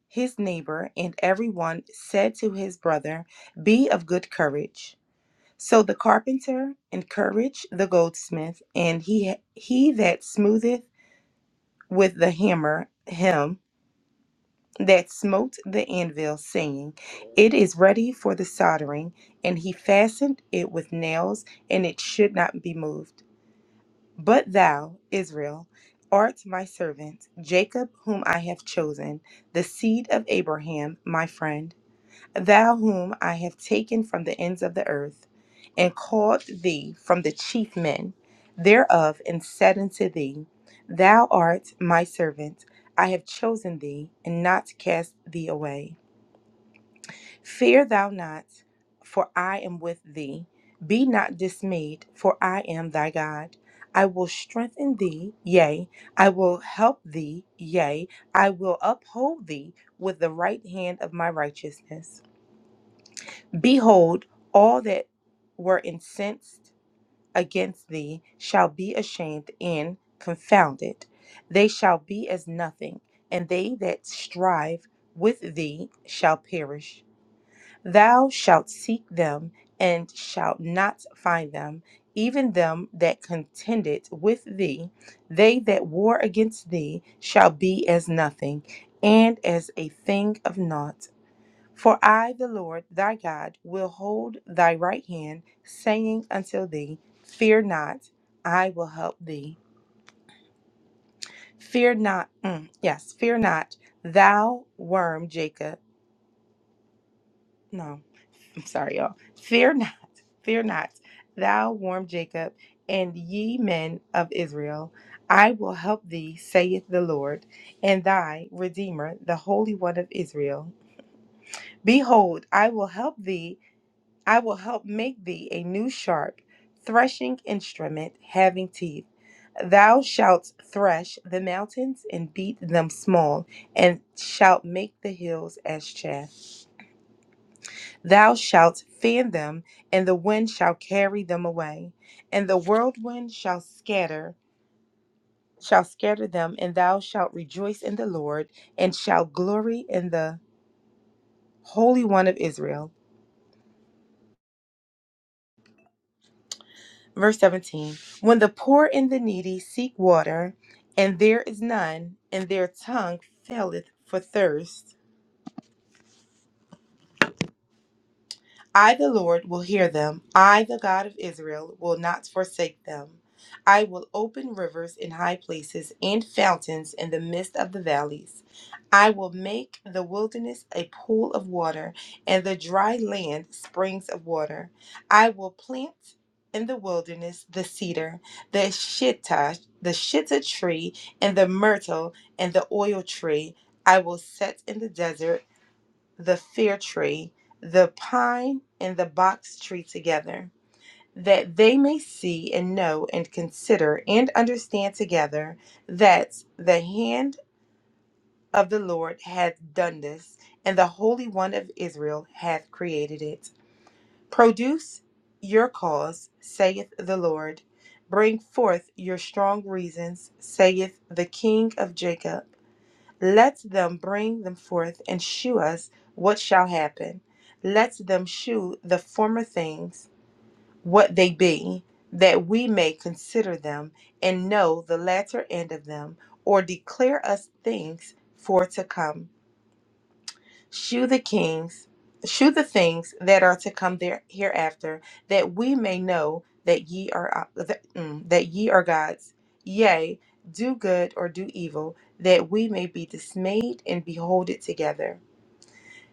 Speaker 4: his neighbor, and everyone said to his brother, Be of good courage. So the carpenter encouraged the goldsmith, and he, he that smootheth with the hammer him that smote the anvil, saying, It is ready for the soldering. And he fastened it with nails, and it should not be moved. But thou, Israel, art my servant, Jacob, whom I have chosen, the seed of Abraham, my friend, thou whom I have taken from the ends of the earth, and called thee from the chief men thereof, and said unto thee, Thou art my servant, I have chosen thee, and not cast thee away. Fear thou not, for I am with thee. Be not dismayed, for I am thy God. I will strengthen thee, yea, I will help thee, yea, I will uphold thee with the right hand of my righteousness. Behold, all that were incensed against thee shall be ashamed and confounded. They shall be as nothing, and they that strive with thee shall perish. Thou shalt seek them, and shalt not find them, even them that contended with thee. They that war against thee shall be as nothing, and as a thing of naught. For I, the Lord thy God, will hold thy right hand, saying unto thee, Fear not, I will help thee. Fear not, mm, yes, fear not, thou worm Jacob. No, I'm sorry, y'all. Fear not. Fear not, thou warm Jacob, and ye men of Israel. I will help thee, saith the Lord, and thy Redeemer, the Holy One of Israel. Behold, I will help thee, I will help make thee a new sharp threshing instrument having teeth. Thou shalt thresh the mountains and beat them small, and shalt make the hills as chaff. Thou shalt fan them, and the wind shall carry them away, and the whirlwind shall scatter, shall scatter them, and thou shalt rejoice in the Lord, and shall glory in the Holy One of Israel. Verse 17 When the poor and the needy seek water, and there is none, and their tongue faileth for thirst, I, the Lord, will hear them. I, the God of Israel, will not forsake them. I will open rivers in high places and fountains in the midst of the valleys. I will make the wilderness a pool of water and the dry land springs of water. I will plant in the wilderness the cedar, the shittah, the shittah tree, and the myrtle and the oil tree. I will set in the desert the fir tree, the pine, and the box tree together, that they may see and know and consider and understand together that the hand of the Lord hath done this, and the Holy One of Israel hath created it. Produce your cause, saith the Lord. Bring forth your strong reasons, saith the King of Jacob. Let them bring them forth and shew us what shall happen. Let them shew the former things what they be, that we may consider them and know the latter end of them, or declare us things for to come shew the kings, shew the things that are to come there hereafter, that we may know that ye are that, mm, that ye are gods. Yea, do good or do evil, that we may be dismayed and behold it together.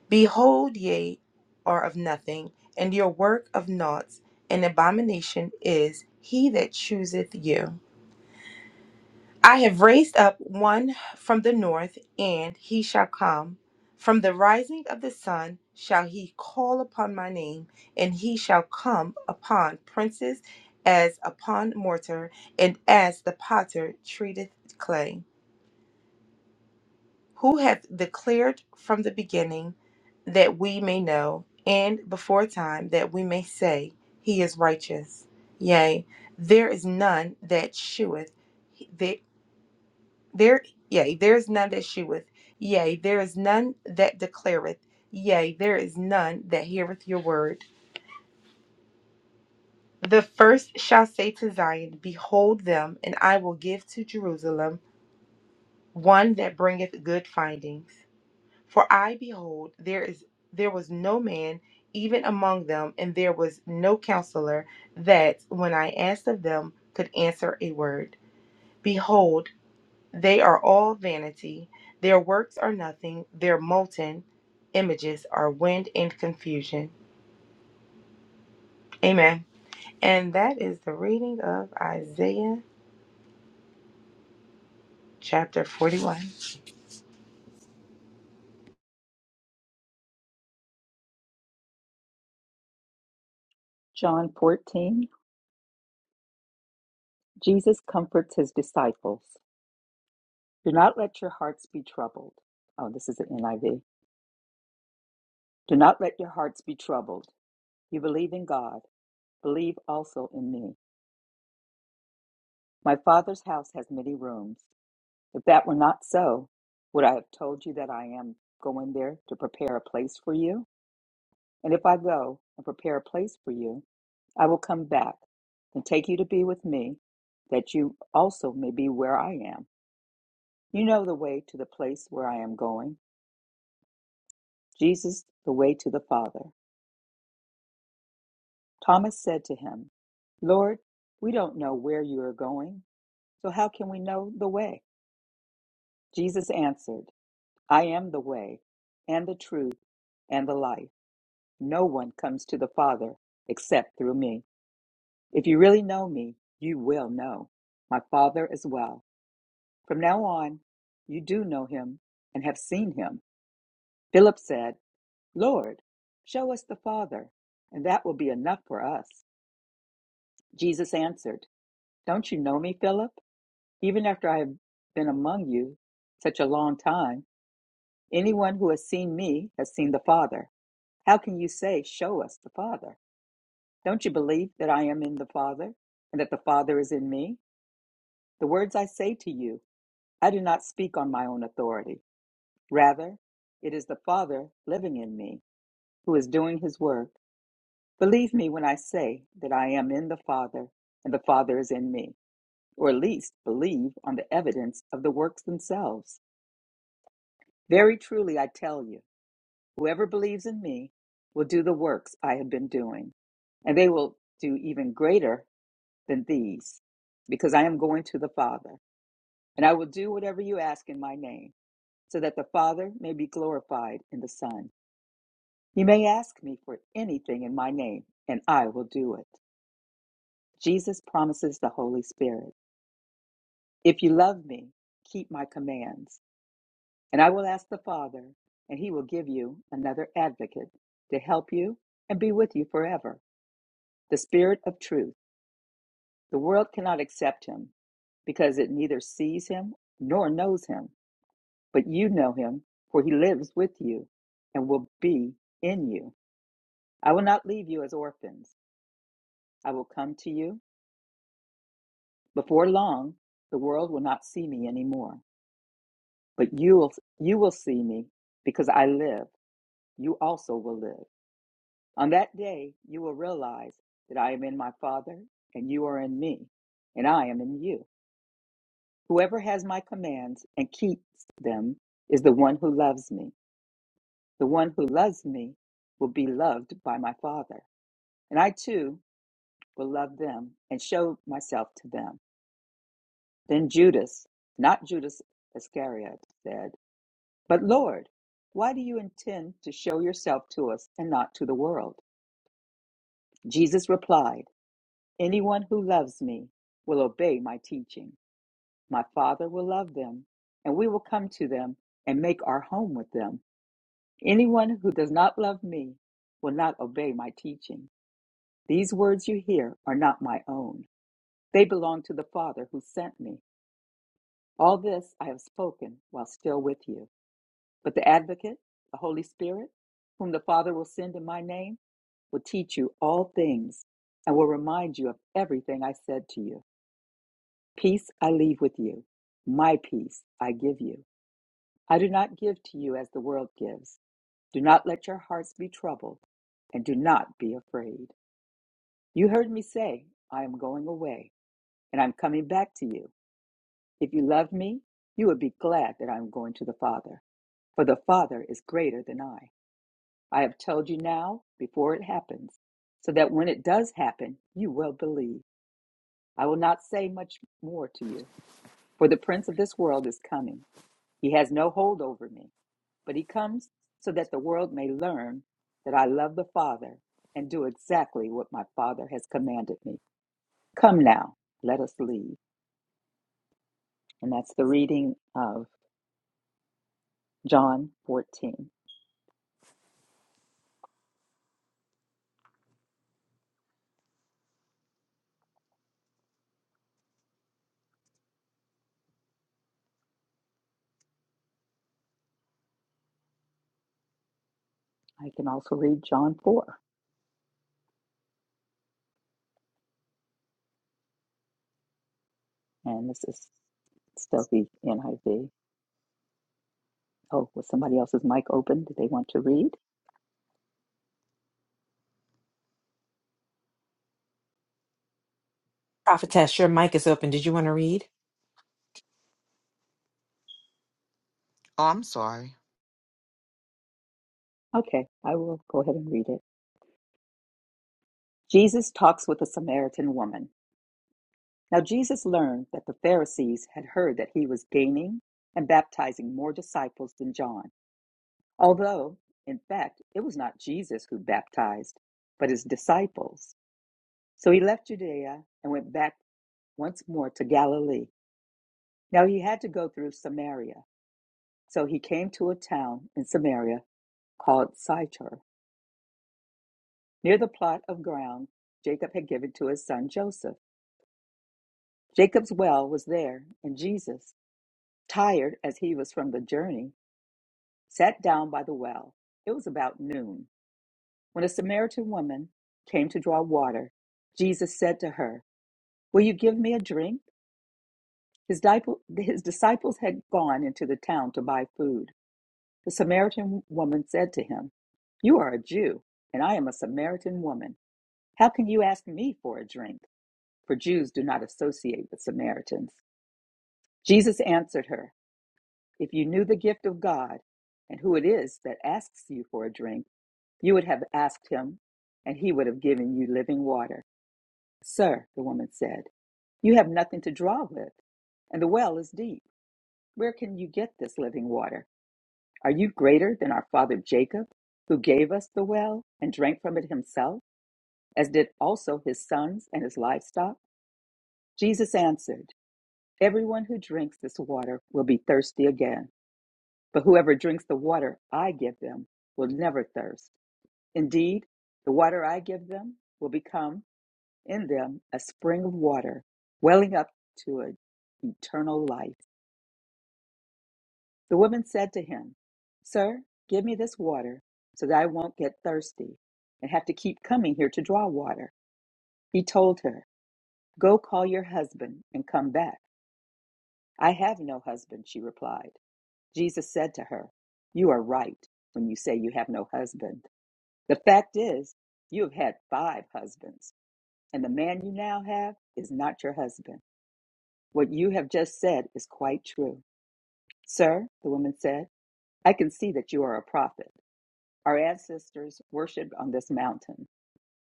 Speaker 4: Behold, ye are of nothing, and your work of naught. An abomination is he that chooseth you. I have raised up one from the north, and he shall come. From the rising of the sun shall he call upon my name, and he shall come upon princes as upon mortar, and as the potter treateth clay. Who hath declared from the beginning that we may know, and before time that we may say, He is righteous. Yea, there is none that sheweth, there, yea, there is none that sheweth, yea, there is none that declareth, yea, there is none that heareth your word. The first shall say to Zion, Behold them, and I will give to Jerusalem one that bringeth good findings. For I behold, there is there was no man even among them, and there was no counselor that, when I asked of them, could answer a word. Behold. They are all vanity, their works are nothing, their molten images are wind and confusion. Amen. And that is the reading of Isaiah chapter 41.
Speaker 6: John 14 Jesus comforts his disciples. Do not let your hearts be troubled. Oh, this is the NIV. Do not let your hearts be troubled. You believe in God, believe also in me. My Father's house has many rooms. If that were not so, would I have told you that I am going there to prepare a place for you? And if I go and prepare a place for you, I will come back and take you to be with me, that you also may be where I am. You know the way to the place where I am going. Jesus, the way to the Father. Thomas said to him, Lord, we don't know where you are going, so how can we know the way? Jesus answered, I am the way, and the truth, and the life. No one comes to the Father except through me. If you really know me, you will know my Father as well. From now on, you do know him and have seen him. Philip said, Lord, show us the Father, and that will be enough for us. Jesus answered, Don't you know me, Philip? Even after I have been among you such a long time, anyone who has seen me has seen the Father. How can you say, Show us the Father? Don't you believe that I am in the Father and that the Father is in me? The words I say to you, I do not speak on my own authority. Rather, it is the Father living in me who is doing his work. Believe me when I say that I am in the Father and the Father is in me, or at least believe on the evidence of the works themselves. Very truly, I tell you, whoever believes in me will do the works I have been doing, and they will do even greater than these, because I am going to the Father. And I will do whatever you ask in my name, so that the Father may be glorified in the Son. You may ask me for anything in my name, and I will do it. Jesus promises the Holy Spirit. If you love me, keep my commands. And I will ask the Father, and he will give you another advocate to help you and be with you forever the Spirit of truth. The world cannot accept him because it neither sees him nor knows him. But you know him, for he lives with you and will be in you. I will not leave you as orphans. I will come to you. Before long, the world will not see me anymore. But you will, you will see me because I live. You also will live. On that day, you will realize that I am in my Father, and you are in me, and I am in you. Whoever has my commands and keeps them is the one who loves me. The one who loves me will be loved by my Father, and I too will love them and show myself to them. Then Judas, not Judas Iscariot, said, But Lord, why do you intend to show yourself to us and not to the world? Jesus replied, Anyone who loves me will obey my teaching. My Father will love them, and we will come to them and make our home with them. Anyone who does not love me will not obey my teaching. These words you hear are not my own. They belong to the Father who sent me. All this I have spoken while still with you. But the Advocate, the Holy Spirit, whom the Father will send in my name, will teach you all things and will remind you of everything I said to you. Peace I leave with you. My peace I give you. I do not give to you as the world gives. Do not let your hearts be troubled, and do not be afraid. You heard me say, I am going away, and I'm coming back to you. If you love me, you would be glad that I am going to the Father, for the Father is greater than I. I have told you now, before it happens, so that when it does happen, you will believe. I will not say much more to you, for the Prince of this world is coming. He has no hold over me, but he comes so that the world may learn that I love the Father and do exactly what my Father has commanded me. Come now, let us leave. And that's the reading of John 14. I can also read John 4, and this is still the NIV. Oh, was somebody else's mic open? Did they want to read?
Speaker 7: Prophetess, your mic is open. Did you want to read?
Speaker 8: Oh, I'm sorry.
Speaker 6: Okay, I will go ahead and read it. Jesus talks with a Samaritan woman. Now Jesus learned that the Pharisees had heard that he was gaining and baptizing more disciples than John, although, in fact, it was not Jesus who baptized, but his disciples. So he left Judea and went back once more to Galilee. Now he had to go through Samaria. So he came to a town in Samaria called Sychar, near the plot of ground Jacob had given to his son Joseph. Jacob's well was there, and Jesus, tired as he was from the journey, sat down by the well. It was about noon. When a Samaritan woman came to draw water, Jesus said to her, Will you give me a drink? His, disciples had gone into the town to buy food. The Samaritan woman said to him, You are a Jew, and I am a Samaritan woman. How can you ask me for a drink? For Jews do not associate with Samaritans. Jesus answered her, If you knew the gift of God and who it is that asks you for a drink, You would have asked him, and he would have given you living water. Sir, the woman said, you have nothing to draw with, and the well is deep. Where can you get this living water? Are you greater than our father Jacob, who gave us the well and drank from it himself, as did also his sons and his livestock? Jesus answered, Everyone who drinks this water will be thirsty again, but whoever drinks the water I give them will never thirst. Indeed, the water I give them will become in them a spring of water welling up to eternal life. The woman said to him, Sir, give me this water so that I won't get thirsty and have to keep coming here to draw water. He told her, Go call your husband and come back. I have no husband, she replied. Jesus said to her, You are right when you say you have no husband. The fact is, you have had five husbands, and the man you now have is not your husband. What you have just said is quite true. Sir, the woman said, I can see that you are a prophet. Our ancestors worshipped on this mountain,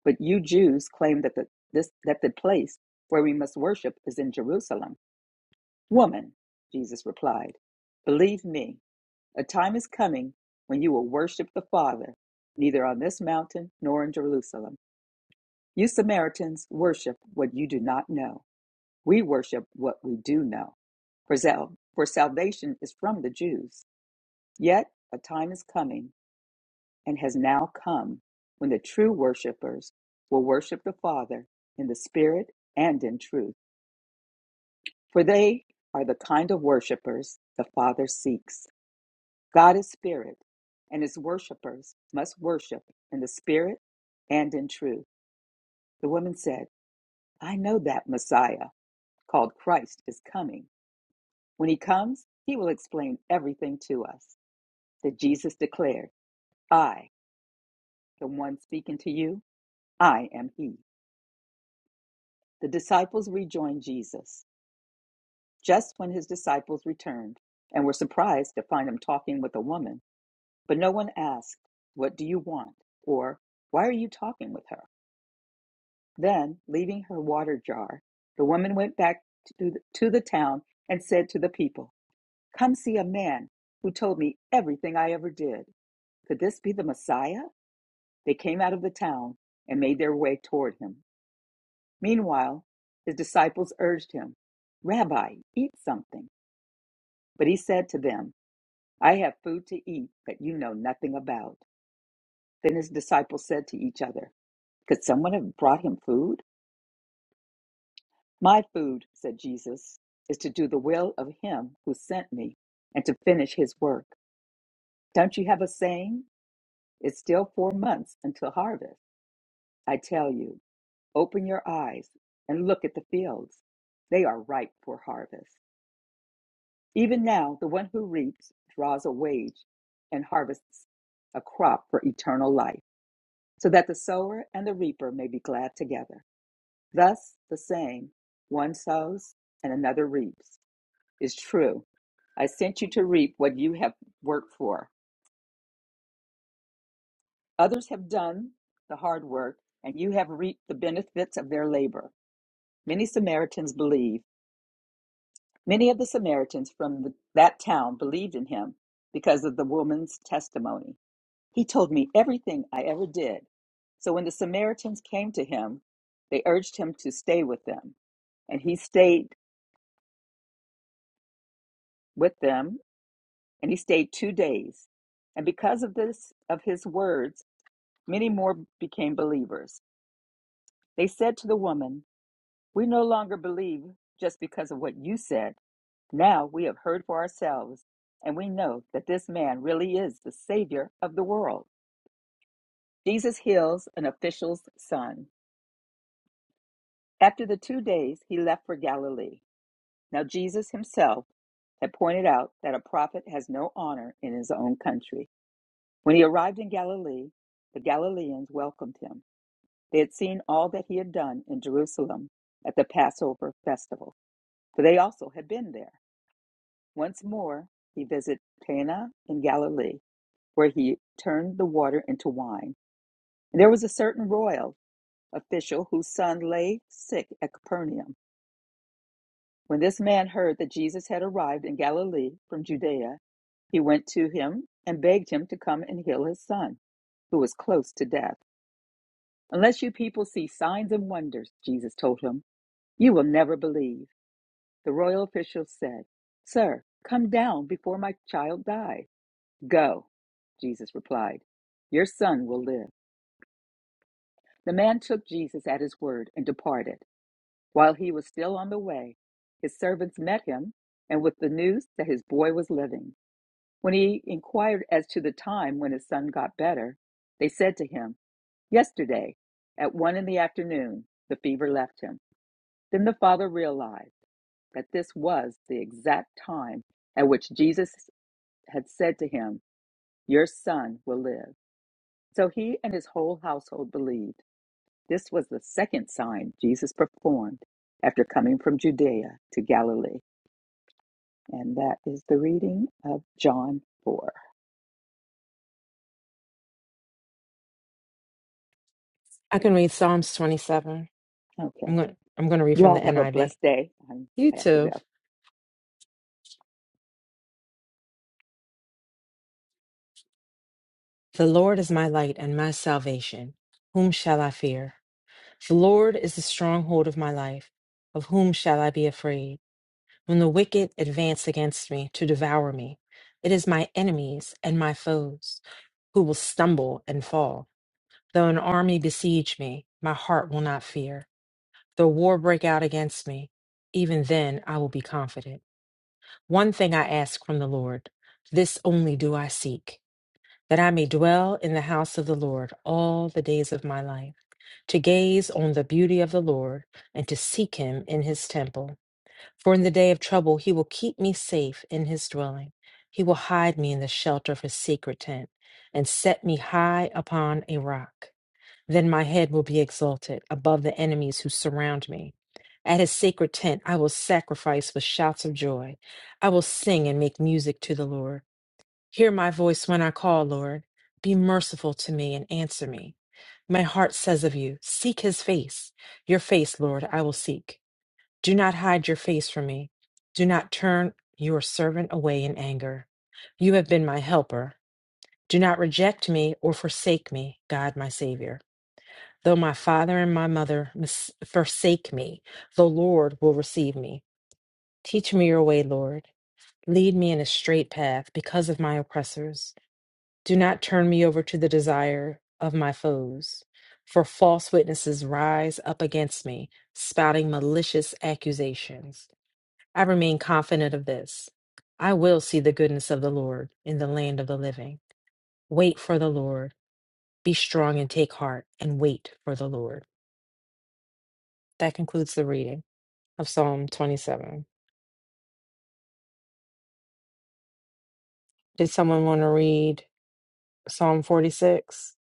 Speaker 6: but you Jews claim that the, this, that the place where we must worship is in Jerusalem. Woman, Jesus replied, believe me, a time is coming when you will worship the Father, neither on this mountain nor in Jerusalem. You Samaritans worship what you do not know. We worship what we do know, for, sal- for salvation is from the Jews. Yet a time is coming, and has now come, when the true worshipers will worship the Father in the Spirit and in truth, for they are the kind of worshipers the Father seeks. God is Spirit, and his worshipers must worship in the Spirit and in truth. The woman said, I know that Messiah, called Christ, is coming. When he comes, he will explain everything to us that Jesus declared, I, the one speaking to you, I am he. The disciples rejoined Jesus just when his disciples returned and were surprised to find him talking with a woman, but no one asked, What do you want? or Why are you talking with her? Then, leaving her water jar, the woman went back to the, to the town and said to the people, Come see a man who told me everything I ever did. Could this be the Messiah? They came out of the town and made their way toward him. Meanwhile, his disciples urged him, Rabbi, eat something. But he said to them, I have food to eat that you know nothing about. Then his disciples said to each other, Could someone have brought him food? My food, said Jesus, is to do the will of him who sent me and to finish his work. Don't you have a saying? It's still four months until harvest. I tell you, open your eyes and look at the fields. They are ripe for harvest. Even now, the one who reaps draws a wage and harvests a crop for eternal life, so that the sower and the reaper may be glad together. Thus, the saying, one sows and another reaps, is true. I sent you to reap what you have worked for. Others have done the hard work, and you have reaped the benefits of their labor. Many Samaritans believe. Many of the Samaritans from the, that town believed in him because of the woman's testimony. He told me everything I ever did. So when the Samaritans came to him, they urged him to stay with them. And he stayed with them, and he stayed two days. And because of this, of his words, many more became believers. They said to the woman, We no longer believe just because of what you said. Now we have heard for ourselves, and we know that this man really is the Savior of the world. Jesus heals an official's son. After the two days, he left for Galilee. Now, Jesus himself had pointed out that a prophet has no honor in his own country. When he arrived in Galilee, the Galileans welcomed him. They had seen all that he had done in Jerusalem at the Passover festival, for they also had been there. Once more, he visited Cana in Galilee, where he turned the water into wine. And there was a certain royal official whose son lay sick at Capernaum. When this man heard that Jesus had arrived in Galilee from Judea, he went to him and begged him to come and heal his son, who was close to death. Unless you people see signs and wonders, Jesus told him, you will never believe. The royal official said, Sir, come down before my child dies. Go, Jesus replied. Your son will live. The man took Jesus at his word and departed. While he was still on the way, his servants met him and with the news that his boy was living. When he inquired as to the time when his son got better, they said to him, Yesterday, at one in the afternoon, the fever left him. Then the father realized that this was the exact time at which Jesus had said to him, Your son will live. So he and his whole household believed. This was the second sign Jesus performed after coming from Judea to Galilee. And that is the reading of John 4.
Speaker 7: I can read Psalms 27.
Speaker 6: Okay.
Speaker 7: I'm going I'm going to read
Speaker 6: You
Speaker 7: from the
Speaker 6: all have a
Speaker 7: NIV.
Speaker 6: blessed day. I'm,
Speaker 7: You
Speaker 6: I have to
Speaker 7: too.
Speaker 6: go.
Speaker 7: The Lord is my light and my salvation. Whom shall I fear? The Lord is the stronghold of my life. Of whom shall I be afraid? When the wicked advance against me to devour me, it is my enemies and my foes who will stumble and fall. Though an army besiege me, my heart will not fear. Though war break out against me, even then I will be confident. One thing I ask from the Lord, this only do I seek, that I may dwell in the house of the Lord all the days of my life, to gaze on the beauty of the Lord, and to seek him in his temple. For in the day of trouble he will keep me safe in his dwelling. He will hide me in the shelter of his sacred tent, and set me high upon a rock. Then my head will be exalted above the enemies who surround me. At his sacred tent, I will sacrifice with shouts of joy. I will sing and make music to the Lord. Hear my voice when I call, Lord. Be merciful to me and answer me. My heart says of you, Seek his face. Your face, Lord, I will seek. Do not hide your face from me. Do not turn your servant away in anger. You have been my helper. Do not reject me or forsake me, God, my Savior. Though my father and my mother mis- forsake me, the Lord will receive me. Teach me your way, Lord. Lead me in a straight path because of my oppressors. Do not turn me over to the desire of my foes. For false witnesses rise up against me, spouting malicious accusations. I remain confident of this. I will see the goodness of the Lord in the land of the living. Wait for the Lord. Be strong and take heart and wait for the Lord. That concludes the reading. of Psalm 27. Did someone want to read Psalm 46?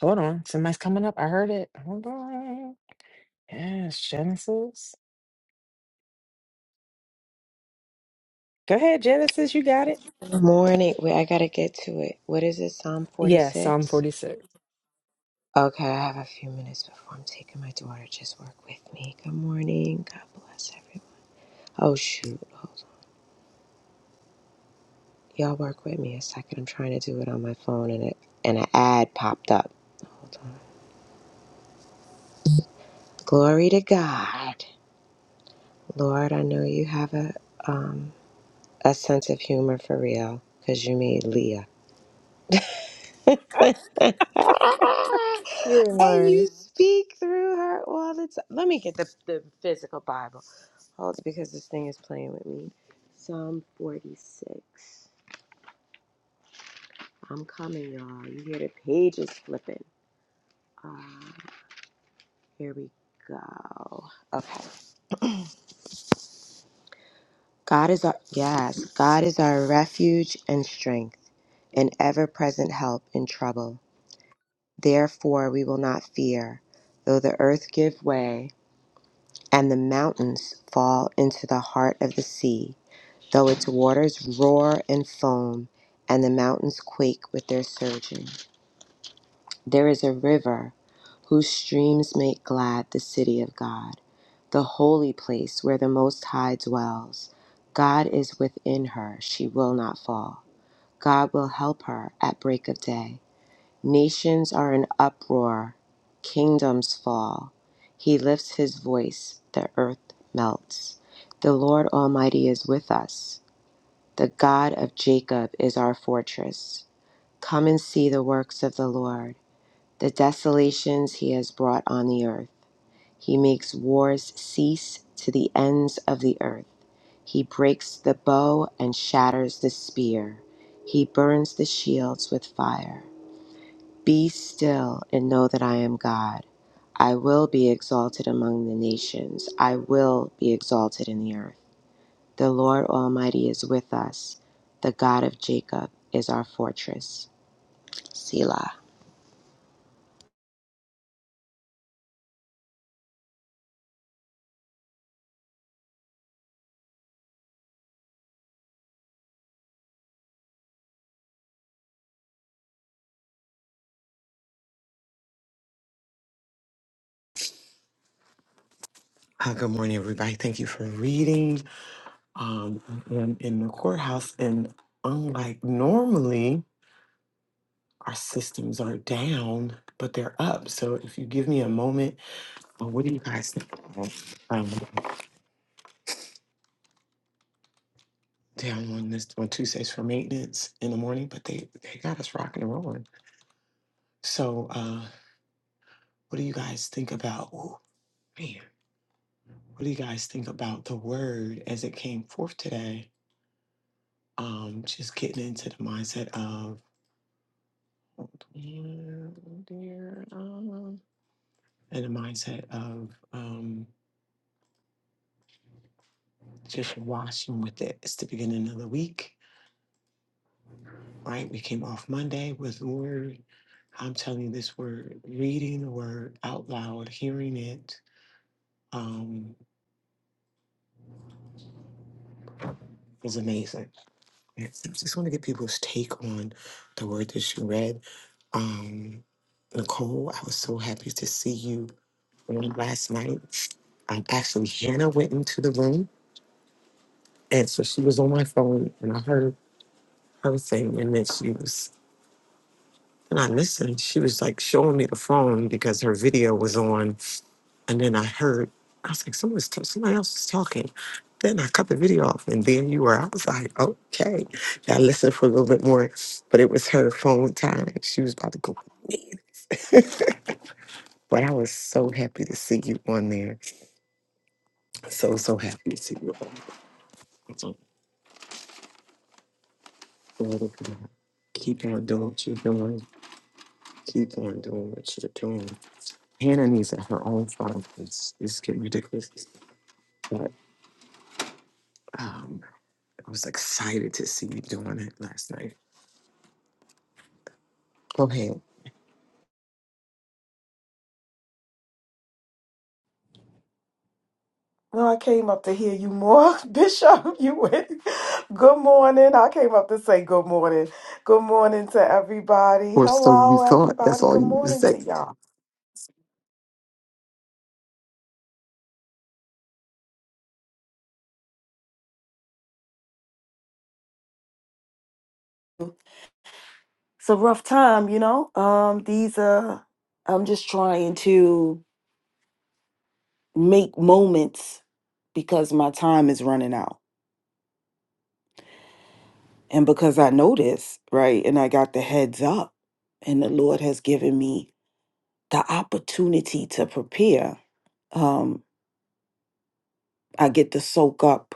Speaker 7: Hold on. Somebody's coming up. I heard it. Hold on. Yes, Genesis. Go ahead, Genesis. You got it.
Speaker 9: Good Morning. Wait, I gotta get to it. What is it? Psalm
Speaker 7: Yes, Psalm
Speaker 9: 46?
Speaker 7: 46.
Speaker 9: Okay, I have a few minutes before I'm taking my daughter. Just work with me. Good morning. God bless everyone. Oh shoot. Hold on. Y'all work with me a second. I'm trying to do it on my phone and it and an ad popped up. Hold on. Glory to God. Lord, I know you have a um a sense of humor for real, 'cause you made Leah.
Speaker 7: Ah,
Speaker 9: and
Speaker 7: You're in
Speaker 9: you
Speaker 7: line.
Speaker 9: speak through her all the time. Let me get the, the physical Bible. Hold it because this thing is playing with me. Psalm 46. I'm coming, y'all. You hear the pages flipping. Ah, here we go. Okay. God is our yes, God is our refuge and strength, an ever-present help in trouble. Therefore we will not fear, though the earth give way and the mountains fall into the heart of the sea, though its waters roar and foam, and the mountains quake with their surging. There is a river whose streams make glad the city of God, the holy place where the Most High dwells. God is within her, she will not fall. God will help her at break of day. Nations are in uproar, kingdoms fall. He lifts his voice, the earth melts. The Lord Almighty is with us. The God of Jacob is our fortress. Come and see the works of the Lord, the desolations he has brought on the earth. He makes wars cease to the ends of the earth. He breaks the bow and shatters the spear. He burns the shields with fire. Be still and know that I am God. I will be exalted among the nations. I will be exalted in the earth. The Lord Almighty is with us. The God of Jacob is our fortress. Selah.
Speaker 3: Uh, good morning, everybody. Thank you for reading. Um, I'm in the courthouse, and unlike normally, our systems are down, but they're up. So if you give me a moment, uh, what do you guys think? Um, down on this on Tuesdays for maintenance in the morning, but they they got us rocking and rolling. So, uh, what do you guys think about? Oh man, what do you guys think about the word as it came forth today? Um, just getting into the mindset of mm, dear, um, and the mindset of um, just washing with it. It's the beginning of the week, right? We came off Monday with word. I'm telling you this word, reading the word out loud, hearing it, um, was amazing. I just want to get people's take on the word that you read. Um, Nicole, I was so happy to see you on last night. Um, actually, Hannah went into the room, and so she was on my phone, and I heard her thing, and then she was, and I listened. She was like showing me the phone because her video was on And then I heard, I was like, someone's t- somebody else is talking. Then I cut the video off, and then you were. I was like, okay. And I listened for a little bit more, but it was her phone time. She was about to go. but I was so happy to see you on there. So so happy to see you. On there. So, Lord of God, Keep on doing what you're doing. Keep on doing what you're doing. Hannah needs it, her own phone. It's it's getting ridiculous. But um, I was excited to see you doing it last night. Go ahead.
Speaker 10: No, I came up to hear you more, Bishop. You went. Good morning. I came up to say good morning. Good morning to everybody.
Speaker 3: Or so you
Speaker 10: Hello,
Speaker 3: thought. That's
Speaker 10: everybody.
Speaker 3: all
Speaker 10: Good
Speaker 3: you would
Speaker 10: morning
Speaker 3: say.
Speaker 10: to y'all. It's a rough time, you know. Um, these uh I'm just trying to make moments because my time is running out. And because I know this, right? And I got the heads up, and the Lord has given me the opportunity to prepare. um, I get to soak up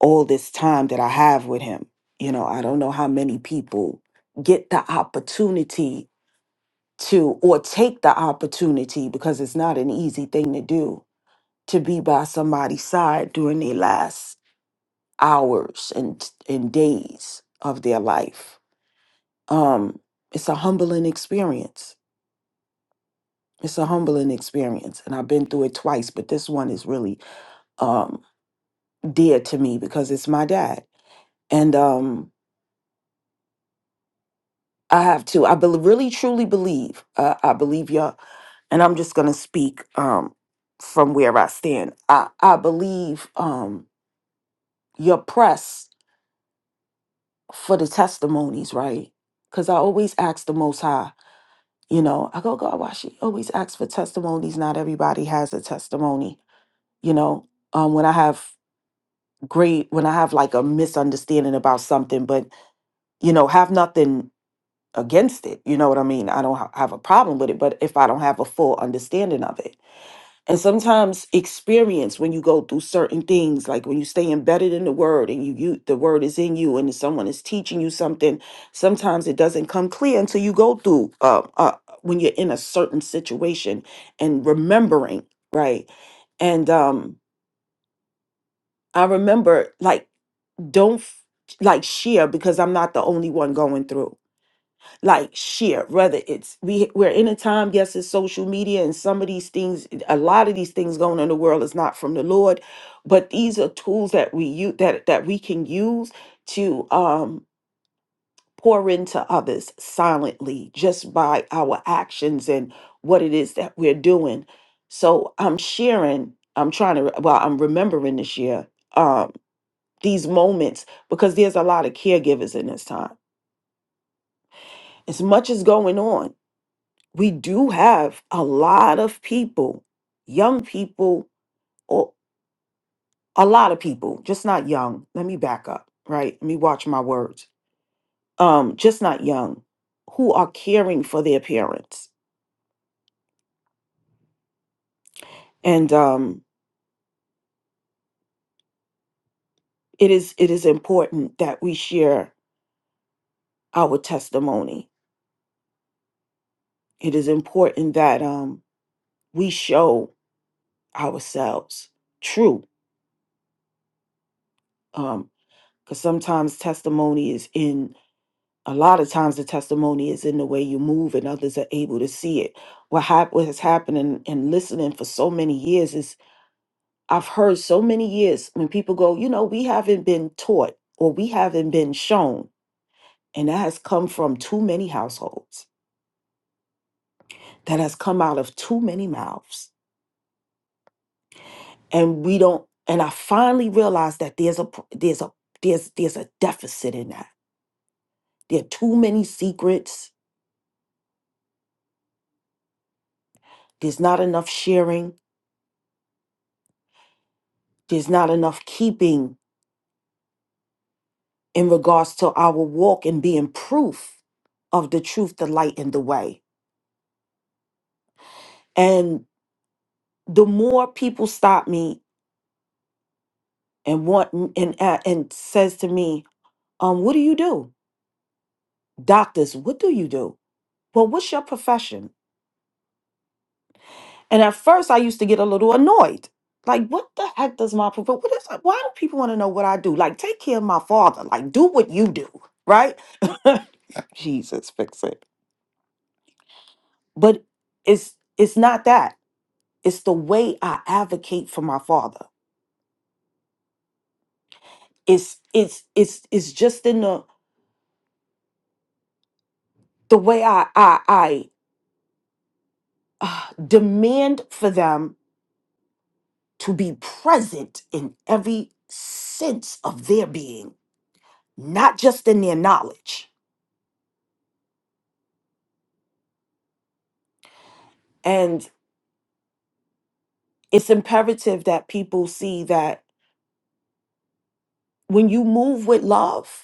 Speaker 10: all this time that I have with him. You know, I don't know how many people get the opportunity to or take the opportunity because it's not an easy thing to do to be by somebody's side during their last hours and and days of their life. Um it's a humbling experience. It's a humbling experience and I've been through it twice, but this one is really um dear to me because it's my dad. And um I have to. I bel really truly believe. Uh, I believe y'all, and I'm just gonna speak um, from where I stand. I I believe um, your press for the testimonies, right? Because I always ask the Most High. You know, I go God, why she always asks for testimonies? Not everybody has a testimony. You know, um, when I have great, when I have like a misunderstanding about something, but you know, have nothing. against it. You know what I mean? I don't ha- have a problem with it, but if I don't have a full understanding of it. And sometimes experience when you go through certain things, like when you stay embedded in the word and you, you the word is in you and someone is teaching you something, sometimes it doesn't come clear until you go through uh, uh when you're in a certain situation and remembering, right? And um I remember like don't f- like share because I'm not the only one going through like share whether it's we we're in a time yes it's social media and some of these things a lot of these things going on in the world is not from the lord but these are tools that we use that that we can use to um pour into others silently just by our actions and what it is that we're doing so i'm sharing i'm trying to re- well i'm remembering this year um these moments because there's a lot of caregivers in this time as much as going on we do have a lot of people, young people, or a lot of people, just not young. Let me back up, right? Let me watch my words. Um, just not young, who are caring for their parents. And um, it is it is important that we share our testimony. It is important that um we show ourselves true. Um, because sometimes testimony is in a lot of times the testimony is in the way you move and others are able to see it what, hap- what has happened and, and listening for so many years is i've heard so many years when people go you know we haven't been taught or we haven't been shown and that has come from too many households that has come out of too many mouths and we don't and i finally realized that there's a pr- there's a there's there's a deficit in that there are too many secrets there's not enough sharing there's not enough keeping in regards to our walk and being proof of the truth, the light, and the way. And the more people stop me and want and uh, and says to me, um, "What do you do, doctors? What do you do? Well, what's your profession?" And at first, I used to get a little annoyed, like, "What the heck does my profession? What is? Why do people want to know what I do? Like, take care of my father. Like, do what you do, right?" Jesus, fix it. But it's it's not that. It's the way I advocate for my father. It's it's it's it's just in the the way I I I uh, demand for them to be present in every sense of their being, not just in their knowledge. And it's imperative that people see that when you move with love,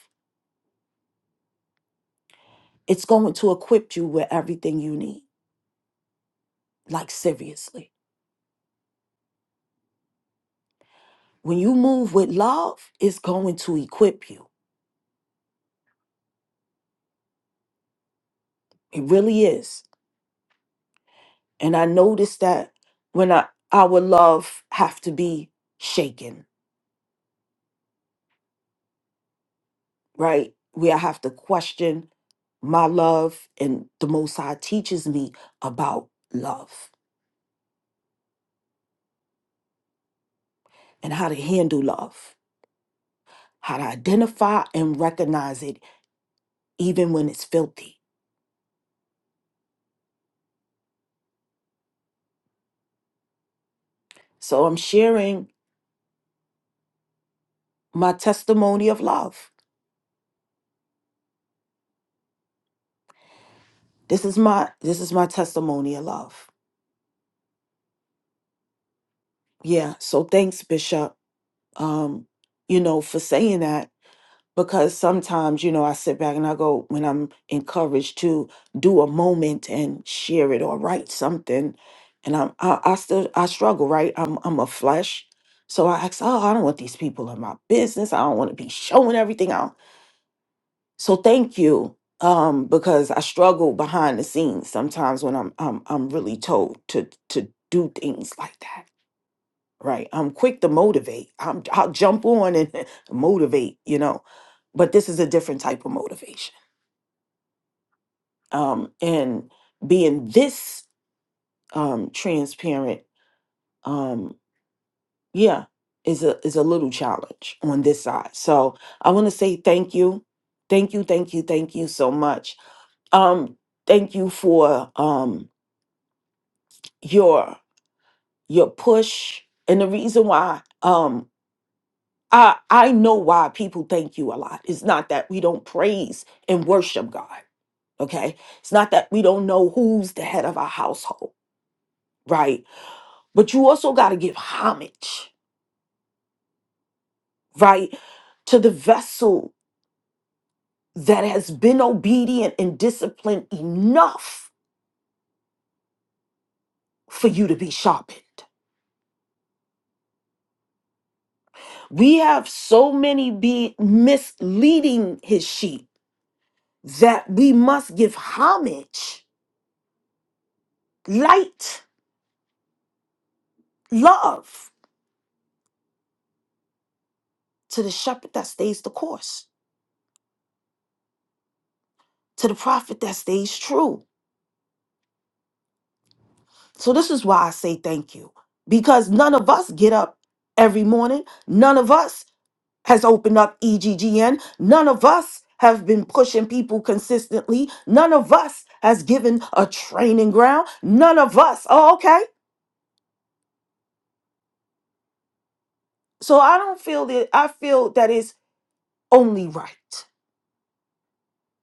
Speaker 10: it's going to equip you with everything you need. Like seriously. When you move with love, it's going to equip you. It really is And I noticed that when I, our love have to be shaken, right? Where I have to question my love and the Most High teaches me about love and how to handle love, how to identify and recognize it even when it's filthy. So I'm sharing my testimony of love. This is my this is my testimony of love. Yeah. So thanks, Bishop. Um, you know, for saying that because sometimes you know i sit back and i go when i'm encouraged to do a moment and share it or write something and i'm i, I still i struggle right i'm i'm a flesh so i ask oh i don't want these people in my business i don't want to be showing everything out so thank you um because i struggle behind the scenes sometimes when i'm i'm, I'm really told to to do things like that right? I'm quick to motivate. I'm, I'll jump on and motivate, you know. But this is a different type of motivation. Um, and being this um, transparent, um, yeah, is a is a little challenge on this side. So I want to say thank you, thank you, thank you, thank you so much. Um, thank you for um, your your push and the reason why. um, I I know why people thank you a lot. It's not that we don't praise and worship God, okay? It's not that we don't know who's the head of our household, right? But you also got to give homage, right? To the vessel that has been obedient and disciplined enough for you to be sharpened. We have so many be misleading his sheep that we must give homage, light, love to the shepherd that stays the course, to the prophet that stays true. So, this is why I say thank you because none of us get up every morning. None of us has opened up EGGN. None of us have been pushing people consistently. None of us has given a training ground. None of us. Oh, okay. So, I don't feel that, I feel that it's only right,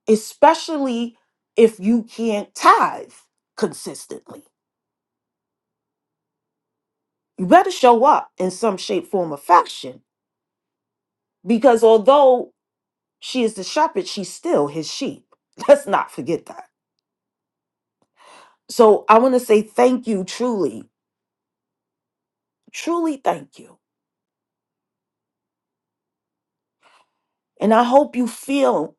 Speaker 10: especially if you can't tithe consistently you better show up in some shape, form, or fashion. Because although she is the shepherd, she's still his sheep. Let's not forget that. So I want to say thank you, truly, truly thank you. And I hope you feel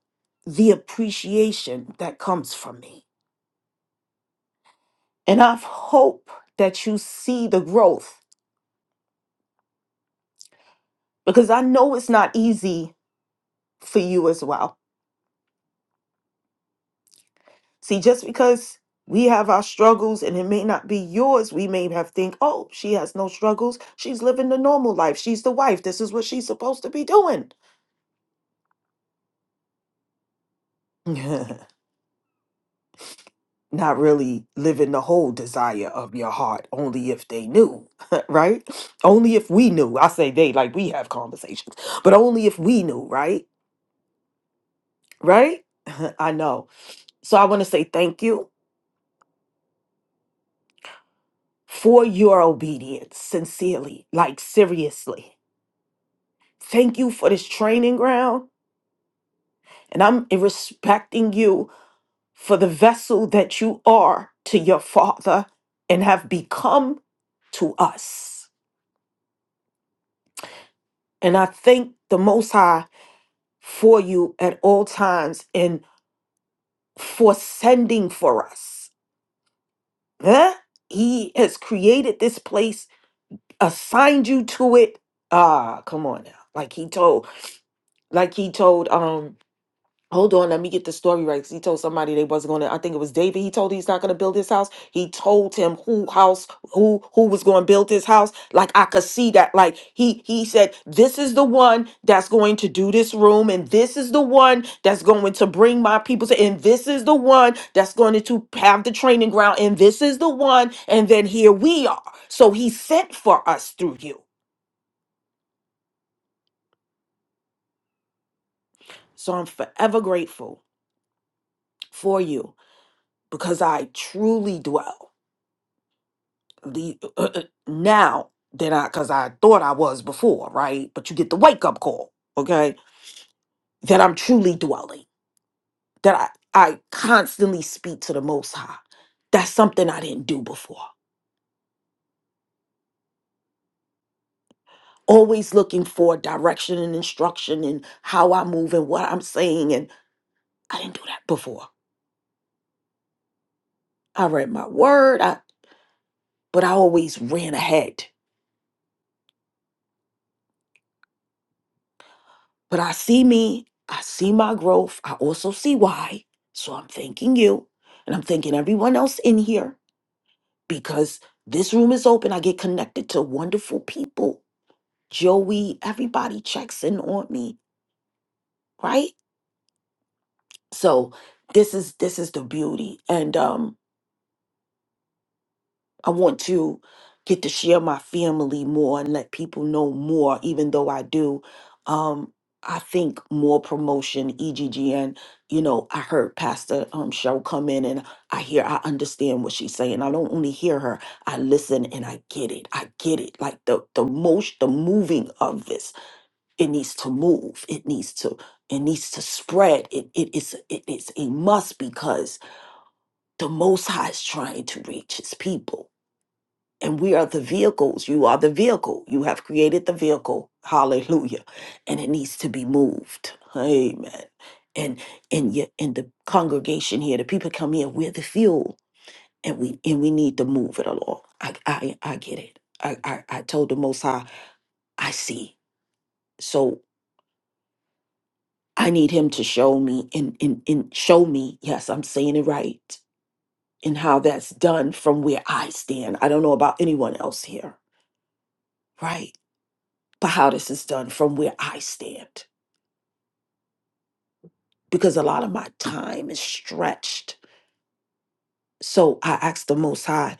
Speaker 10: the appreciation that comes from me. And I hope that you see the growth because I know it's not easy for you as well. See, just because we have our struggles and it may not be yours, we may have think, oh, she has no struggles. She's living the normal life. She's the wife. This is what she's supposed to be doing. not really living the whole desire of your heart, only if they knew, right? Only if we knew. I say they, like we have conversations, but only if we knew, right? Right? I know. So I want to say thank you for your obedience, sincerely, like seriously. Thank you for this training ground. And I'm respecting you for the vessel that you are to your Father and have become to us. And I thank the Most High for you at all times and for sending for us. Huh? He has created this place, assigned you to it. Ah, come on now. Like he told, like he told um Hold on, let me get the story right. 'cause He told somebody they wasn't gonna. I think it was David. He told he's not gonna build his house. He told him who house, who who was gonna build his house. Like I could see that. Like he he said, this is the one that's going to do this room, and this is the one that's going to bring my people to, and this is the one that's going to have the training ground, and this is the one. And then here we are. So he sent for us through you. So I'm forever grateful for you because I truly dwell. the now than I because I thought I was before, right? But you get the wake up call, okay? That I'm truly dwelling, that I I constantly speak to the Most High. That's something I didn't do before. Always looking for direction and instruction and how I move and what I'm saying, and I didn't do that before. I read my word, I, but I always ran ahead. But I see me, I see my growth, I also see why. So I'm thanking you and I'm thanking everyone else in here because this room is open. I get connected to wonderful people. Joey, everybody checks in on me, right? So this is this is the beauty. And um I want to get to share my family more and let people know more, even though I do. Um, I think more promotion, EGGN. You know, I heard Pastor um, Cheryl come in and I hear, I understand what she's saying. I don't only hear her, I listen and I get it. I get it. Like the the most, the moving of this, it needs to move. It needs to, it needs to spread. It it is it is a must because the Most High is trying to reach His people and we are the vehicles. You are the vehicle. You have created the vehicle. Hallelujah. And it needs to be moved. Amen. And and yet in the congregation here, the people come here, we're the fuel. And we and we need to move it along. I I, I get it. I, I I told the most high, I see. So I need him to show me and, and and show me, yes, I'm saying it right, and how that's done from where I stand. I don't know about anyone else here. Right for how this is done from where I stand because a lot of my time is stretched. So I ask the Most High,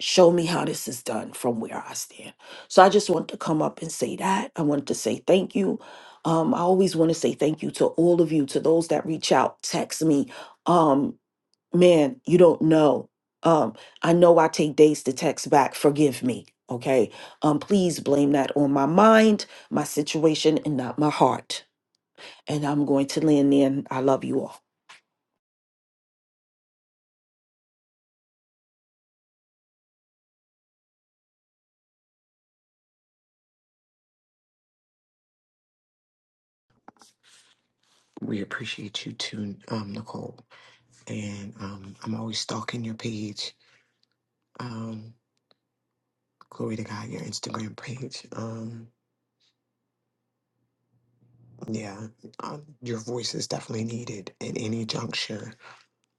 Speaker 10: show me how this is done from where I stand. So I just want to come up and say that. I want to say thank you. Um, I always want to say thank you to all of you, to those that reach out, text me. Um, man, you don't know. Um, I know I take days to text back. Forgive me. Okay. Um, please blame that on my mind, my situation, and not my heart And I'm going to lean in. I love you all.
Speaker 3: We appreciate you too, um, Nicole. And um, I'm always stalking your page. Um, glory to God, your Instagram page. Um, yeah, um, your voice is definitely needed at any juncture.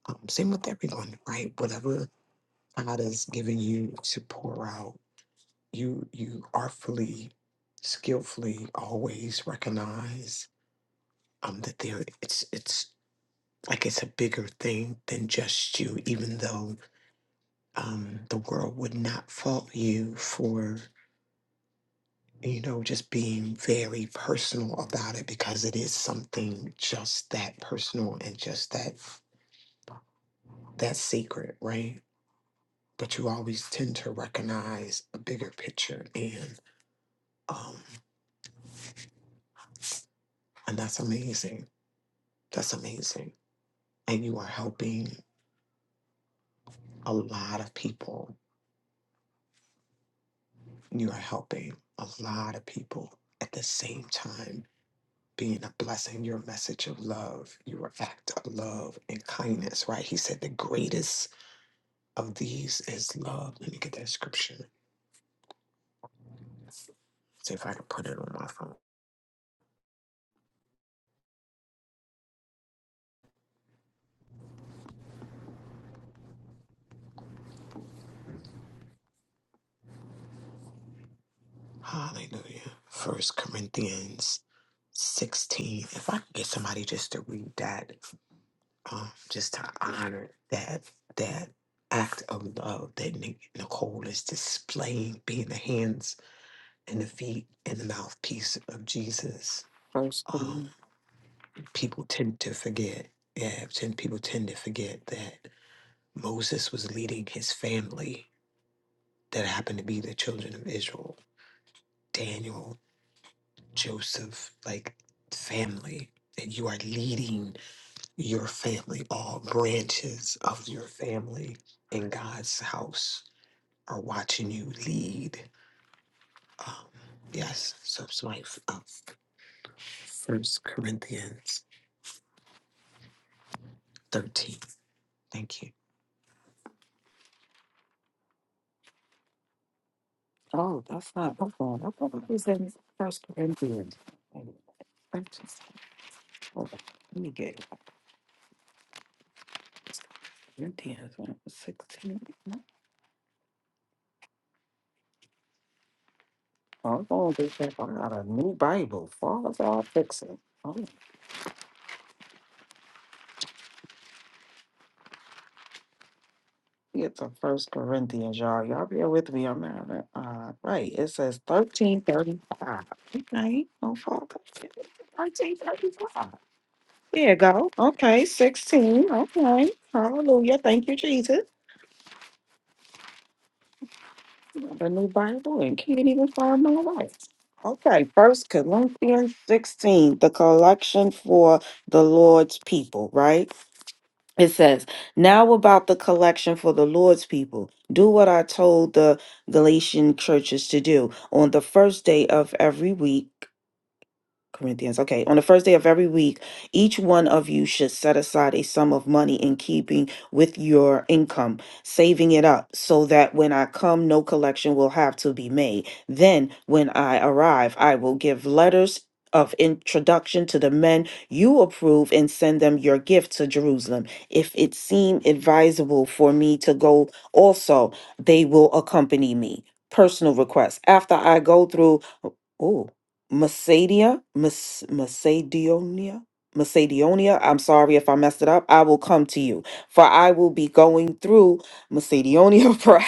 Speaker 3: Um, same with everyone, right? Whatever God has given you to pour out, you you artfully, skillfully always recognize um that there it's it's like it's a bigger thing than just you, even though um, the world would not fault you for, you know, just being very personal about it because it is something just that personal and just that that secret, right? But you always tend to recognize a bigger picture, and um, and that's amazing. That's amazing, and you are helping a lot of people. You are helping a lot of people at the same time being a blessing, your message of love, your act of love and kindness, right? He said the greatest of these is love. Let me get that scripture. See if I can put it on my phone. Hallelujah. First Corinthians 16. If I could get somebody just to read that, um, just to honor that that act of love that Nic- Nicole is displaying, being the hands and the feet and the mouthpiece of Jesus.
Speaker 10: First
Speaker 3: um,
Speaker 10: Corinthians.
Speaker 3: people tend to forget. Yeah, ten people tend to forget that Moses was leading his family that happened to be the children of Israel, Daniel, Joseph, like family. And you are leading your family, all branches of your family in God's house are watching you lead. Um, yes, so it's my uh, First Corinthians 13. Thank you.
Speaker 10: Oh, that's not. Hold on. I thought it was in First Corinthians. Hold on. First- hold on. Let me get Corinthians when I 16. I'm going to get that. I got a new Bible. Father, I'll fix it. Oh, get to First Corinthians, y'all. Y'all be with me. I'm out of uh, right. It says 1335. Okay. Oh, Father. 1335. There you go. Okay, 16. Okay. Hallelujah. Thank you, Jesus. The new Bible and can't even find my life. Okay, first Corinthians 16, the collection for the Lord's people, right? It says, Now about the collection for the Lord's people. Do what I told the Galatian churches to do on the first day of every week. Corinthians. Okay. On the first day of every week, each one of you should set aside a sum of money in keeping with your income, saving it up so that when I come, no collection will have to be made. Then, when I arrive, I will give letters of introduction to the men you approve and send them your gift to Jerusalem. If it seem advisable for me to go also, they will accompany me. Personal request. After I go through, oh, Macedonia, Mas- Macedonia, Macedonia. I'm sorry if I messed it up. I will come to you, for I will be going through Macedonia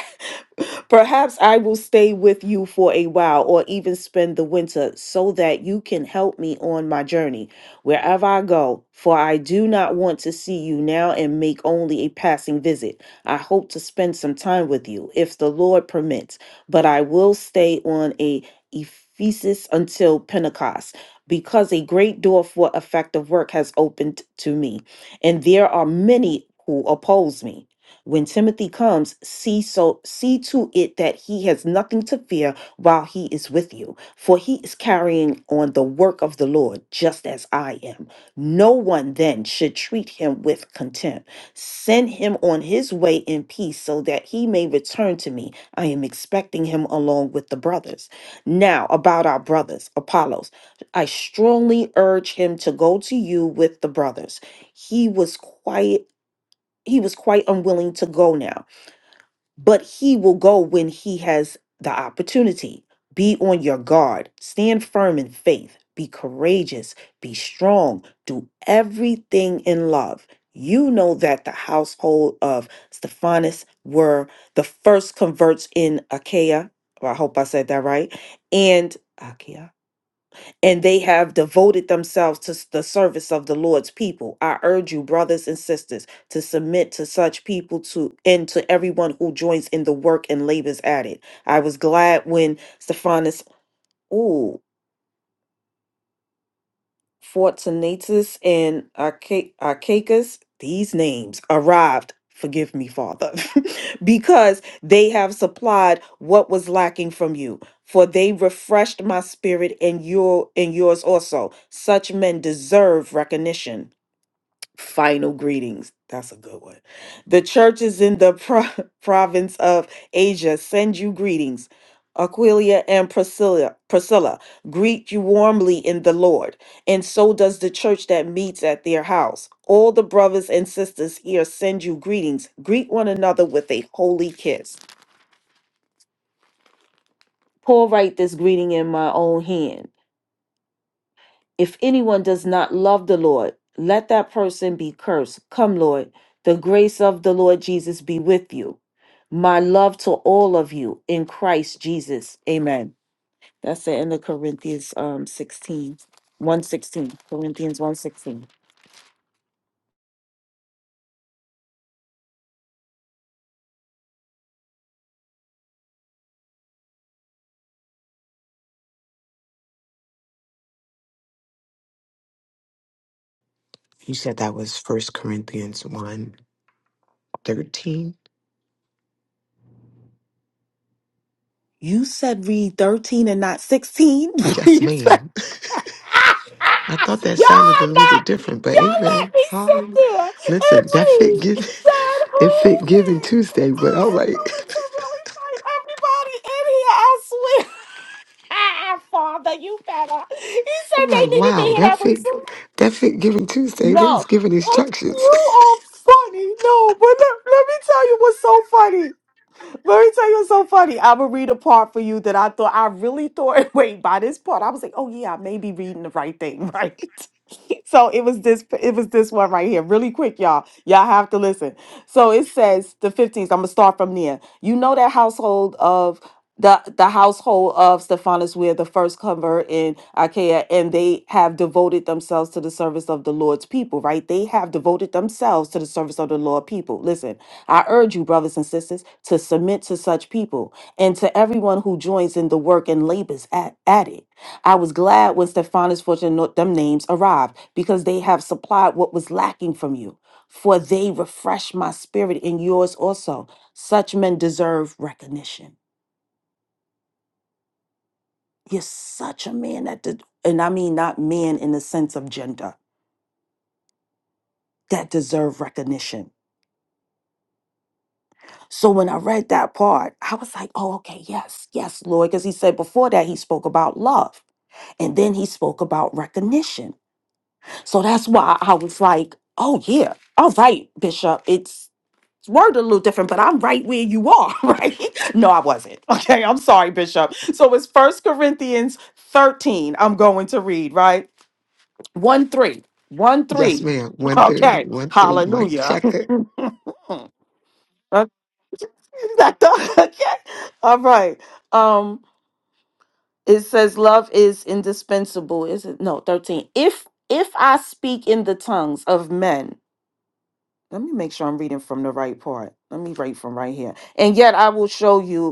Speaker 10: Perhaps I will stay with you for a while or even spend the winter so that you can help me on my journey wherever I go, for I do not want to see you now and make only a passing visit. I hope to spend some time with you if the Lord permits, but I will stay on a Ephesus until Pentecost because a great door for effective work has opened to me, and there are many who oppose me. When Timothy comes, see so see to it that he has nothing to fear while he is with you, for he is carrying on the work of the Lord just as I am. No one then should treat him with contempt. Send him on his way in peace so that he may return to me. I am expecting him along with the brothers. Now, about our brothers, Apollos, I strongly urge him to go to you with the brothers. He was quiet he was quite unwilling to go now, but he will go when he has the opportunity. Be on your guard, stand firm in faith, be courageous, be strong, do everything in love. You know that the household of Stephanus were the first converts in Achaia. Well, I hope I said that right. And Achaia and they have devoted themselves to s- the service of the Lord's people. I urge you, brothers and sisters, to submit to such people to and to everyone who joins in the work and labors at it. I was glad when Stephanus. ooh, Fortunatus and Arca- Archicus, these names arrived. Forgive me, Father, because they have supplied what was lacking from you. For they refreshed my spirit and your and yours also. Such men deserve recognition final greetings. That's a good one. The churches in the pro- province of Asia send you greetings. Aquilia and Priscilla, Priscilla greet you warmly in the Lord, and so does the church that meets at their house. All the brothers and sisters here send you greetings. Greet one another with a holy kiss. Paul write this greeting in my own hand. If anyone does not love the Lord, let that person be cursed. Come, Lord, the grace of the Lord Jesus be with you. My love to all of you in Christ Jesus. Amen. That's the end of Corinthians um 16. 116. Corinthians 116.
Speaker 3: You said that was First Corinthians 1. 13.
Speaker 10: You said read 13 and not 16.
Speaker 3: Yes,
Speaker 10: Please.
Speaker 3: ma'am. I thought that sounded a
Speaker 10: Y'all
Speaker 3: little
Speaker 10: not,
Speaker 3: different, but
Speaker 10: y'all let
Speaker 3: amen.
Speaker 10: me sit
Speaker 3: Hallelujah.
Speaker 10: there and
Speaker 3: Listen, that fit
Speaker 10: read
Speaker 3: give
Speaker 10: that
Speaker 3: it
Speaker 10: whole
Speaker 3: fit giving
Speaker 10: thing.
Speaker 3: Tuesday, but
Speaker 10: I
Speaker 3: all
Speaker 10: am
Speaker 3: right.
Speaker 10: going to really fight everybody in here, I swear. Father, you better. He said
Speaker 3: I'm
Speaker 10: they
Speaker 3: like,
Speaker 10: needed to
Speaker 3: wow,
Speaker 10: hear
Speaker 3: that
Speaker 10: that one
Speaker 3: fit
Speaker 10: too.
Speaker 3: that fit giving Tuesday, they was
Speaker 10: No.
Speaker 3: giving
Speaker 10: Oh,
Speaker 3: instructions.
Speaker 10: You are funny. No, but let, let me tell you what's so funny. Let me tell you what's so funny. I'm gonna read a part for you that I thought I really thought. Wait, by this part, I was like, "Oh yeah, I may be reading the right thing, right?" so it was this. It was this one right here. Really quick, y'all. Y'all have to listen. So it says the 15th. I'm gonna start from there. You know that household of the the household of Stephanus were the first convert in Achaia, and they have devoted themselves to the service of the Lord's people. Right? They have devoted themselves to the service of the Lord people. Listen. I urge you, brothers and sisters, to submit to such people and to everyone who joins in the work and labors at, at it. I was glad when Stephanus, Fortune, and them names arrived because they have supplied what was lacking from you. For they refresh my spirit and yours also. Such men deserve recognition. You're such a man that, de- and I mean not man in the sense of gender, that deserve recognition. So when I read that part, I was like, oh, okay, yes, yes, Lord. Because he said before that, he spoke about love and then he spoke about recognition. So that's why I was like, oh, yeah, all right, Bishop, it's worded a little different, but I'm right where you are, right? No, I wasn't. Okay, I'm sorry, Bishop. So it's First Corinthians 13, I'm going to read, right? One three, one three.
Speaker 3: Yes, ma'am. One three,
Speaker 10: Okay,
Speaker 3: one three, mic
Speaker 10: hallelujah.
Speaker 3: checker.
Speaker 10: Okay. Not the- okay. All right. Um, it says love is indispensable. Is it no 13? If if I speak in the tongues of men, let me make sure I'm reading from the right part. Let me write from right here. And yet I will show you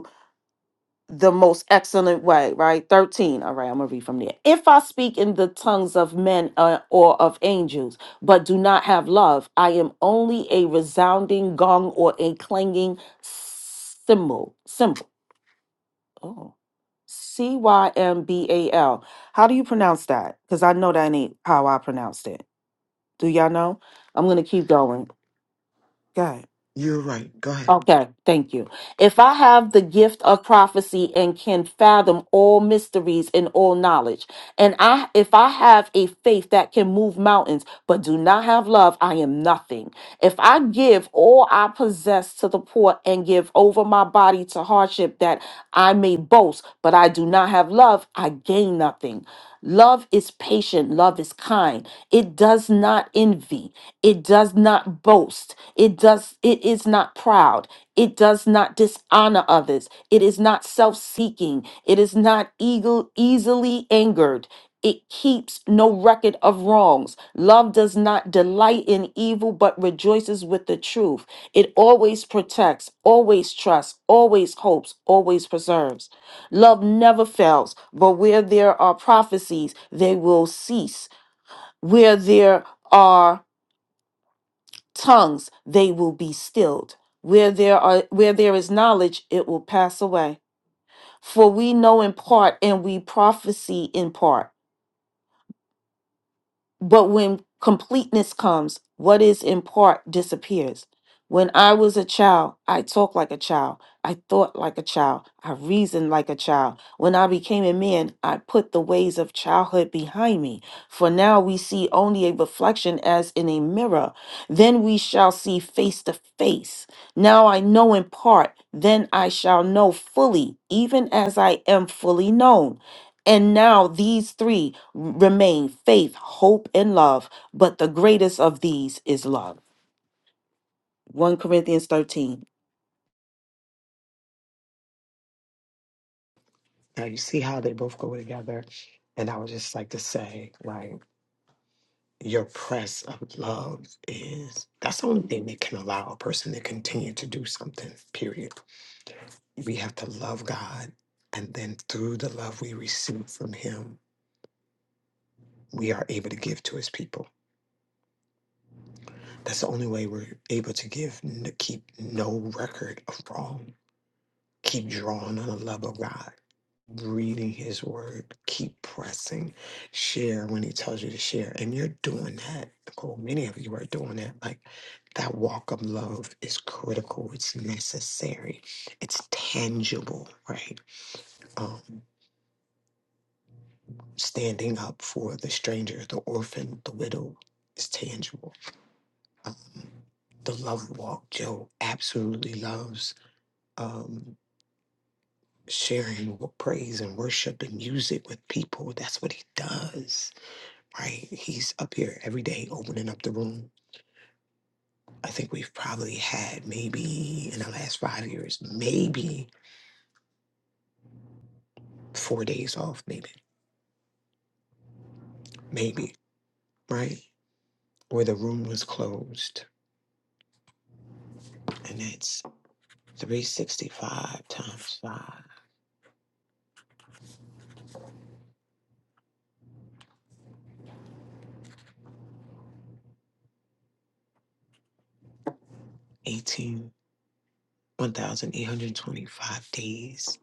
Speaker 10: the most excellent way, right? 13. All right, I'm going to read from there. If I speak in the tongues of men uh, or of angels, but do not have love, I am only a resounding gong or a clanging cymbal. Cymbal. Oh. C Y M B A L. How do you pronounce that? Because I know that ain't how I pronounced it. Do y'all know? I'm going to keep going.
Speaker 3: You're right. Go ahead.
Speaker 10: Okay, thank you. If I have the gift of prophecy and can fathom all mysteries and all knowledge, and I if I have a faith that can move mountains but do not have love, I am nothing. If I give all I possess to the poor and give over my body to hardship that I may boast, but I do not have love, I gain nothing. Love is patient, love is kind. It does not envy, it does not boast it does it is not proud it does not dishonor others it is not self-seeking it is not eagle easily angered it keeps no record of wrongs love does not delight in evil but rejoices with the truth it always protects always trusts always hopes always preserves love never fails but where there are prophecies they will cease where there are tongues they will be stilled where there are where there is knowledge it will pass away for we know in part and we prophesy in part but when completeness comes, what is in part disappears. When I was a child, I talked like a child. I thought like a child. I reasoned like a child. When I became a man, I put the ways of childhood behind me. For now we see only a reflection as in a mirror. Then we shall see face to face. Now I know in part, then I shall know fully, even as I am fully known. And now these three remain faith, hope, and love, but the greatest of these is love. 1 Corinthians 13.
Speaker 3: Now you see how they both go together. And I would just like to say, right. your press of love is that's the only thing that can allow a person to continue to do something period we have to love god and then through the love we receive from him we are able to give to his people that's the only way we're able to give n- to keep no record of wrong keep drawing on the love of god reading his word keep pressing share when he tells you to share and you're doing that nicole many of you are doing that like That walk of love is critical. It's necessary. It's tangible, right? Um, standing up for the stranger, the orphan, the widow is tangible. Um, the love walk, Joe absolutely loves um, sharing with praise and worship and music with people. That's what he does, right? He's up here every day opening up the room. I think we've probably had maybe in the last five years, maybe four days off, maybe. maybe, right? Where the room was closed. And that's 365 times five eighteen one thousand eight hundred twenty-five days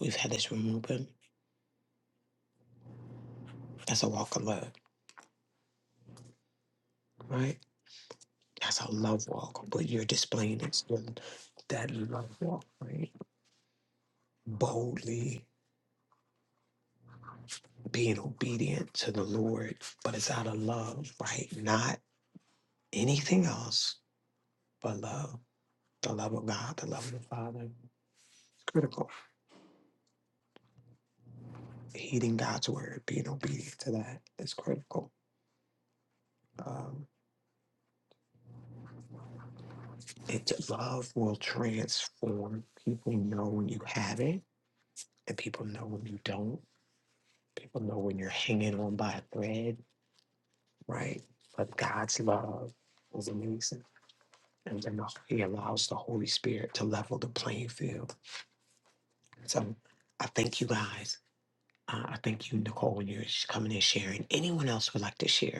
Speaker 3: we've had this room open. That's a walk of love, right? That's a love walk, but you're displaying it's the- that love walk, right? Boldly being obedient to the Lord, but it's out of love, right? Not anything else but love. The love of God, the love of the Father. It's critical heeding God's word, being obedient to that is critical. Um, it's love will transform. People know when you have it, and people know when you don't. People know when you're hanging on by a thread, right? But God's love is amazing. And then He allows the Holy Spirit to level the playing field. So I thank you guys. Uh, I thank you, Nicole, when you're sh- coming and sharing. Anyone else would like to share?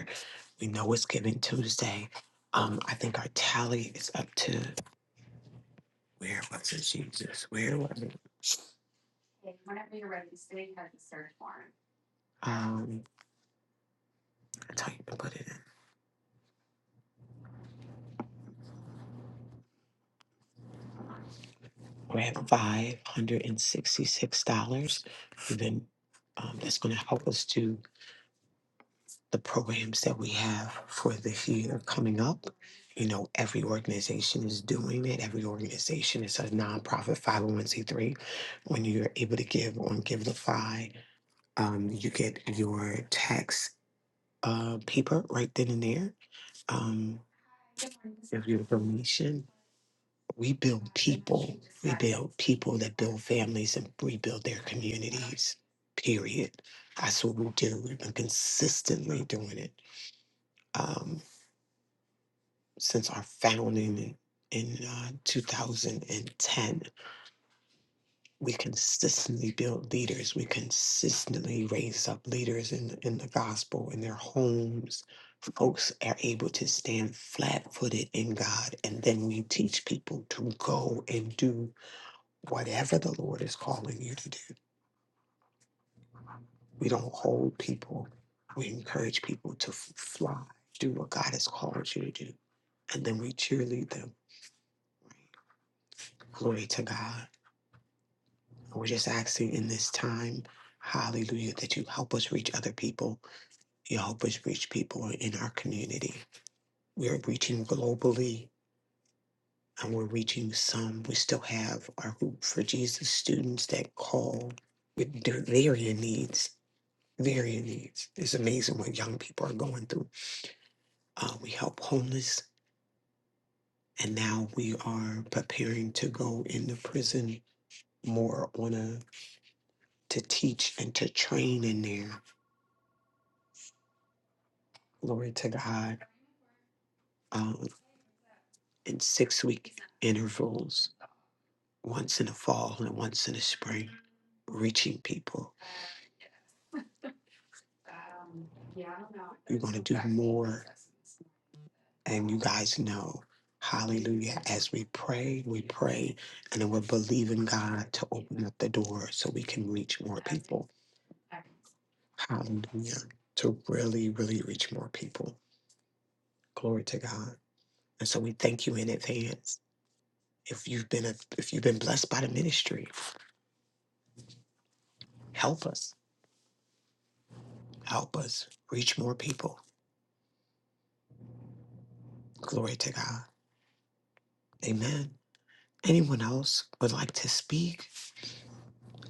Speaker 3: We know it's Giving Tuesday. Um, I think our tally is up to where was it, Jesus? Where was it? Um, that's how you can put it in. We have five hundred and sixty-six dollars. We've been um, that's going to help us do the programs that we have for this year coming up. You know, every organization is doing it. Every organization is a nonprofit 501c3. When you're able to give on GiveLify, um, you get your tax uh, paper right then and there. Um, of your information. We build people. We build people that build families and rebuild their communities. Period. That's what we do. We've been consistently doing it um, since our founding in, in uh, 2010. we consistently build leaders. We consistently raise up leaders in, in the gospel, in their homes. Folks are able to stand flat footed in God. And then we teach people to go and do whatever the Lord is calling you to do. We don't hold people, we encourage people to f- fly, do what God has called you to do. And then we cheerlead them. Glory to God. We're just asking in this time, hallelujah, that you help us reach other people You help us reach people in our community. We are reaching globally and we're reaching some. We still have our Hoop for Jesus students that call with their varying needs. Varying needs. It's amazing what young people are going through. Uh, we help homeless, and now we are preparing to go into prison more on a to teach and to train in there. Glory to God. Um, in six week intervals once in the fall and once in the spring, reaching people. You're going to do more. And you guys know, hallelujah, as we pray, we pray, and then we're believing God to open up the door so we can reach more people. Hallelujah. To really, really reach more people. Glory to God. And so we thank you in advance. If you've been a, if you've been blessed by the ministry, help us. Help us reach more people. Glory to God. Amen. Anyone else would like to speak?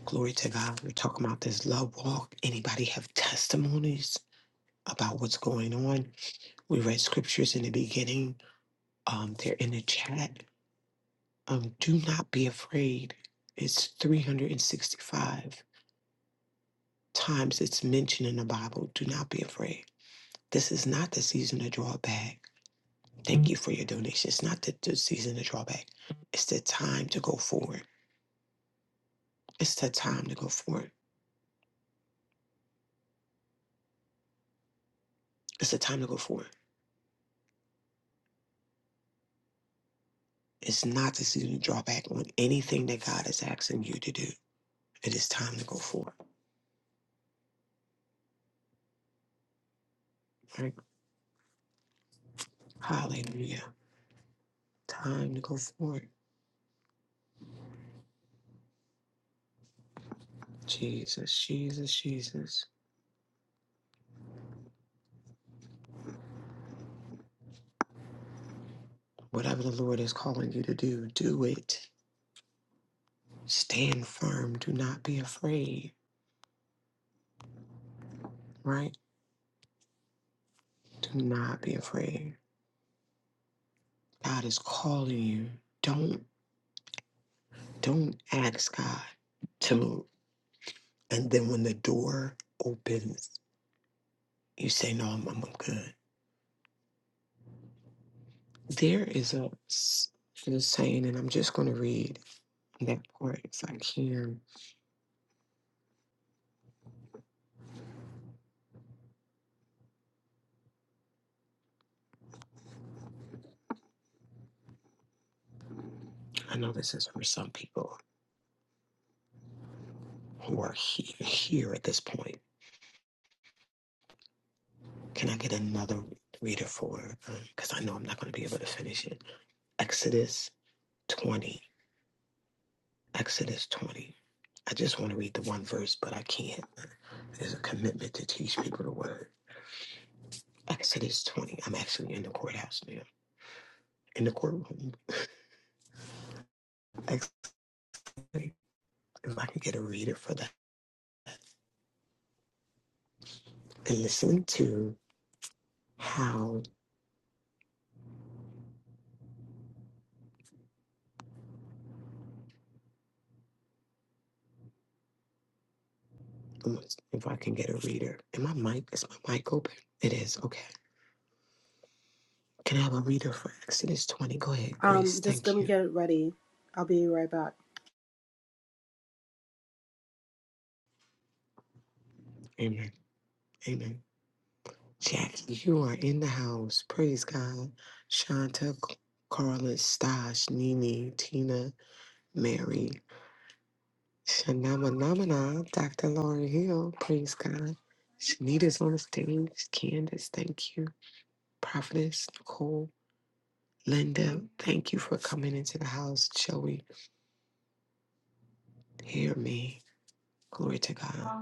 Speaker 3: Glory to God. We're talking about this love walk. Anybody have testimonies about what's going on? We read scriptures in the beginning. Um, they're in the chat. Um, do not be afraid. It's 365 times it's mentioned in the Bible. Do not be afraid. This is not the season to draw back. Thank you for your donation. It's not the, the season to draw back. It's the time to go forward. It's the time to go forward. It's the time to go forward. It's not the season to draw back on anything that God is asking you to do. It is time to go forward. Right? Hallelujah. Time to go forward. Jesus, Jesus, Jesus. Whatever the Lord is calling you to do, do it. Stand firm. Do not be afraid. Right? Do not be afraid. God is calling you. Don't don't ask God to move. And then when the door opens, you say, No, I'm, I'm good. There is a s- this saying, and I'm just going to read that part. It's like here. I know this is for some people who are he- here at this point. Can I get another reader for? Because I know I'm not going to be able to finish it. Exodus 20. Exodus 20. I just want to read the one verse, but I can't. There's a commitment to teach people the word. Exodus 20. I'm actually in the courthouse now, in the courtroom. Exodus, if I can get a reader for that and listen to. how let's- if I can get a reader. And my mic is my mic open? It is okay. Can I have a reader for Exodus twenty? Go ahead,
Speaker 11: Um,
Speaker 3: Grace.
Speaker 11: just let
Speaker 3: Thank
Speaker 11: me
Speaker 3: you.
Speaker 11: get ready. I'll be right back.
Speaker 3: Amen. Amen. Jackie, you are in the house. Praise God. Shanta, C- Carla, Stash, Nini, Tina, Mary, Shanama Namana, Dr. Lauren Hill. Praise God. Shanita's on the stage. Candace, thank you. Prophetess, Nicole, Linda, thank you for coming into the house. Joey, Hear me. Glory to God.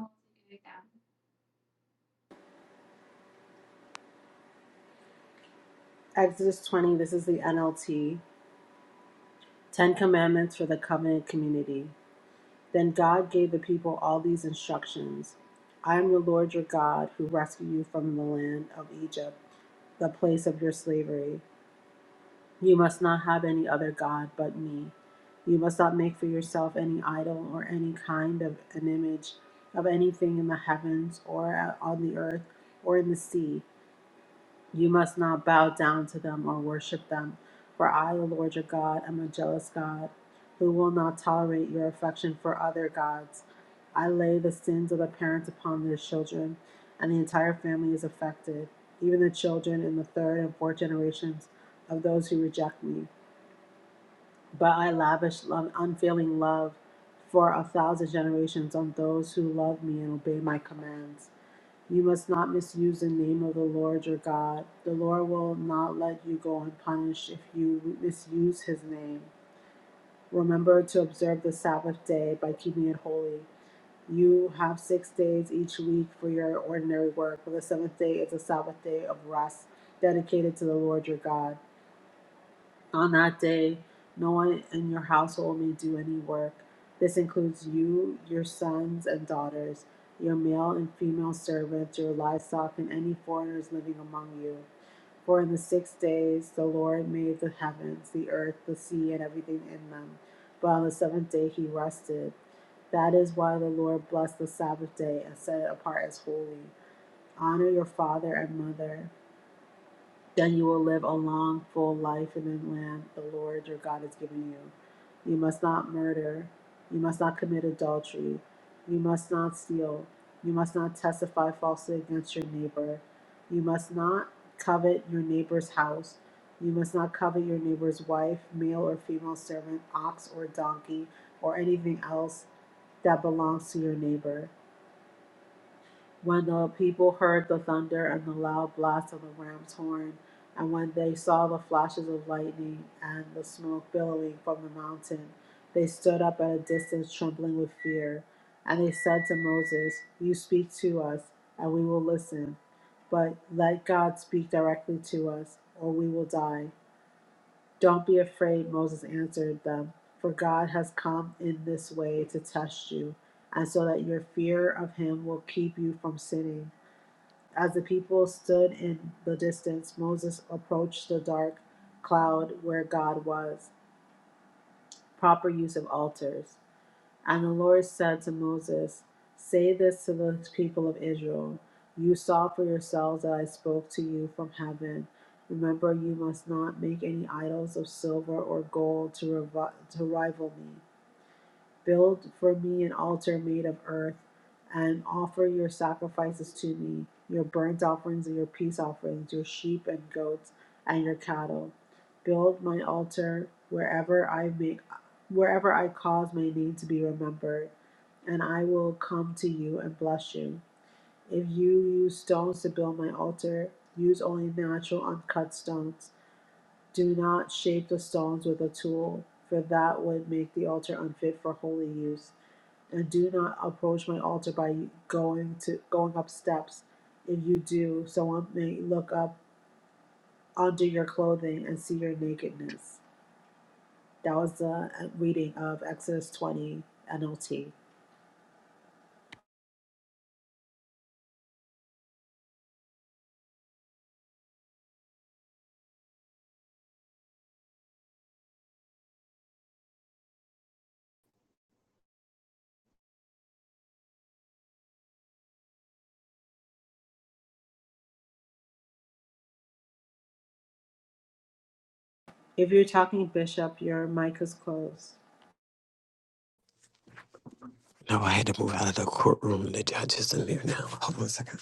Speaker 11: Exodus 20, this is the NLT. Ten Commandments for the Covenant Community. Then God gave the people all these instructions I am the Lord your God who rescued you from the land of Egypt, the place of your slavery. You must not have any other God but me. You must not make for yourself any idol or any kind of an image of anything in the heavens or on the earth or in the sea. You must not bow down to them or worship them, for I, the Lord your God, am a jealous God, who will not tolerate your affection for other gods. I lay the sins of the parents upon their children, and the entire family is affected, even the children in the third and fourth generations of those who reject me. But I lavish love, unfailing love for a thousand generations on those who love me and obey my commands. You must not misuse the name of the Lord your God. The Lord will not let you go unpunished if you misuse his name. Remember to observe the Sabbath day by keeping it holy. You have six days each week for your ordinary work, but the seventh day is a Sabbath day of rest dedicated to the Lord your God. On that day, no one in your household may do any work. This includes you, your sons and daughters, your male and female servants, your livestock, and any foreigners living among you. For in the six days the Lord made the heavens, the earth, the sea, and everything in them. But on the seventh day he rested. That is why the Lord blessed the Sabbath day and set it apart as holy. Honor your father and mother, then you will live a long, full life in the land the Lord your God has given you. You must not murder. You must not commit adultery. You must not steal. You must not testify falsely against your neighbor. You must not covet your neighbor's house. You must not covet your neighbor's wife, male or female servant, ox or donkey, or anything else that belongs to your neighbor. When the people heard the thunder and the loud blast of the ram's horn, and when they saw the flashes of lightning and the smoke billowing from the mountain, they stood up at a distance, trembling with fear. And they said to Moses, You speak to us, and we will listen. But let God speak directly to us, or we will die. Don't be afraid, Moses answered them, for God has come in this way to test you, and so that your fear of him will keep you from sinning. As the people stood in the distance, Moses approached the dark cloud where God was. Proper use of altars. And the Lord said to Moses, Say this to the people of Israel You saw for yourselves that I spoke to you from heaven. Remember, you must not make any idols of silver or gold to, revi- to rival me. Build for me an altar made of earth and offer your sacrifices to me, your burnt offerings and your peace offerings, your sheep and goats and your cattle. Build my altar wherever I make wherever I cause my name to be remembered, and I will come to you and bless you. If you use stones to build my altar, use only natural uncut stones. Do not shape the stones with a tool, for that would make the altar unfit for holy use and do not approach my altar by going to going up steps. If you do, someone may look up under your clothing and see your nakedness. That was the uh, reading of Exodus 20 NLT. If you're talking bishop, your mic is closed.
Speaker 3: No, I had to move out of the courtroom. The judge isn't there now. Hold on a second.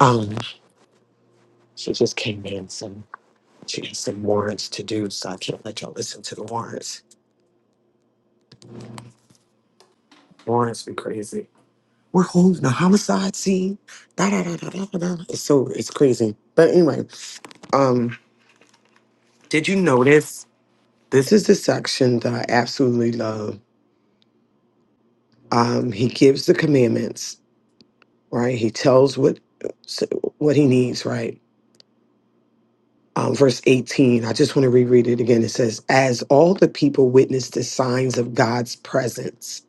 Speaker 3: Um, she just came in. Some she has some warrants to do, so I can't let y'all listen to the warrants. Warrants be crazy. We're holding a homicide scene. Da, da, da, da, da, da. da. It's so it's crazy. But anyway, um, did you notice? This is the section that I absolutely love. Um, he gives the commandments, right? He tells what what he needs, right? um, verse 18. I just want to reread it again. It says, As all the people witnessed the signs of God's presence,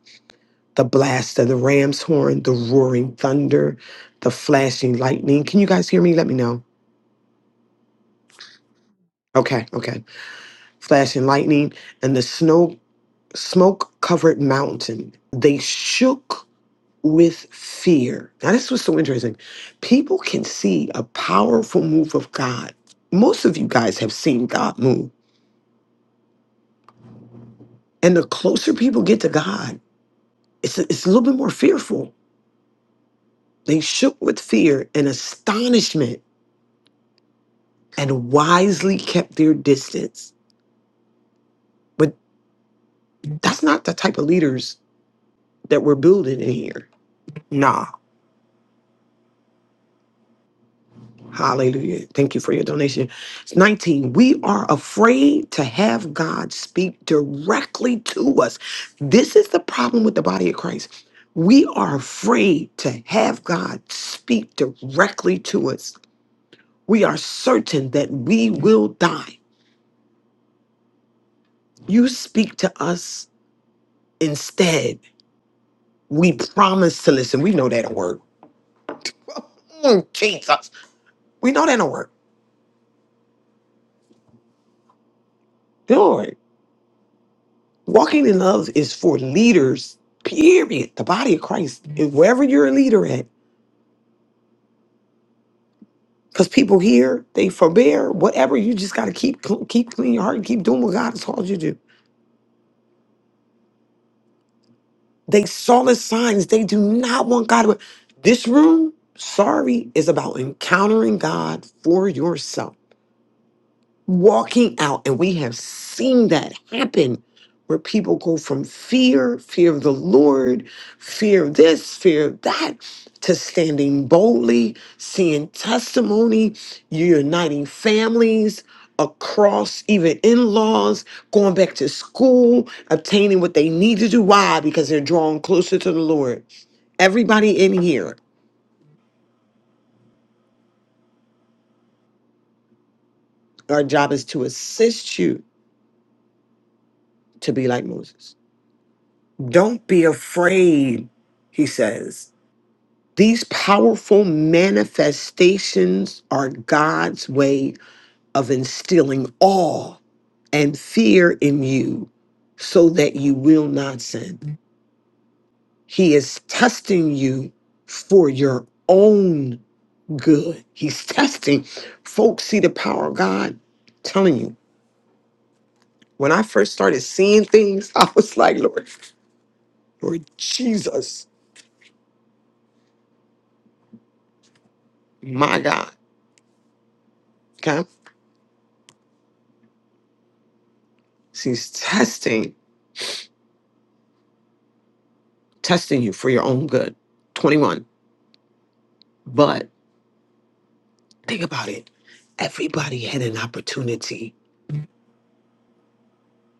Speaker 3: the blast of the ram's horn, the roaring thunder, the flashing lightning. Can you guys hear me? Let me know. Okay, okay. Flashing lightning and the snow smoke covered mountain. They shook with fear. Now, this was so interesting. People can see a powerful move of God. Most of you guys have seen God move. And the closer people get to God, It's a, it's a little bit more fearful. They shook with fear and astonishment and wisely kept their distance. But that's not the type of leaders that we're building in here. Nah. Hallelujah. Thank you for your donation. It's 19. We are afraid to have God speak directly to us. This is the problem with the body of Christ. We are afraid to have God speak directly to us. We are certain that we will die. You speak to us instead. We promise to listen. We know that don't work. Mm, Jesus. We know that don't work. Lord, walking in love is for leaders, period. The body of Christ, and wherever you're a leader at. Because people here, they forbear, whatever. You just got to keep cl- keep clean your heart and keep doing what God has called you to do. They saw the signs. They do not want God to. This room, sorry, is about encountering God for yourself walking out. And we have seen that happen where people go from fear, fear of the Lord, fear of this, fear of that, to standing boldly, seeing testimony, uniting families across, even in laws, going back to school, obtaining what they need to do. Why? Because they're drawn closer to the Lord. Everybody in here, our job is to assist you to be like Moses. Don't be afraid, he says. These powerful manifestations are God's way of instilling awe and fear in you so that you will not sin. He is testing you for your own good. He's testing. Folks, see the power of God. telling you, when I first started seeing things, I was like, Lord, Lord Jesus, my God. Okay? She's testing, testing you for your own good. 21. But think about it. Everybody had an opportunity.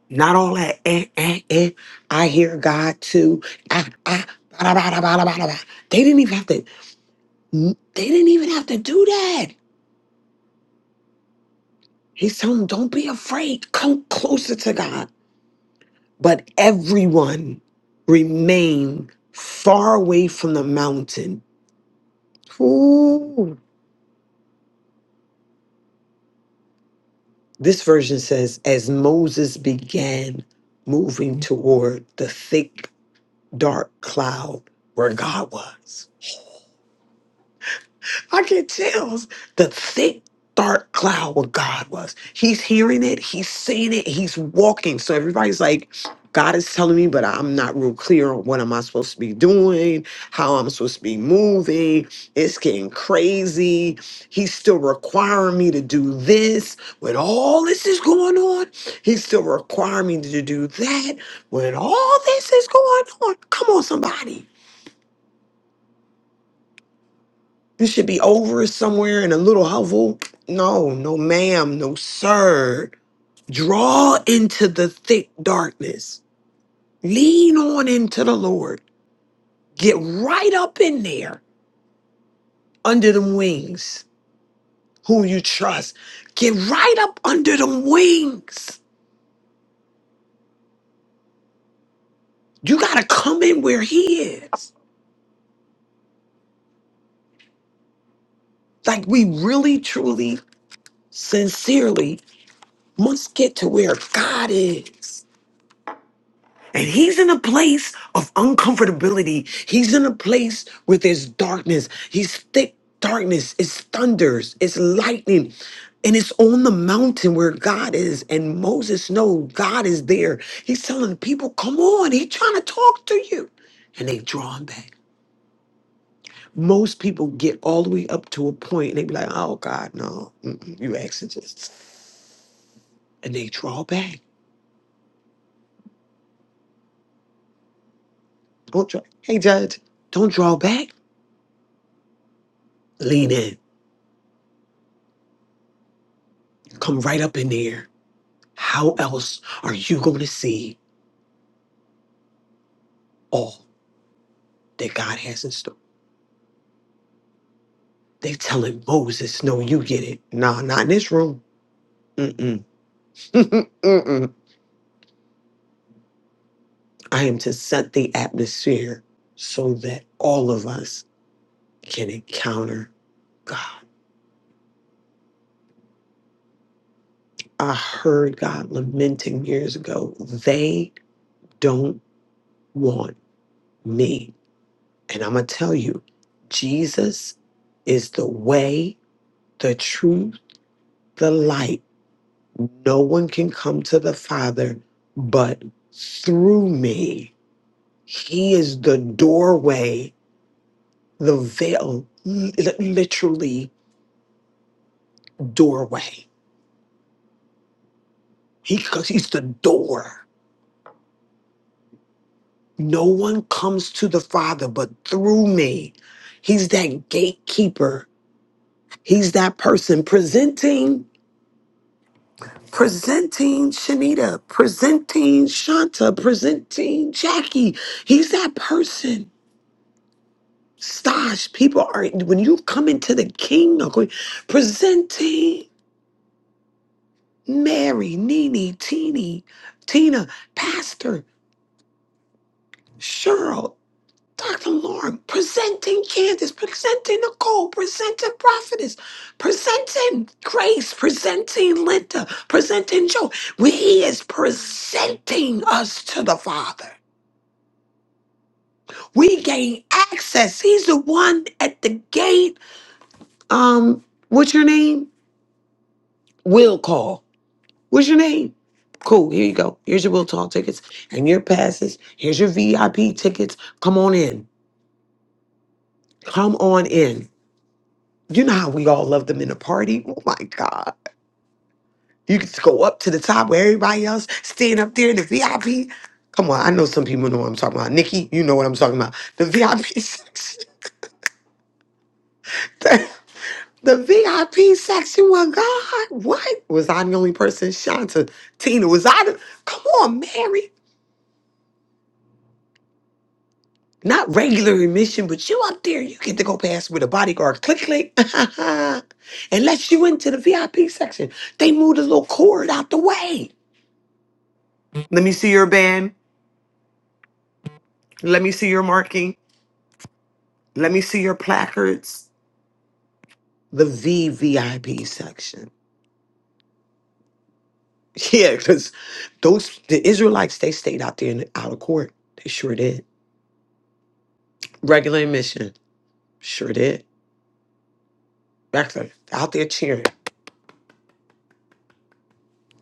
Speaker 3: Not all that, eh, eh, eh, I hear God too. Ah, ah, bada, bada, bada, bada, bada. They didn't even have to, they didn't even have to do that. He's telling them, don't be afraid. Come closer to God. But everyone remained far away from the mountain. Ooh. This version says, as Moses began moving toward the thick, dark cloud where God was. I get chills. The thick, dark cloud what God was. He's hearing it, he's seeing it, he's walking. So everybody's like, God is telling me, but I'm not real clear on what am I supposed to be doing, how I'm supposed to be moving. It's getting crazy. He's still requiring me to do this when all this is going on. He's still requiring me to do that when all this is going on. Come on, somebody. You should be over somewhere in a little hovel. No, no, ma'am, no, sir. Draw into the thick darkness. Lean on into the Lord. Get right up in there under them wings, who you trust. Get right up under them wings. You got to come in where He is. Like we really, truly, sincerely must get to where God is. And he's in a place of uncomfortability. He's in a place where there's darkness. He's thick darkness. It's thunders. It's lightning. And it's on the mountain where God is. And Moses knows God is there. He's telling people, come on, he's trying to talk to you. And they draw him back. Most people get all the way up to a point and they be like, oh God, no, mm-mm, you exorcists. And they draw back. Don't draw. Hey, Judge, don't draw back. Lean in. Come right up in there How else are you going to see all that God has in store? They telling Moses, "No, you get it. Nah, not in this room. Mm-mm. Mm-mm. I am to set the atmosphere so that all of us can encounter God." I heard God lamenting years ago. They don't want me, and I'm gonna tell you, Jesus is the way, the truth, the light No one can come to the Father but through me. He is the doorway, the veil, li- literally doorway. He, 'cause he's the door. No one comes to the Father but through me. He's that gatekeeper. He's that person presenting, presenting Shanita, presenting Shanta, presenting Jackie. He's that person Stash, people are when you come into the king or queen, presenting Mary, Nene, Teeny, Tina, Pastor, Cheryl, Dr. Lauren, presenting Candace, presenting Nicole, presenting Prophetess, presenting Grace, presenting Linda, presenting Joe. We, he is presenting us to the Father. We gain access. He's the one at the gate. Um, what's your name? Will call. What's your name? Cool, here you go. Here's your Will Talk tickets and your passes. Here's your VIP tickets. Come on in. Come on in. You know how we all love them in a party. Oh my God. You can just go up to the top where everybody else stand up there in the VIP. Come on, I know some people know what I'm talking about. Nikki, you know what I'm talking about. The VIP section. The, the VIP section. Well, God, what? Was I the only person? Shanta, Tina, was I the. Come on, Mary. Not regular admission, but you up there, you get to go past with a bodyguard. Click, click. and let you into the VIP section. They moved a little cord out the way. Let me see your band. Let me see your marking. Let me see your placards. The VVIP section. Yeah, because those the Israelites, they stayed out there in the outer court. They sure did. Regular admission. Sure did. Back there, out there cheering.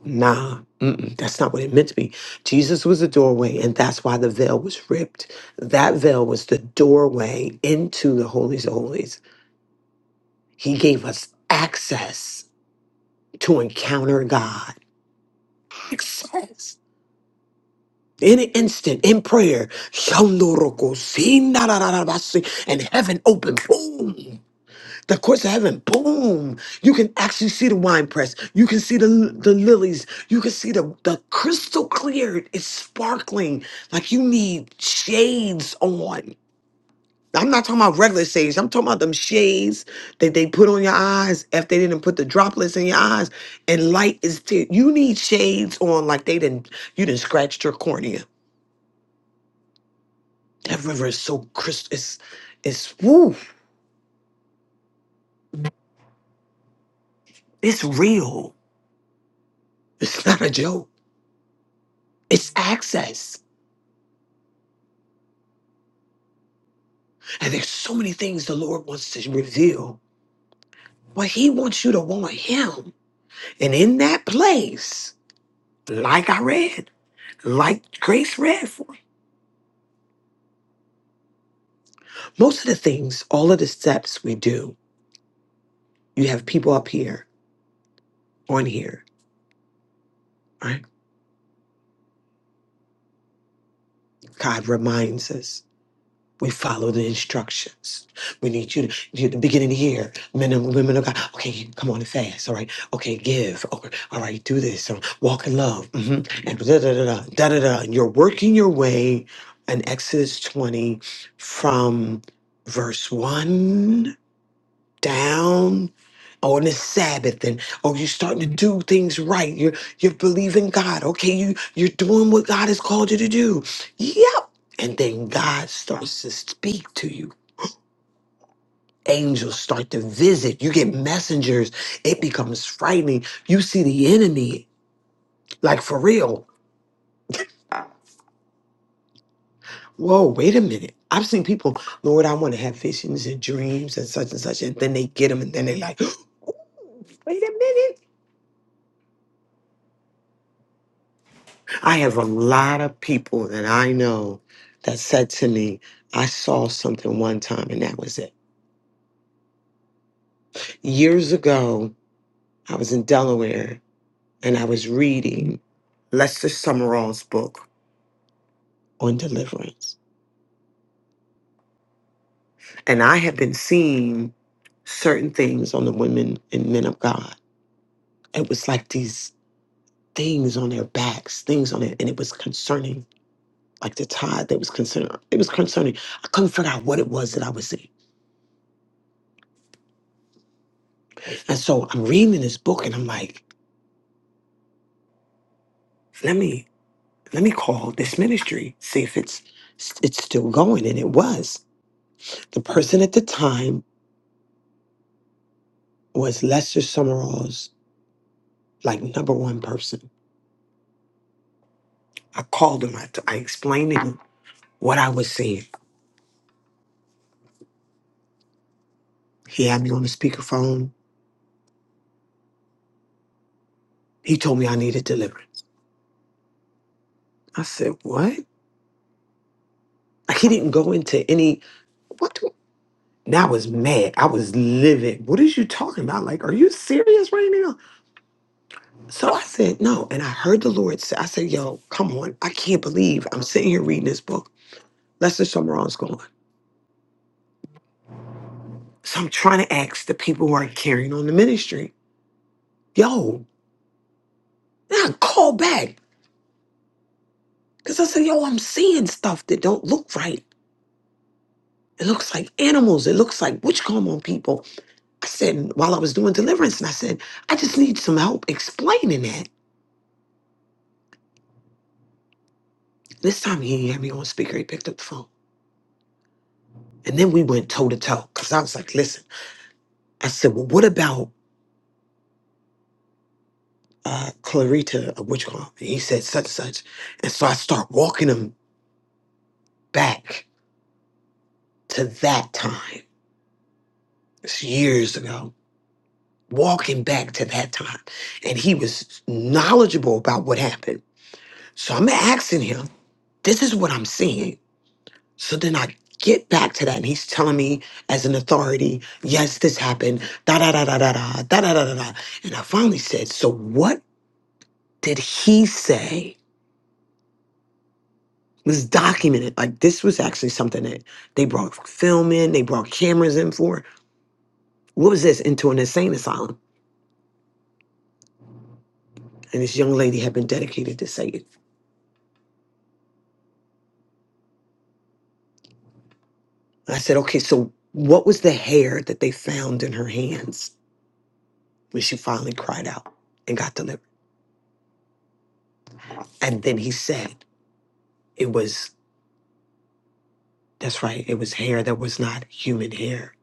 Speaker 3: Nah, mm-mm, that's not what it meant to be. Jesus was the doorway, and that's why the veil was ripped. That veil was the doorway into the holies of holies. He gave us access to encounter God. Access. In an instant, in prayer, and heaven opened. Boom. the courts of heaven, boom! You can actually see the wine press. You can see the the lilies. You can see the the crystal clear. It's sparkling like you need shades on. I'm not talking about regular shades. I'm talking about them shades that they put on your eyes if they didn't put the droplets in your eyes. And light is there. You need shades on like they didn't. You didn't scratch your cornea. That river is so crystal. It's it's woo. It's real. It's not a joke. It's access. And there's so many things the Lord wants to reveal, but He wants you to want Him. And in that place, like I read, like Grace read for, most of the things, all of the steps we do, you have people up here, on here, right? God reminds us. We follow the instructions. We need you to, you- at the beginning of the year, men and women of God, okay, come on and fast, all right? Okay, give, okay, all right, do this, or walk in love, hmm and da da da da da da da. And You're working your way in Exodus 20 from verse 1 down on the Sabbath and oh you're starting to do things right. You're you're believing God. Okay, you you're doing what God has called you to do. Yep. And then God starts to speak to you. Angels start to visit. You get messengers. It becomes frightening. You see the enemy, like for real. Whoa, wait a minute. I've seen people, Lord, I want to have visions and dreams and such and such. And then they get them and then they like, wait a minute. I have a lot of people that I know that said to me, I saw something one time and that was it. Years ago, I was in Delaware and I was reading Lester Summerall's book on deliverance. And I had been seeing certain things on the women and men of God. It was like these things on their backs, things on it, and it was concerning, like the tide that was concerning. It was concerning. I couldn't figure out what it was that I was seeing. And so I'm reading this book and I'm like, let me let me call this ministry, see if it's it's still going. And it was. The person at the time was Lester Summerall's like number one person. I called him. I, t- I explained to him what I was seeing. He had me on the speakerphone. He told me I needed deliverance. I said, what? Like he didn't go into any what do and I was mad. I was livid. What is you talking about? Like, are you serious right now? So I said, no. And I heard the Lord say, I said, yo, come on. I can't believe I'm sitting here reading this book. Lester Summerall's gone. So I'm trying to ask the people who are carrying on the ministry, yo, and I call back. Because I said, yo, I'm seeing stuff that don't look right. It looks like animals. It looks like witch come on people. I said, while I was doing deliverance, and I said, I just need some help explaining that. This time he had me on speaker. He picked up the phone. And then we went toe to toe. Because I was like, listen, I said, well, what about uh, Clarita a witch And he said such and such. And so I start walking him back to that time. It's years ago. Walking back to that time. And he was knowledgeable about what happened. So I'm asking him, this is what I'm seeing. So then I get back to that and he's telling me as an authority, yes, this happened. Da da da da da da da da da da da. And I finally said, so what did he say? Let's document it. Like this was actually something that they brought film in, they brought cameras in for. What was this? Into an insane asylum. And this young lady had been dedicated to Satan. I said, okay, so what was the hair that they found in her hands when she finally cried out and got delivered? And then he said, it was, that's right, it was hair that was not human hair.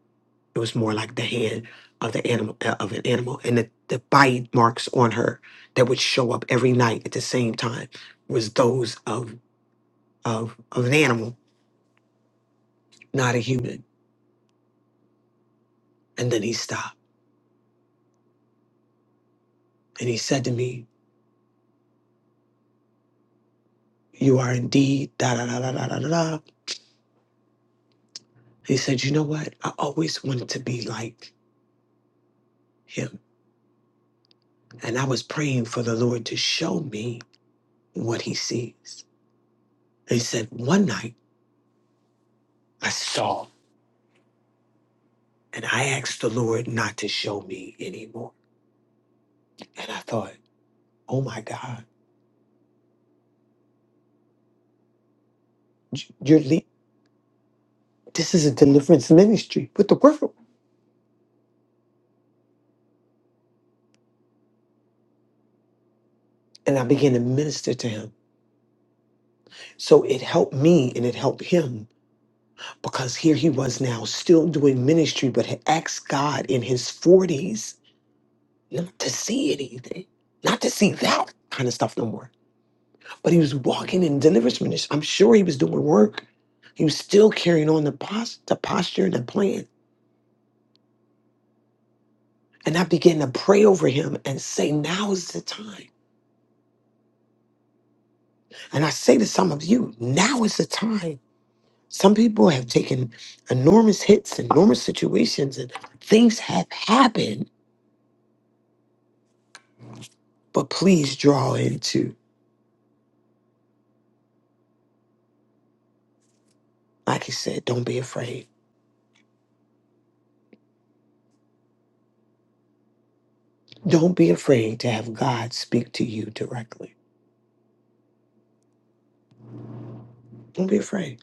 Speaker 3: It was more like the hand of the animal, uh, of an animal. And the, the bite marks on her that would show up every night at the same time was those of of, of an animal, not a human. And then he stopped and he said to me, You are indeed da da da da da da da. da." He said, You know what? I always wanted to be like him. And I was praying for the Lord to show me what he sees. He said, One night I saw and I asked the Lord not to show me anymore. And I thought, Oh my God, j- you're le- this is a deliverance ministry with the word. And I began to minister to him. So it helped me and it helped him because here he was now still doing ministry, but had asked God in his 40s not to see anything, not to see that kind of stuff no more. But he was walking in deliverance ministry. I'm sure he was doing work. He was still carrying on the, pos- the posture and the plan. And I began to pray over him and say, now is the time. And I say to some of you, now is the time. Some people have taken enormous hits, enormous situations, and things have happened, but please draw into. Like he said, don't be afraid. Don't be afraid to have God speak to you directly. Don't be afraid.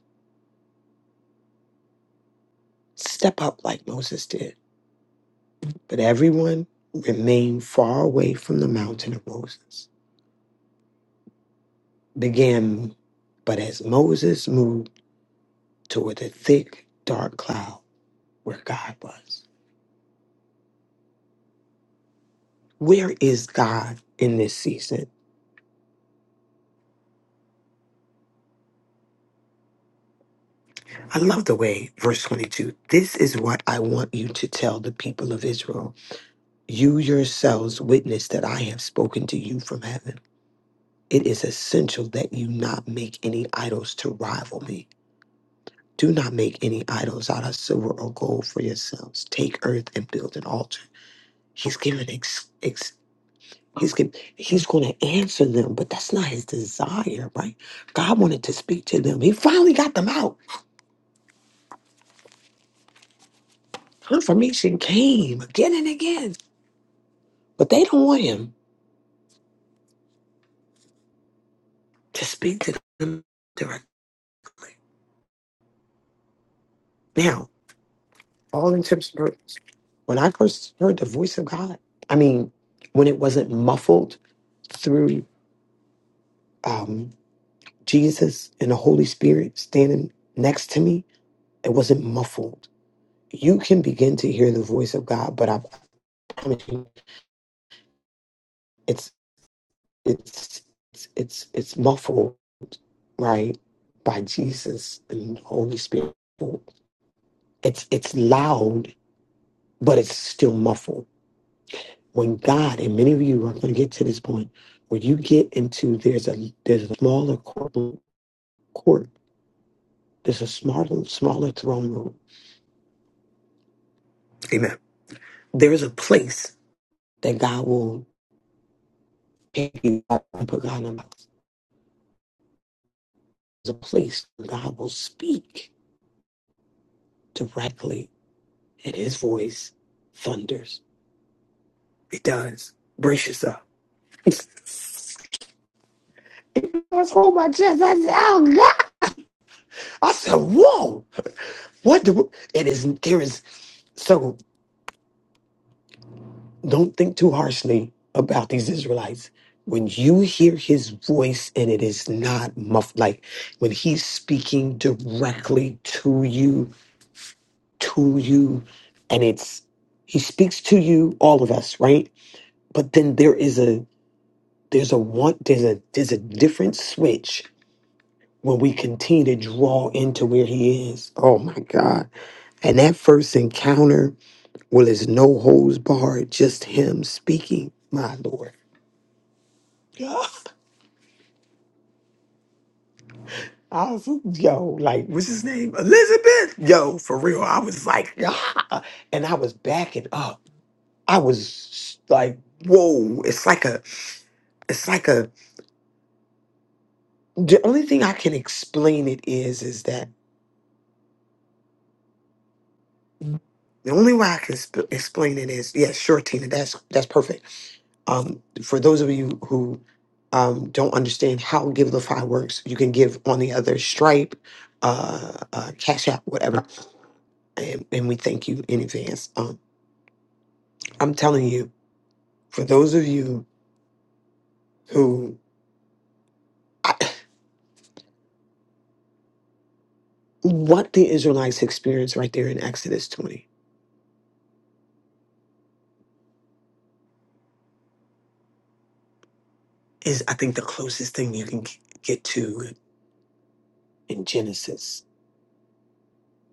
Speaker 3: Step up like Moses did. But everyone remained far away from the mountain of Moses. Began, but as Moses moved toward the thick, dark cloud where God was. Where is God in this season? I love the way, verse 22, this is what I want you to tell the people of Israel. You yourselves witness that I have spoken to you from heaven. It is essential that you not make any idols to rival me. Do not make any idols out of silver or gold for yourselves. Take earth and build an altar. He's giving ex, ex he's giving, he's going to answer them, but that's not his desire, right? God wanted to speak to them. He finally got them out. Confirmation came again and again, but they don't want him to speak to them directly. now. all intents and purposes. When I first heard the voice of God, I mean, when it wasn't muffled through um, Jesus and the Holy Spirit standing next to me, it wasn't muffled. You can begin to hear the voice of God, but I I promise you, it's it's it's it's, it's muffled, right, by Jesus and the Holy Spirit. It's it's loud, but it's still muffled when God and many of you are going to get to this point where you get into there's a there's a smaller court, court there's a smaller smaller throne room. Amen. There is a place that God will take you out and put God in a box. There's a place where God will speak directly, and His voice thunders. It does. Brace yourself. I was holding my chest. I said, "Oh God!" I said, "Whoa! What? The, it is. There is so." Don't think too harshly about these Israelites. When you hear his voice and it is not muffled, like when he's speaking directly to you, to you, and it's he speaks to you, all of us, right? But then there is a there's a want, there's a there's a different switch when we continue to draw into where he is. Oh my God. And that first encounter, well, it's no holds barred, just him speaking. My Lord. I was yo, like, what's his name? Elizabeth. Yo, for real. I was like, ah, and I was backing up. I was like, whoa. It's like a, it's like a. The only thing I can explain it is, is that the only way I can sp- explain it is, yeah, sure, Tina, that's that's perfect. Um, for those of you who um don't understand how Give Givelify works, you can give on the other Stripe, uh, uh Cash App, whatever, and, and we thank you in advance. Um, I'm telling you. For those of you who, I, what the Israelites experienced right there in Exodus 20 is, I think, the closest thing you can g- get to in Genesis,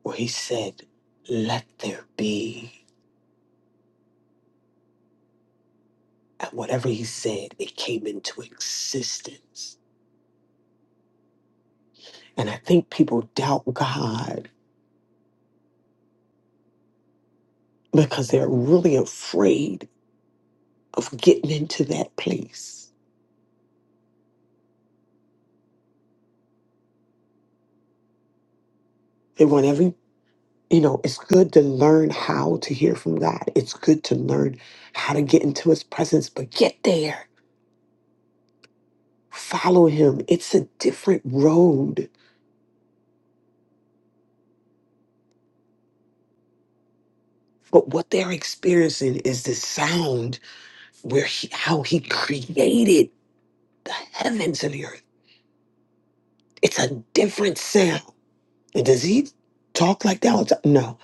Speaker 3: where he said, Let there be. And whatever he said, it came into existence. And I think people doubt God because they're really afraid of getting into that place. They want every you know, it's good to learn how to hear from God. It's good to learn how to get into his presence, but get there. Follow him. It's a different road. But what they're experiencing is the sound where he, how he created the heavens and the earth. It's a different sound. And does he talk like that? all the time? No,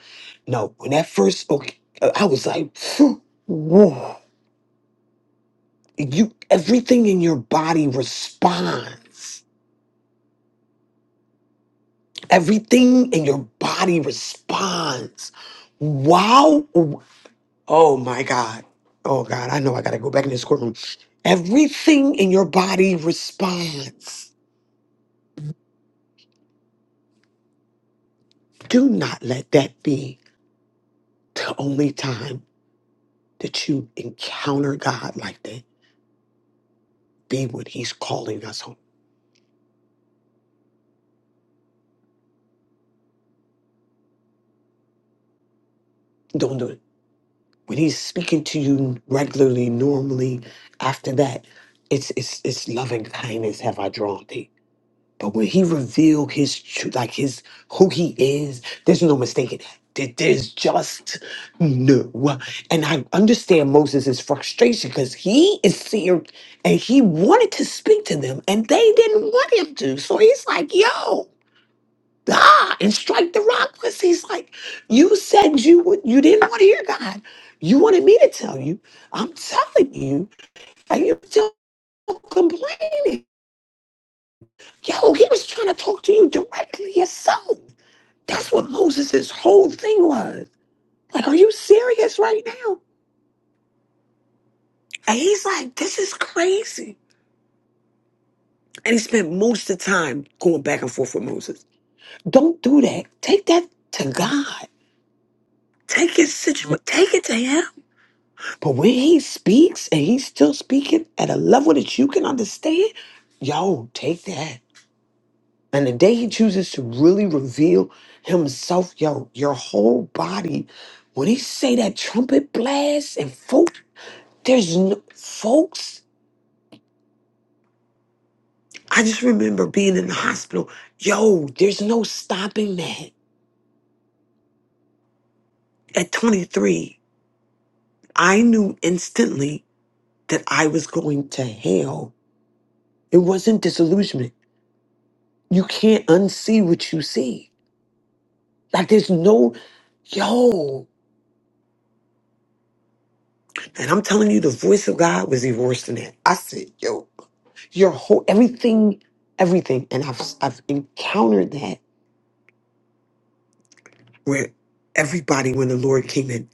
Speaker 3: no. When that first, okay, I was like, whoa. You, everything in your body responds Everything in your body responds. Wow. Oh my God. Oh God, I know I got to go back in this courtroom. Everything in your body responds. Do not let that be the only time that you encounter God like that. Be what He's calling us home. Don't do it. When He's speaking to you regularly, normally, after that, it's it's it's loving kindness have I drawn thee. But when he revealed his truth, like his who he is, there's no mistaking that. There- There's just no. And I understand Moses' frustration because he is seer and he wanted to speak to them and they didn't want him to. So he's like, yo, ah, and strike the rock. Because he's like, you said you would you didn't want to hear God. You wanted me to tell you. I'm telling you, and you're still complaining. Yo, he was trying to talk to you directly yourself. That's what Moses' whole thing was. Like, are you serious right now? And he's like, this is crazy. And he spent most of the time going back and forth with Moses. Don't do that. Take that to God. Take his situation. Take it to him. But when he speaks and he's still speaking at a level that you can understand, yo, take that. And the day he chooses to really reveal himself, yo, your whole body, when he say that trumpet blast and folks, there's no, folks, I just remember being in the hospital. Yo, there's no stopping that. At 23, I knew instantly that I was going to hell. It wasn't disillusionment. You can't unsee what you see. Like there's no, yo. And I'm telling you, the voice of God was even worse than that. I said, yo. your whole everything everything and i've i've encountered that where everybody when the lord came in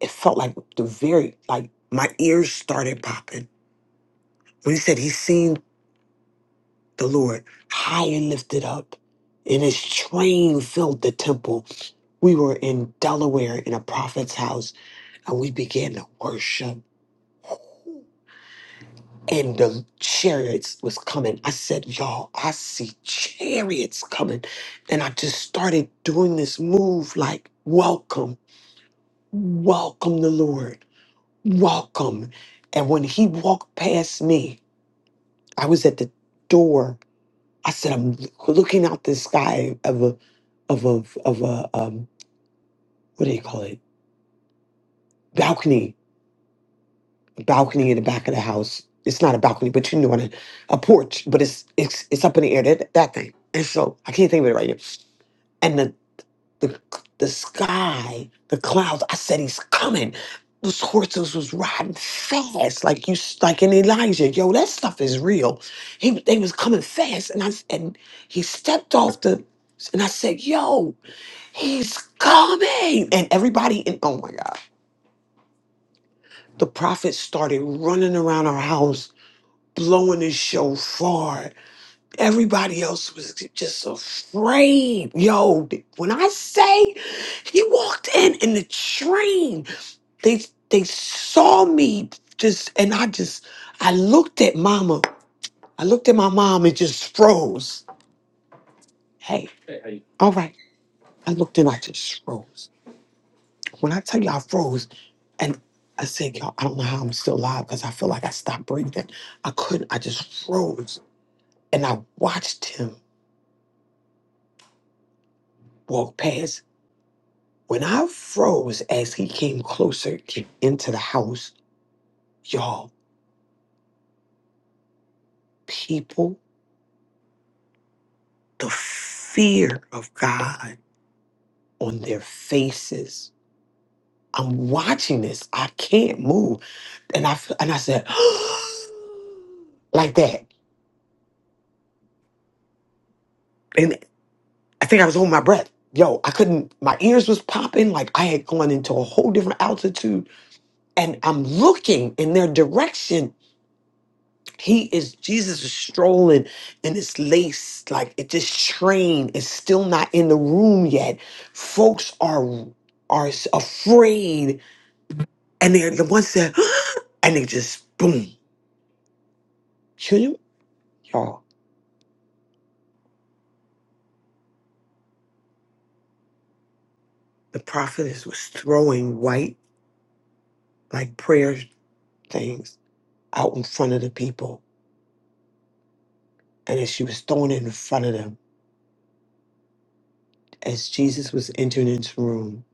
Speaker 3: it felt like the very like my ears started popping when he said he seen the lord high and lifted up and his train filled the temple we were in delaware in a prophet's house and we began to worship and the chariots was coming. I said, y'all, I see chariots coming. And I just started doing this move like, welcome, welcome the Lord, welcome. And when he walked past me, I was at the door. I said, I'm looking out the sky of a, of a, of a, um, what do you call it? Balcony The balcony in the back of the house. It's not a balcony, but you know what? I- A porch, but it's it's it's up in the air. That that thing. And so I can't think of it right now. And the the the sky, the clouds. I said he's coming. Those horses was riding fast, like you, s- like in Elijah. Yo, that stuff is real. He they was coming fast, and I s- and he stepped off the, and I said, "Yo, he's coming!" And everybody, and oh my god, the prophet started running around our house blowing his shofar. Everybody else was just afraid. Yo, when I say he walked in in the train, they they saw me just, and I just, I looked at Mama. I looked at my mom and just froze. Hey, all right. I looked and I just froze. When I tell you I froze, and I said, y'all, I don't know how I'm still alive because I feel like I stopped breathing. I couldn't. I just froze, and I watched him walked past. When I froze as he came closer into the house, y'all, people, the fear of God on their faces. I'm watching this. I can't move. And I and I said, like that. And I think I was holding my breath. Yo, I couldn't, my ears was popping like I had gone into a whole different altitude. And I'm looking in their direction He is Jesus is strolling in this lace, like it this train is still not in the room yet. Folks are are afraid, and they're the ones that and they just boom. Should you y'all? The prophetess was throwing white like prayer things out in front of the people, and as she was throwing it in front of them, as Jesus was entering into the room,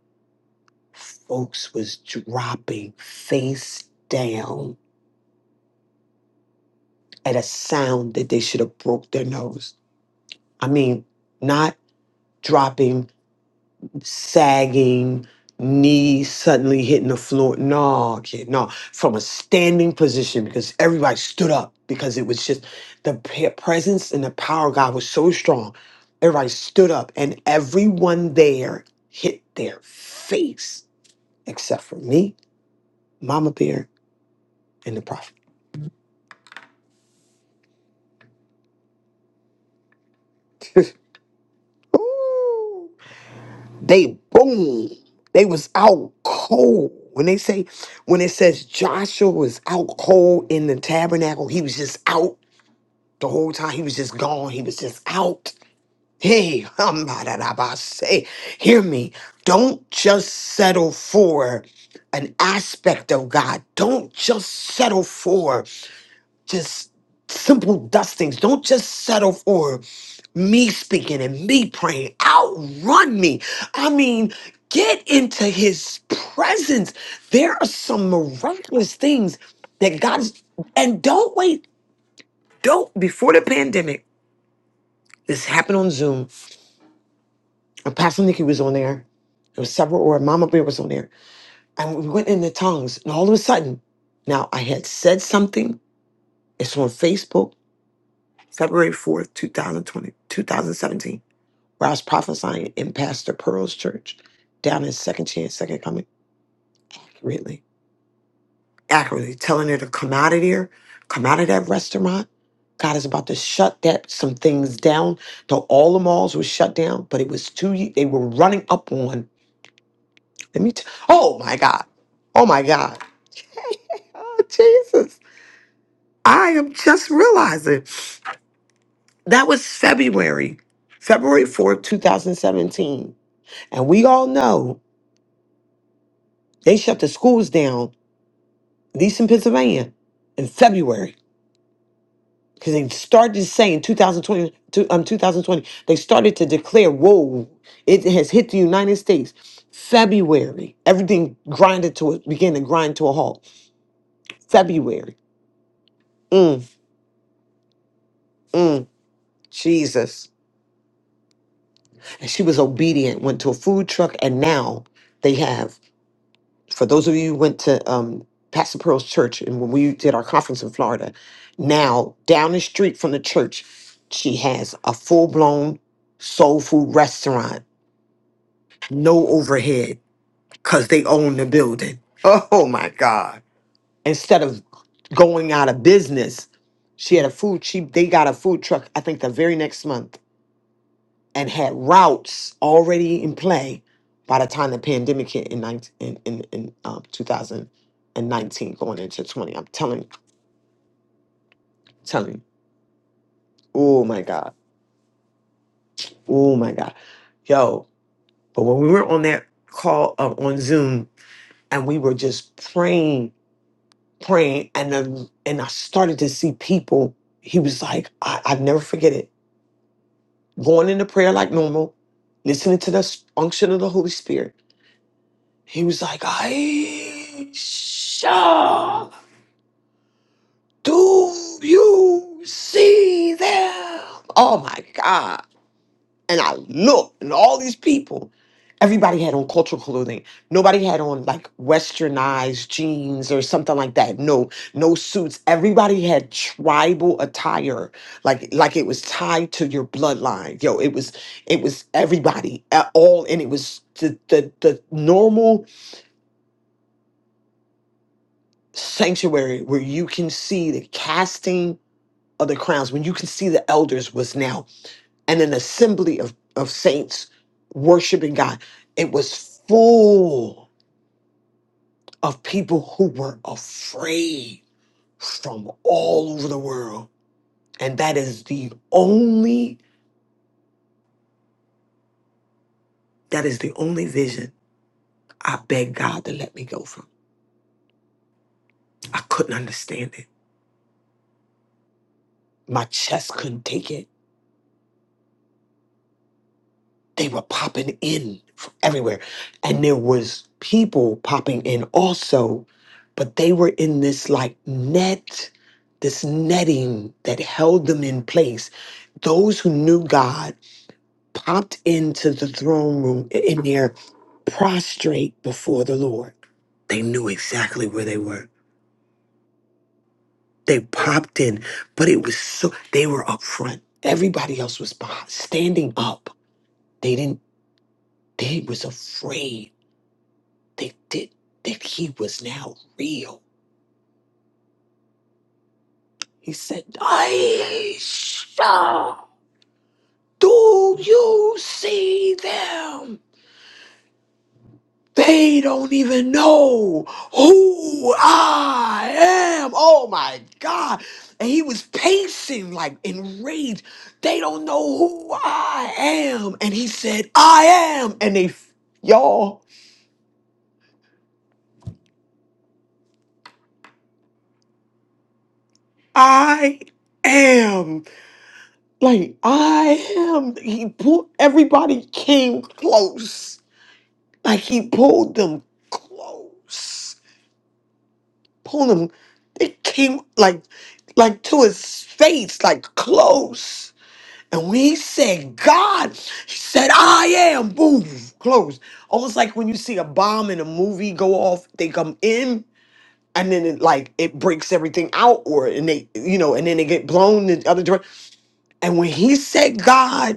Speaker 3: folks was dropping face down at a sound that they should have broke their nose. I mean, not dropping, sagging, knees suddenly hitting the floor. No, kid, no. From a standing position because everybody stood up because it was just the pe- presence and the power of God was so strong. Everybody stood up and everyone there hit their face except for me, Mama Bear, and the prophet. Ooh. They boom. They was out cold. When they say, when it says Joshua was out cold in the tabernacle, he was just out the whole time. He was just gone. He was just out. Hey, I'm say, hear me. Don't just settle for an aspect of God. Don't just settle for just simple dustings. Don't just settle for me speaking and me praying. Outrun me. I mean, get into his presence. There are some miraculous things that God is, and don't wait. Don't, before the pandemic, this happened on Zoom. Pastor Nikki was on there. There was several, or Mama Bear was on there. And we went in the tongues. And all of a sudden, now I had said something. It's on Facebook February 4th, twenty, two thousand seventeen. where I was prophesying in Pastor Pearl's church down in Second Chance, Second Coming, really accurately telling her to come out of there, come out of that restaurant. God is about to shut that some things down. So all the malls were shut down, but it was too. ye- They were running up on. Let me. T- oh my God! Oh my God! oh Jesus! I am just realizing that was February, February fourth, two thousand seventeen And we all know they shut the schools down, at least in Pennsylvania, in February. Because they started to say in 2020, to- um, 2020, they started to declare, whoa, it has hit the United States. February, everything grinded to a, began to grind to a halt. February. Mm, mm, Jesus. And she was obedient, went to a food truck, and now they have for those of you who went to um, Pastor Pearl's church and when we did our conference in Florida, now down the street from the church, she has a full blown soul food restaurant, no overhead, because they own the building. Oh my God. Instead of going out of business, she had a food, she they got a food truck, I think the very next month and had routes already in play by the time the pandemic hit in 19, in in, in um, 2019 going into 20 i'm telling telling oh my god oh my god yo but when we were on that call uh, on zoom and we were just praying praying and then, and i started to see people he was like I, i never forget it going into prayer like normal listening to the unction of the holy spirit He was like, Aisha, do you see them? Oh my God. And I looked, and all these people, everybody had on cultural clothing. Nobody had on like westernized jeans or something like that. No, no suits. Everybody had tribal attire, like like it was tied to your bloodline. Yo, it was it was everybody at all, and it was the the the normal sanctuary where you can see the casting of the crowns, when you can see the elders was now and an assembly of, of saints worshiping God. It was full of people who were afraid from all over the world. And that is the only, that is the only vision I begged God to let me go from. I couldn't understand it. My chest couldn't take it. they were popping in from everywhere. And there was people popping in also, but they were in this like net, this netting that held them in place. Those who knew God popped into the throne room i- in there prostrate before the Lord. They knew exactly where they were. They popped in, but it was so they were up front. Everybody else was behind, standing up. They didn't, they was afraid They did that he was now real. He said, Aisha, do you see them? They don't even know who I am. Oh my God. And he was pacing like enraged. They don't know who I am. And he said, I am. And they, y'all, I am. Like I am, he pulled everybody came close. Like he pulled them close, pulled them. They came like, like to his face, like close. And when he said God, he said I am. Boom, close. Almost like when you see a bomb in a movie go off, they come in. And then it like it breaks everything out, or and they you know, and then they get blown in the other direction. And when he said God,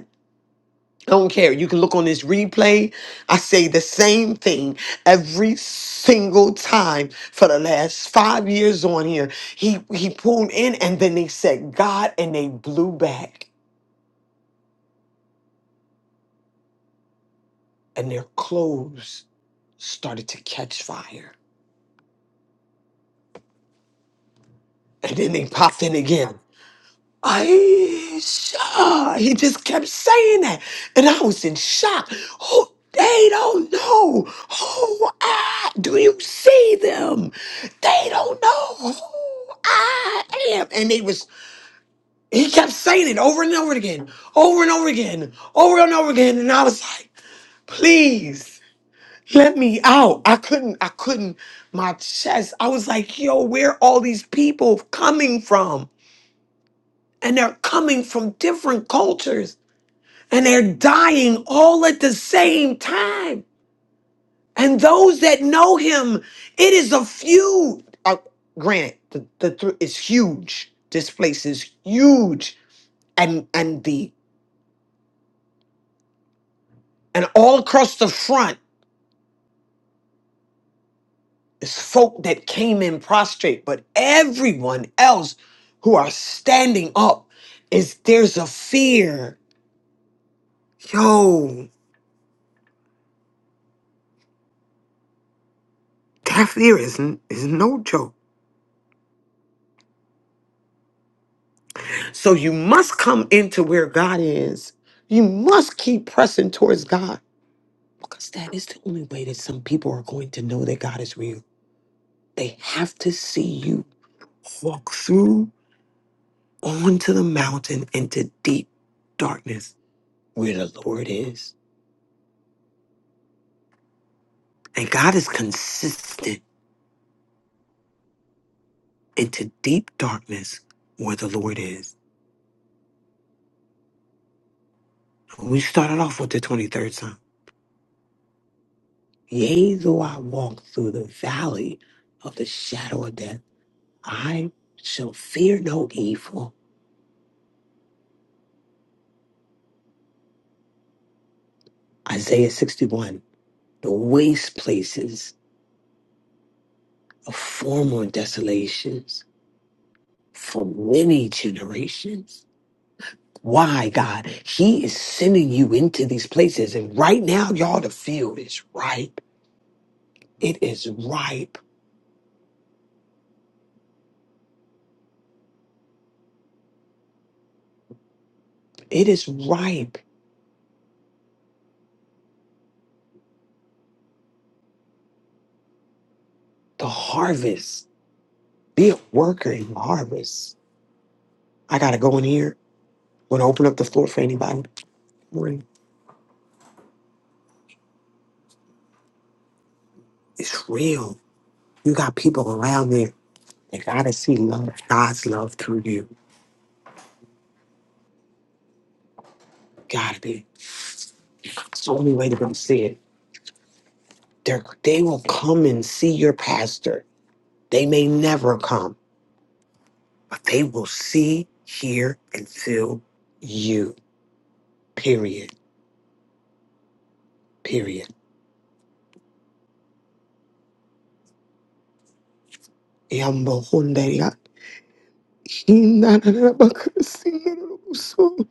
Speaker 3: I don't care. You can look on this replay. I say the same thing every single time for the last five years on here. He he pulled in and then they said God and they blew back and their clothes started to catch fire. And then they popped in again. Aisha. He just kept saying that. And I was in shock. Who they don't know who I do you see them? They don't know who I am. And they was he kept saying it over and over again, over and over again, over and over again. And I was like, please let me out. I couldn't, I couldn't, my chest. I was like, yo, where are all these people coming from? And they're coming from different cultures and they're dying all at the same time. And those that know him, it is a few. Uh, granted, the, the thr- is huge. This place is huge, and and the and all across the front is folk that came in prostrate, but everyone else who are standing up is there's a fear. Yo, that fear is n- is no joke. So you must come into where God is. You must keep pressing towards God because that is the only way that some people are going to know that God is real. They have to see you walk through onto the mountain into deep darkness where the Lord is. And God is consistent into deep darkness where the Lord is. We started off with the 23rd Psalm. Yea, though I walk through the valley of the shadow of death. I shall fear no evil. Isaiah 61. The waste places of former desolations for many generations. Why, God? He is sending you into these places. And right now, y'all, the field is ripe. It is ripe. It is ripe. The harvest. Be a worker in the harvest. I got to go in here. Want to open up the floor for anybody? Morning. It's real. You got people around there They gotta see love, God's love through you. Gotta be. It's the only way they're gonna see it. They're, they will come and see your pastor. They may never come, but they will see, hear, and feel you. Period. Period. Yambo hunde ya- hina na na bakasi na na buso,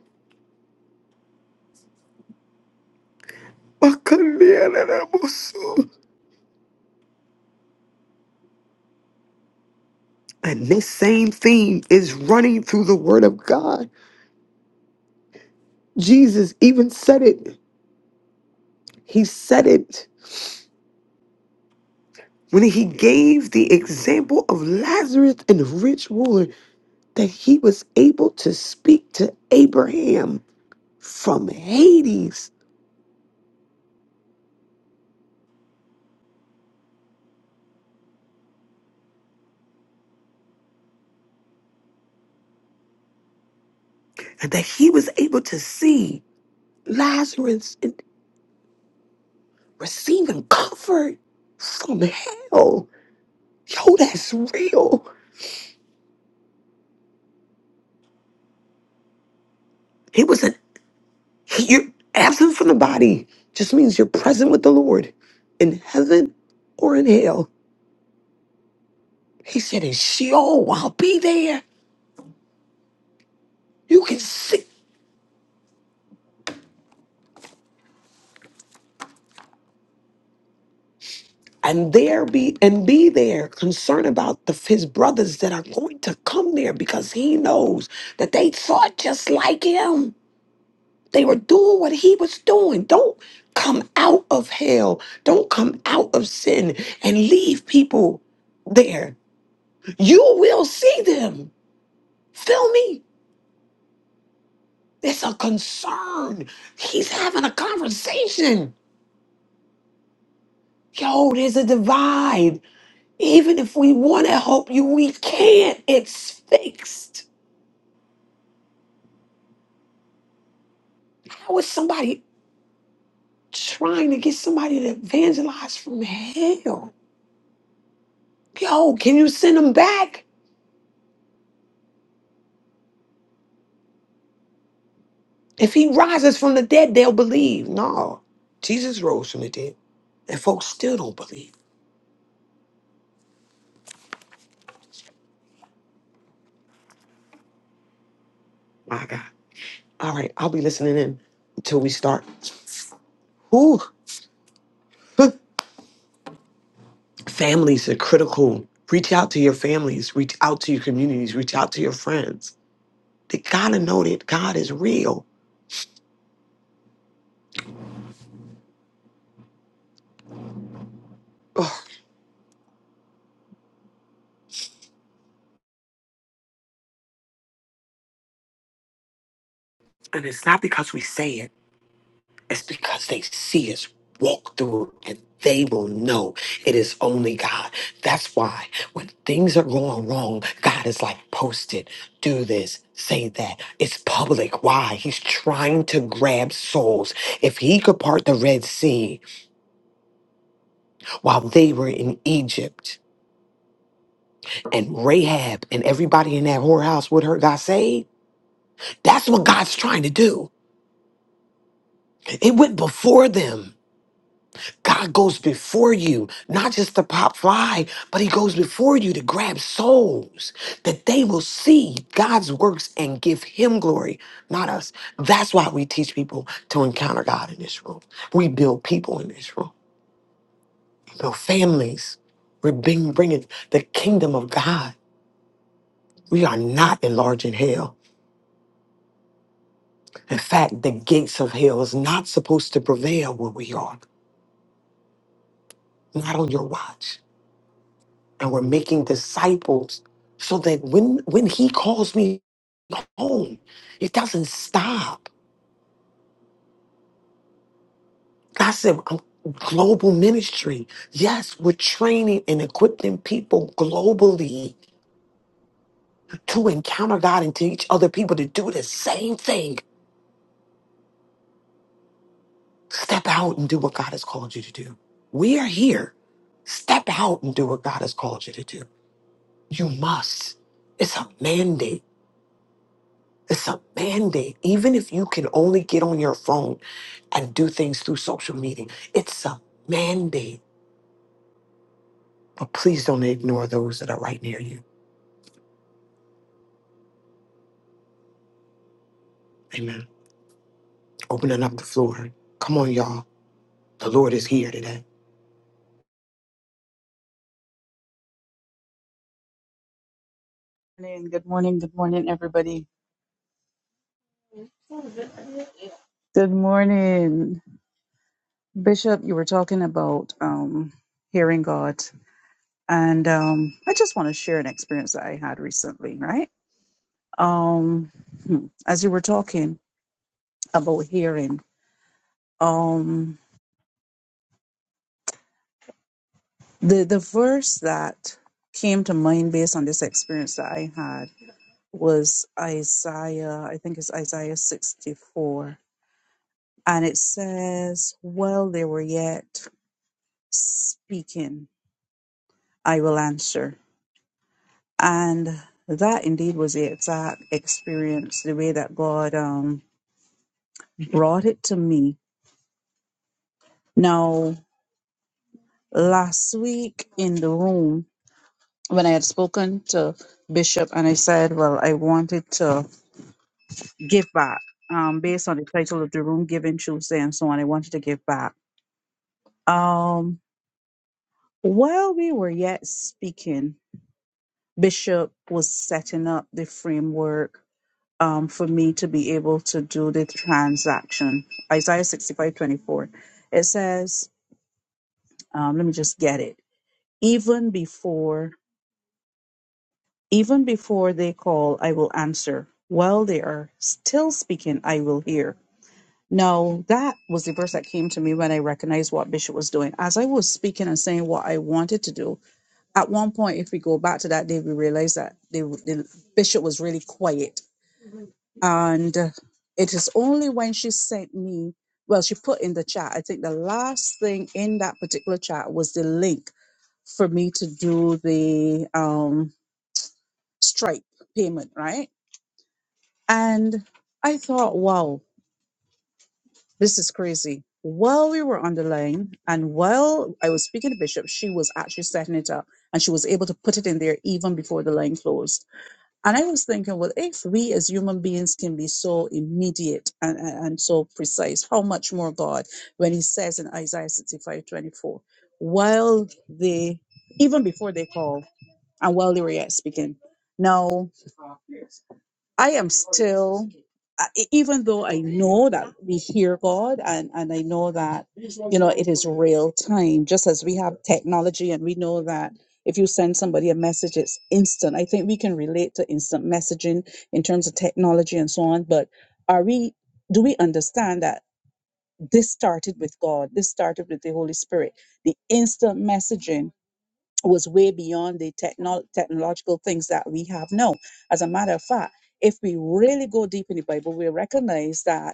Speaker 3: bakalia na na buso. And this same theme is running through the word of God. Jesus even said it. He said it when he gave the example of Lazarus and the rich ruler that he was able to speak to Abraham from Hades and that he was able to see Lazarus and receiving comfort from hell. Yo, that's real. It was an he, you're absent from the body just means you're present with the Lord in heaven or in hell. He said, in Sheol, I'll be there. You can see. and there be and be there concerned about the, his brothers that are going to come there because he knows that they thought just like him they were doing what he was doing don't come out of hell don't come out of sin and leave people there you will see them feel me it's a concern he's having a conversation yo there's a divide even if we want to help you we can't it's fixed How is somebody trying to get somebody to evangelize from hell? Yo, can you send him back? If he rises from the dead, they'll believe. No, Jesus rose from the dead, and folks still don't believe. My God. All right, I'll be listening in until we start. Whew. Families are critical. Reach out to your families, reach out to your communities, reach out to your friends. They gotta know that God is real. Ugh. And it's not because we say it. It's because they see us walk through it and they will know it is only God. That's why when things are going wrong, God is like, post it, do this, say that. It's public. Why? He's trying to grab souls. If he could part the Red Sea while they were in Egypt and Rahab and everybody in that whorehouse with her got saved, that's what God's trying to do. It went before them. God goes before you, not just to pop fly, but He goes before you to grab souls that they will see God's works and give Him glory, not us. That's why we teach people to encounter God in this room. We build people in this room, we build families. We're being, bringing the kingdom of God. We are not enlarging hell. In fact, the gates of hell is not supposed to prevail where we are, not on your watch. and we're making disciples so that when when he calls me home it doesn't stop i said I'm global ministry yes we're training and equipping people globally to encounter god and teach other people to do the same thing step out and do what god has called you to do we are here step out and do what god has called you to do you must it's a mandate It's a mandate. Even if you can only get on your phone and do things through social media, it's a mandate. But please don't ignore those that are right near you. Amen. Opening up the floor. Come on, y'all. The Lord is here today.
Speaker 12: morning. Good morning. Good morning, everybody. Good morning, Bishop. You were talking about um, hearing God, and um, I just want to share an experience that I had recently. Right, um, hmm, as you were talking about hearing, um, the the verse that came to mind based on this experience that I had was Isaiah. I think it's Isaiah sixty four, and it says, "While they were yet." speaking, I will answer. And that indeed was the exact experience, the way that God um, brought it to me. Now, last week in the room, when I had spoken to Bishop and I said, Well, I wanted to give back um, based on the title of the room, Giving Tuesday, and so on, I wanted to give back. Um, while we were yet speaking, Bishop was setting up the framework um, for me to be able to do the transaction. Isaiah sixty five twenty four. It says, um, let me just get it. Even before, even before they call, I will answer. While they are still speaking, I will hear. Now, that was the verse that came to me when I recognized what Bishop was doing. As I was speaking and saying what I wanted to do, at one point, if we go back to that day, we realized that they, the Bishop was really quiet And uh, it is only when she sent me, well, she put in the chat, I think the last thing in that particular chat was the link for me to do the um, Stripe payment, right? And I thought, wow, this is crazy. While we were on the line and while I was speaking to Bishop, she was actually setting it up and she was able to put it in there even before the line closed. And I was thinking, well, if we as human beings can be so immediate and, and, and so precise, how much more God when he says in Isaiah 65 twenty-four, while they, even before they call and while they were yet speaking, now. I am still, I- e- even though I know that we hear God and, and I know that, you know, it is real time, just as we have technology and we know that if you send somebody a message, it's instant. I think we can relate to instant messaging in terms of technology and so on. But are we, do we understand that this started with God? This started with the Holy Spirit. The instant messaging was way beyond the techno- technological things that we have now. As a matter of fact, if we really go deep in the Bible, we recognize that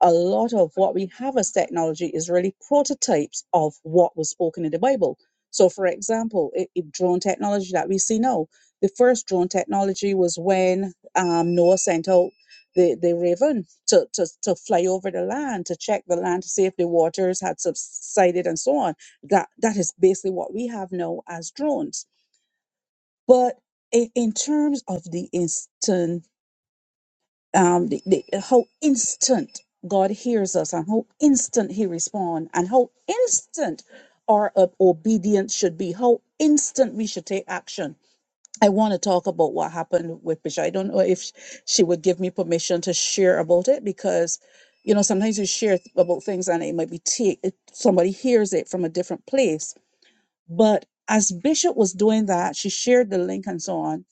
Speaker 12: a lot of what we have as technology is really prototypes of what was spoken in the Bible. So, for example, i i- drone technology that we see now, the first drone technology was when um, Noah sent out the, the raven to, to, to fly over the land, to check the land to see if the waters had subsided and so on. That That is basically what we have now as drones. But i- in terms of the instant um, the, the whole instant God hears us, and how instant He responds, and how instant our uh, obedience should be, How instant we should take action. I want to talk about what happened with Bishop. I don't know if sh- she would give me permission to share about it because, you know, sometimes you share th- about things and it might be take it- somebody hears it from a different place. But as Bishop was doing that, she shared the link and so on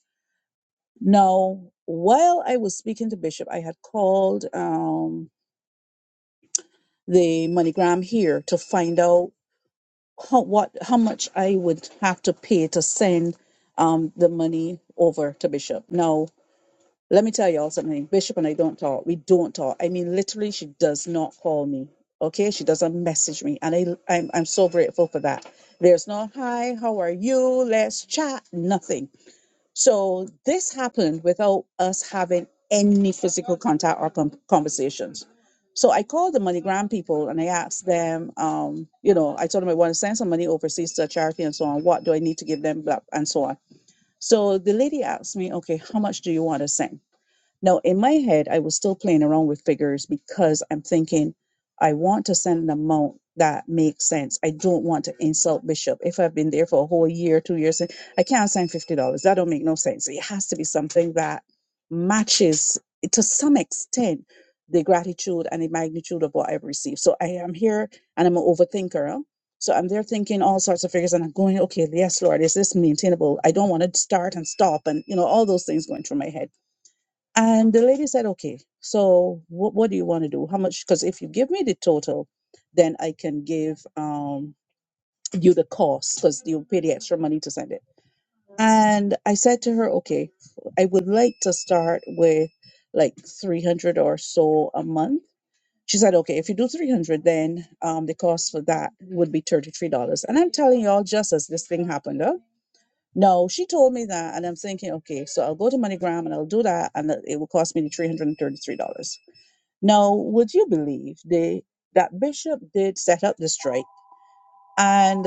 Speaker 12: now, while I was speaking to Bishop, I had called um, the MoneyGram here to find out how, what how much I would have to pay to send um, the money over to Bishop. Now, let me tell y'all something. Bishop and I don't talk. We don't talk. I mean, literally, she does not call me. Okay, she doesn't message me, and I I'm I'm so grateful for that. There's no hi, how are you? Let's chat. Nothing. So this happened without us having any physical contact or com- conversations. So I called the MoneyGram people and I asked them, um, you know, I told them I want to send some money overseas to a charity and so on. What do I need to give them, blah, and so on. So the lady asked me, okay, how much do you want to send? Now, in my head, I was still playing around with figures because I'm thinking, I want to send an amount that makes sense. I don't want to insult Bishop. If I've been there for a whole year, two years, I can't send fifty dollars. That don't make no sense. It has to be something that matches to some extent the gratitude and the magnitude of what I've received. So I am here and I'm an overthinker. huh? So I'm there thinking all sorts of figures and I'm going, okay, yes, Lord, is this maintainable? I don't want to start and stop and you know, all those things going through my head. And the lady said, okay, so what, what do you want to do? How much? Because if you give me the total, then I can give um, you the cost because you will pay the extra money to send it. And I said to her, okay, I would like to start with like 300 or so a month. She said, okay, if you do 300, then um, the cost for that would be $33. And I'm telling y'all, just as this thing happened, huh? No, she told me that, and I'm thinking, okay, so I'll go to MoneyGram and I'll do that, and it will cost me the three hundred and thirty-three dollars. Now, would you believe they that Bishop did set up the strike, and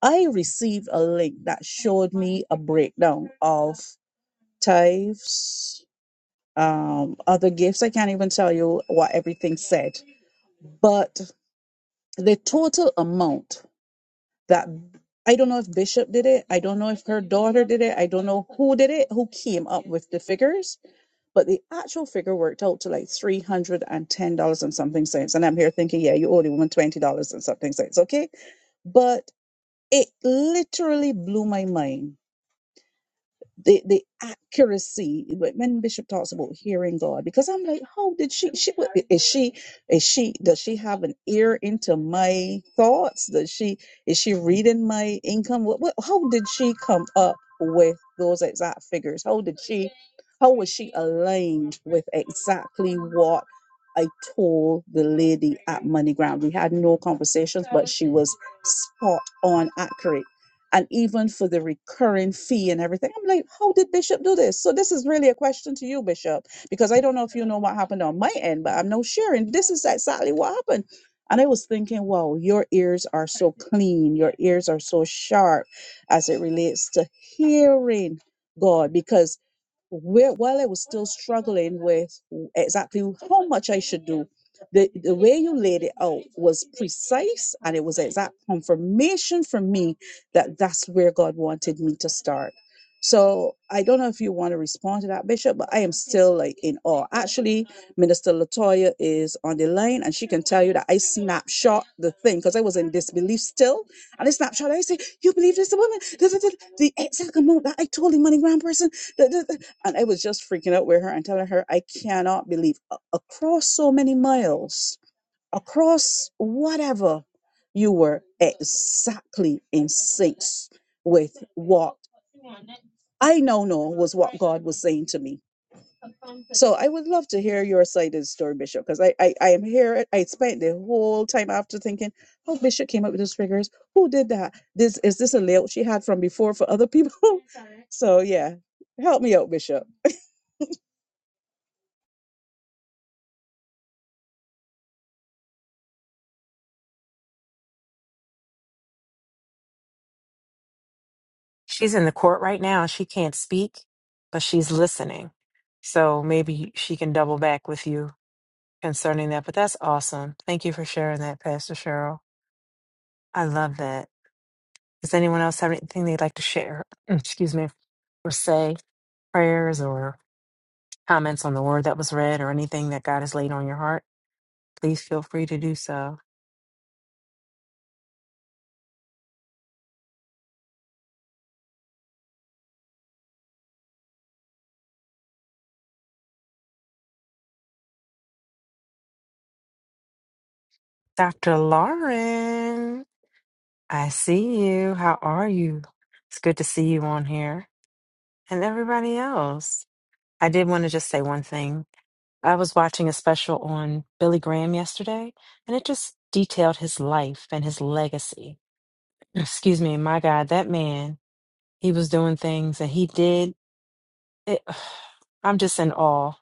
Speaker 12: I received a link that showed me a breakdown of tithes, um, other gifts. I can't even tell you what everything said, but the total amount. that I don't know if Bishop did it. I don't know if her daughter did it. I don't know who did it, who came up with the figures, but the actual figure worked out to like three hundred and ten dollars and something cents. And I'm here thinking, yeah, you owe the woman twenty dollars and something cents, okay? But it literally blew my mind the the accuracy when when bishop talks about hearing god because i'm like how did she she would- is she is she does she have an ear into my thoughts does she is she reading my income what, what how did she come up with those exact figures how did she how was she aligned with exactly what I told the lady at MoneyGram. We had no conversations, but she was spot on accurate and even for the recurring fee and everything. I'm like, how did Bishop do this? So this is really a question to you, Bishop, because I don't know if you know what happened on my end, but I'm no sharing. This is exactly what happened. And I was thinking, wow, your ears are so clean, your ears are so sharp as it relates to hearing God, because where, while I was still struggling with exactly how much I should do, the, the way you laid it out was precise and it was exact confirmation for me that that's where God wanted me to start. So I don't know if you want to respond to that, Bishop, but I am still like in awe. Actually, Minister Latoya is on the line and she can tell you that I snapshot the thing because I was in disbelief still. And I snapshot, I say, You believe this woman? The the, the, the exact amount that I told the money grand person. the, the, and I was just freaking out with her and telling her, I cannot believe across so many miles, across whatever, you were exactly in sync with what I now know was what God was saying to me. So I would love to hear your side of the story, Bishop, because I, I I am here. I spent the whole time after thinking, oh, Bishop came up with those figures. Who did that? This is this a layout she had from before for other people? so yeah, help me out, Bishop.
Speaker 7: She's in the court right now. She can't speak, but she's listening. So maybe she can double back with you concerning that. But that's awesome. Thank you for sharing that, Pastor Cheryl. I love that. Does anyone else have anything they'd like to share? Excuse me. Or say? prayers or comments on the word that was read or anything that God has laid on your heart, please feel free to do so. Dr. Lauren, I see you. How are you? It's good to see you on here and everybody else. I did want to just say one thing. I was watching a special on Billy Graham yesterday, and it just detailed his life and his legacy. Excuse me, my God, that man, he was doing things and he did. it, I'm just in awe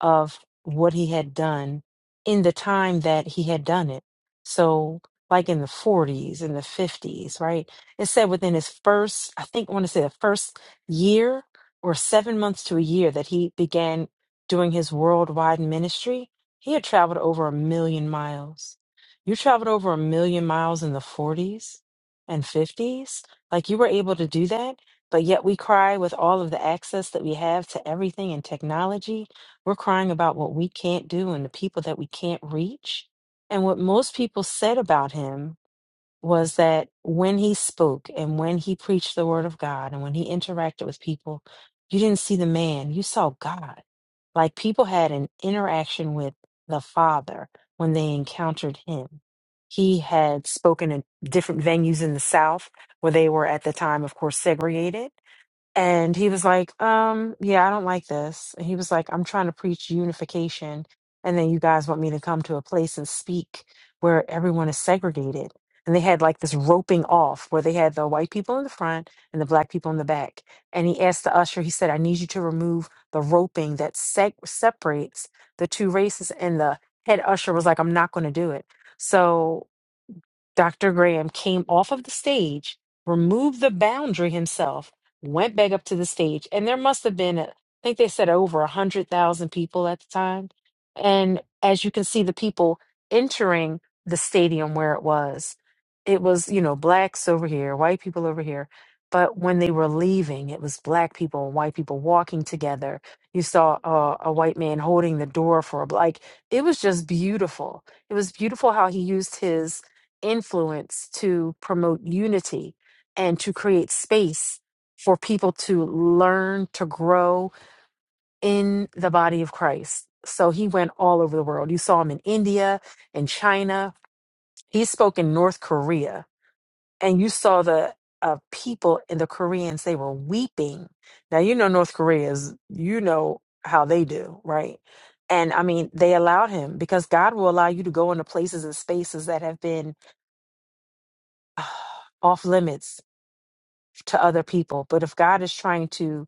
Speaker 7: of what he had done in the time that he had done it. So, like in the 40s and the 50s, right? It said within his first, I think I want to say the first year or seven months to a year that he began doing his worldwide ministry, he had traveled over a million miles. You traveled over a million miles in the 40s and 50s? Like you were able to do that? But yet we cry with all of the access that we have to everything and technology. We're crying about what we can't do and the people that we can't reach. And what most people said about him was that when he spoke and when he preached the word of God and when he interacted with people, you didn't see the man, you saw God. Like people had an interaction with the Father when they encountered him. He had spoken in different venues in the South where they were at the time, of course, segregated and he was like, um, yeah, I don't like this. And he was like, I'm trying to preach unification. And then you guys want me to come to a place and speak where everyone is segregated. And they had like this roping off where they had the white people in the front and the black people in the back. And he asked the usher, he said, I need you to remove the roping that seg- separates the two races. And the head usher was like, I'm not going to do it. So Dr. Graham came off of the stage, removed the boundary himself, went back up to the stage, and there must have been, I think they said over 100,000 people at the time. And as you can see, the people entering the stadium where it was, it was, you know, blacks over here, white people over here. But when they were leaving, it was black people and white people walking together. You saw a, a white man holding the door for a black. It was just beautiful. It was beautiful how he used his influence to promote unity and to create space for people to learn to grow in the body of Christ. So he went all over the world. You saw him in India, in China. He spoke in North Korea, and you saw the uh, people in the Koreans. They were weeping. Now you know North Korea is. You know how they do, right? And I mean, they allowed him because God will allow you to go into places and spaces that have been off limits to other people. But if God is trying to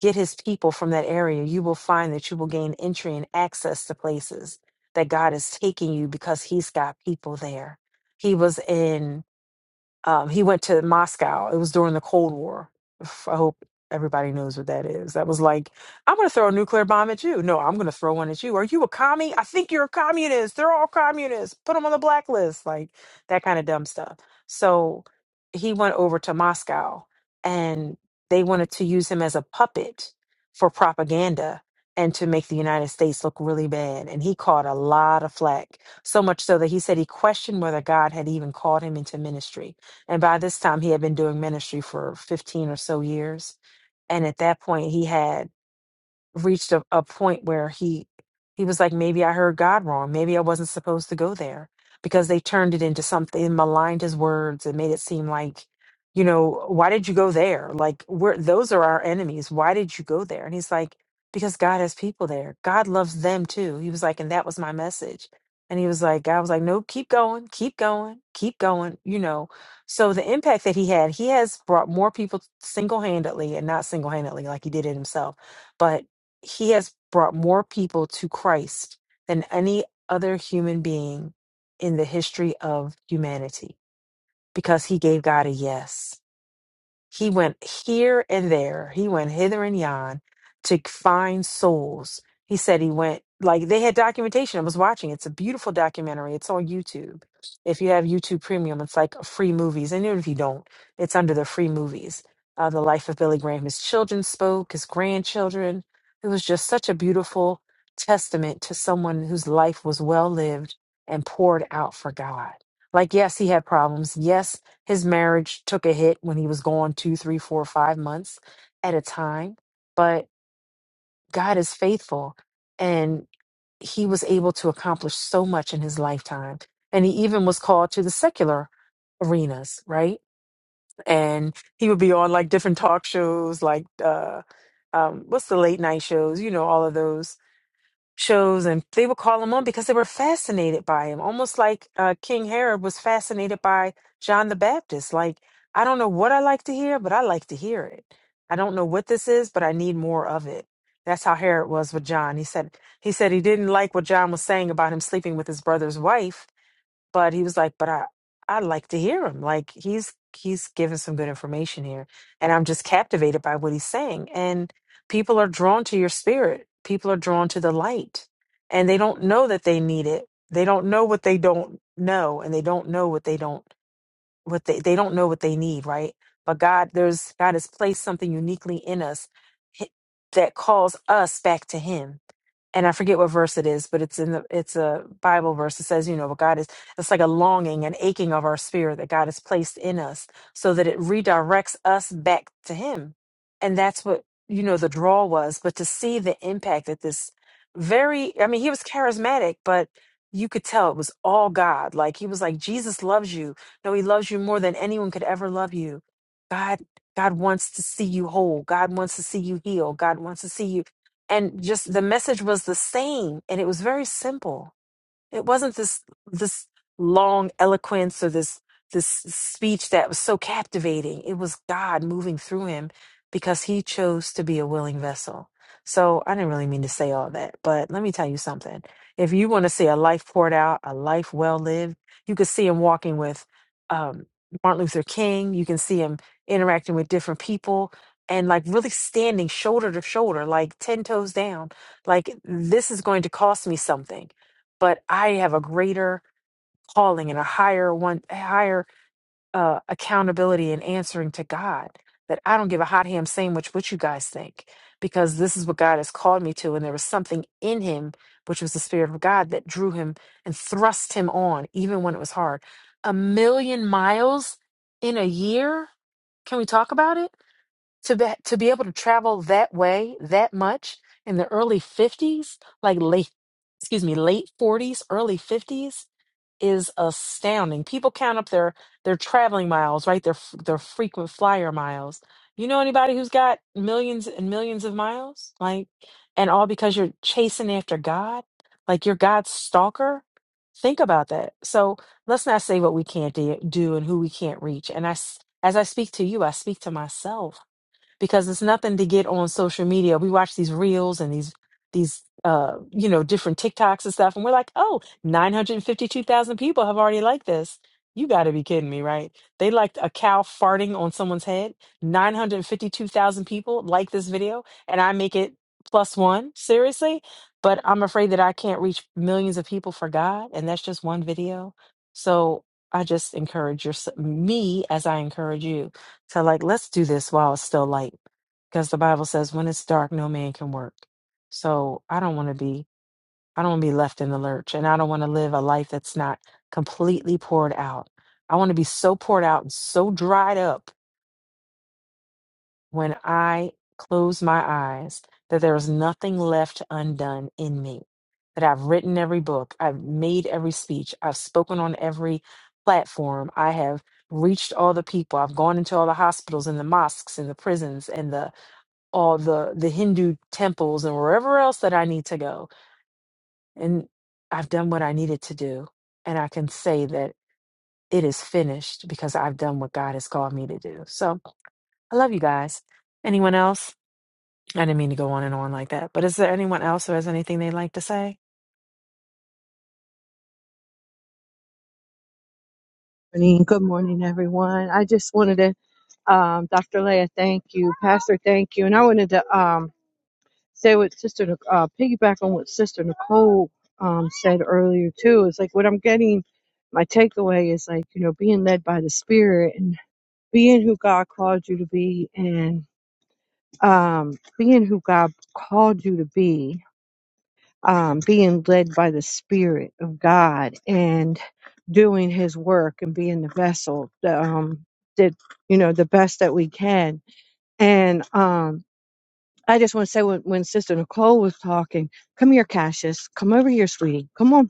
Speaker 7: get his people from that area, you will find that you will gain entry and access to places that God is taking you because he's got people there. He was in um, he went to Moscow. It was during the Cold War. Oof, I hope everybody knows what that is. That was like, I'm going to throw a nuclear bomb at you. No, I'm going to throw one at you. Are you a commie? I think you're a communist. They're all communists. Put them on the blacklist. Like that kind of dumb stuff. So he went over to Moscow and they wanted to use him as a puppet for propaganda and to make the United States look really bad. And he caught a lot of flack, so much so that he said he questioned whether God had even called him into ministry and by this time, he had been doing ministry for 15 or so years. And at that point, he had reached a, a point where he he was like maybe i heard god wrong maybe i wasn't supposed to go there because they turned it into something and maligned his words and made it seem like you know why did you go there like we're those are our enemies why did you go there and he's like because god has people there god loves them too he was like and that was my message and he was like god was like no keep going keep going keep going you know so the impact that he had he has brought more people single-handedly and not single-handedly like he did it himself but he has brought more people to Christ than any other human being in the history of humanity because he gave God a yes. He went here and there. He went hither and yon to find souls. He said he went like they had documentation. I was watching. It's a beautiful documentary. It's on YouTube. If you have YouTube Premium, it's like free movies. And even if you don't, it's under the free movies. Uh, the life of Billy Graham. His children spoke. His grandchildren. It was just such a beautiful testament to someone whose life was well lived and poured out for God. Like yes, he had problems. Yes, his marriage took a hit when he was gone two, three, four, five months at a time. But God is faithful. And he was able to accomplish so much in his lifetime. And he even was called to the secular arenas, right? And he would be on like different talk shows, like uh, um, what's the late night shows, you know, all of those shows and they would call him on because they were fascinated by him almost like uh, king herod was fascinated by john the baptist like i don't know what i like to hear but i like to hear it i don't know what this is but i need more of it that's how herod was with john he said he said he didn't like what john was saying about him sleeping with his brother's wife but he was like, but I i like to hear him. Like he's he's giving some good information here, and I'm just captivated by what he's saying. And people are drawn to your spirit. People are drawn to the light, and they don't know that they need it. They don't know what they don't know, and they don't know what they don't what they they don't know what they need. Right? But God, there's God has placed something uniquely in us hi- that calls us back to Him and I forget what verse it is, but it's in the it's a Bible verse that says, you know, what God is it's like a longing, and aching of our spirit that God has placed in us so that it redirects us back to him. And that's what, you know, the draw was. But to see the impact that this very I mean, he was charismatic, but you could tell it was all God. Like he was like, Jesus loves you. No, he loves you more than anyone could ever love you. God God wants to see you whole. God wants to see you heal. God wants to see you. And just the message was the same and it was very simple. It wasn't this this long eloquence or this this speech that was so captivating. It was God moving through him because he chose to be a willing vessel. So I didn't really mean to say all that, but let me tell you something. If you want to see a life poured out, a life well lived, you could see him walking with um, Martin Luther King. You can see him interacting with different people and like really standing shoulder to shoulder, like 10 toes down. Like, this is going to cost me something but I have a greater calling and a higher one, a higher uh, accountability and answering to God. That I don't give a hot ham sandwich what you guys think, because this is what God has called me to. And there was something in him, which was the Spirit of God, that drew him and thrust him on, even when it was hard. A million miles in a year? Can we talk about it? to be, to be able to travel that way that much in the early 50s like late excuse me late 40s early 50s is astounding people count up their their traveling miles right their f- their frequent flyer miles you know anybody who's got millions and millions of miles like and all because you're chasing after god like you're god's stalker think about that so let's not say what we can't de- do and who we can't reach and i s- as i speak to you i speak to myself because it's nothing to get on social media. We watch these reels and these these uh you know different TikToks and stuff and we're like, "Oh, 952,000 people have already liked this." You got to be kidding me, right? They liked a cow farting on someone's head. 952,000 people like this video and I make it plus 1. Seriously? But I'm afraid that I can't reach millions of people for God and that's just one video. So I just encourage your me as I encourage you so, like, let's do this while it's still light. Because the Bible says, when it's dark, no man can work. So, I don't want to be, I don't want to be left in the lurch. And I don't want to live a life that's not completely poured out. I want to be so poured out and so dried up when I close my eyes that there is nothing left undone in me, that I've written every book, I've made every speech, I've spoken on every platform, I have reached all the people, I've gone into all the hospitals and the mosques and the prisons and the all the the Hindu temples and wherever else that I need to go. And I've done what I needed to do. And I can say that it is finished because I've done what God has called me to do. So I love you guys. Anyone else? I didn't mean to go on and on like that, but is there anyone else who has anything they'd like to say?
Speaker 13: morning. Good morning, everyone. I just wanted to, um, Dr. Leah, thank you. Pastor, thank you. And I wanted to um, say what Sister, Nic- uh, piggyback on what Sister Nicole um, said earlier, too. It's like what I'm getting, my takeaway is like, you know, being led by the Spirit and being who God called you to be and um, being who God called you to be um, being led by the Spirit of God and doing His work and being the vessel that um, did you know the best that we can. And um, I just want to say when, when Sister Nicole was talking, come here, Cassius, come over here, sweetie, come on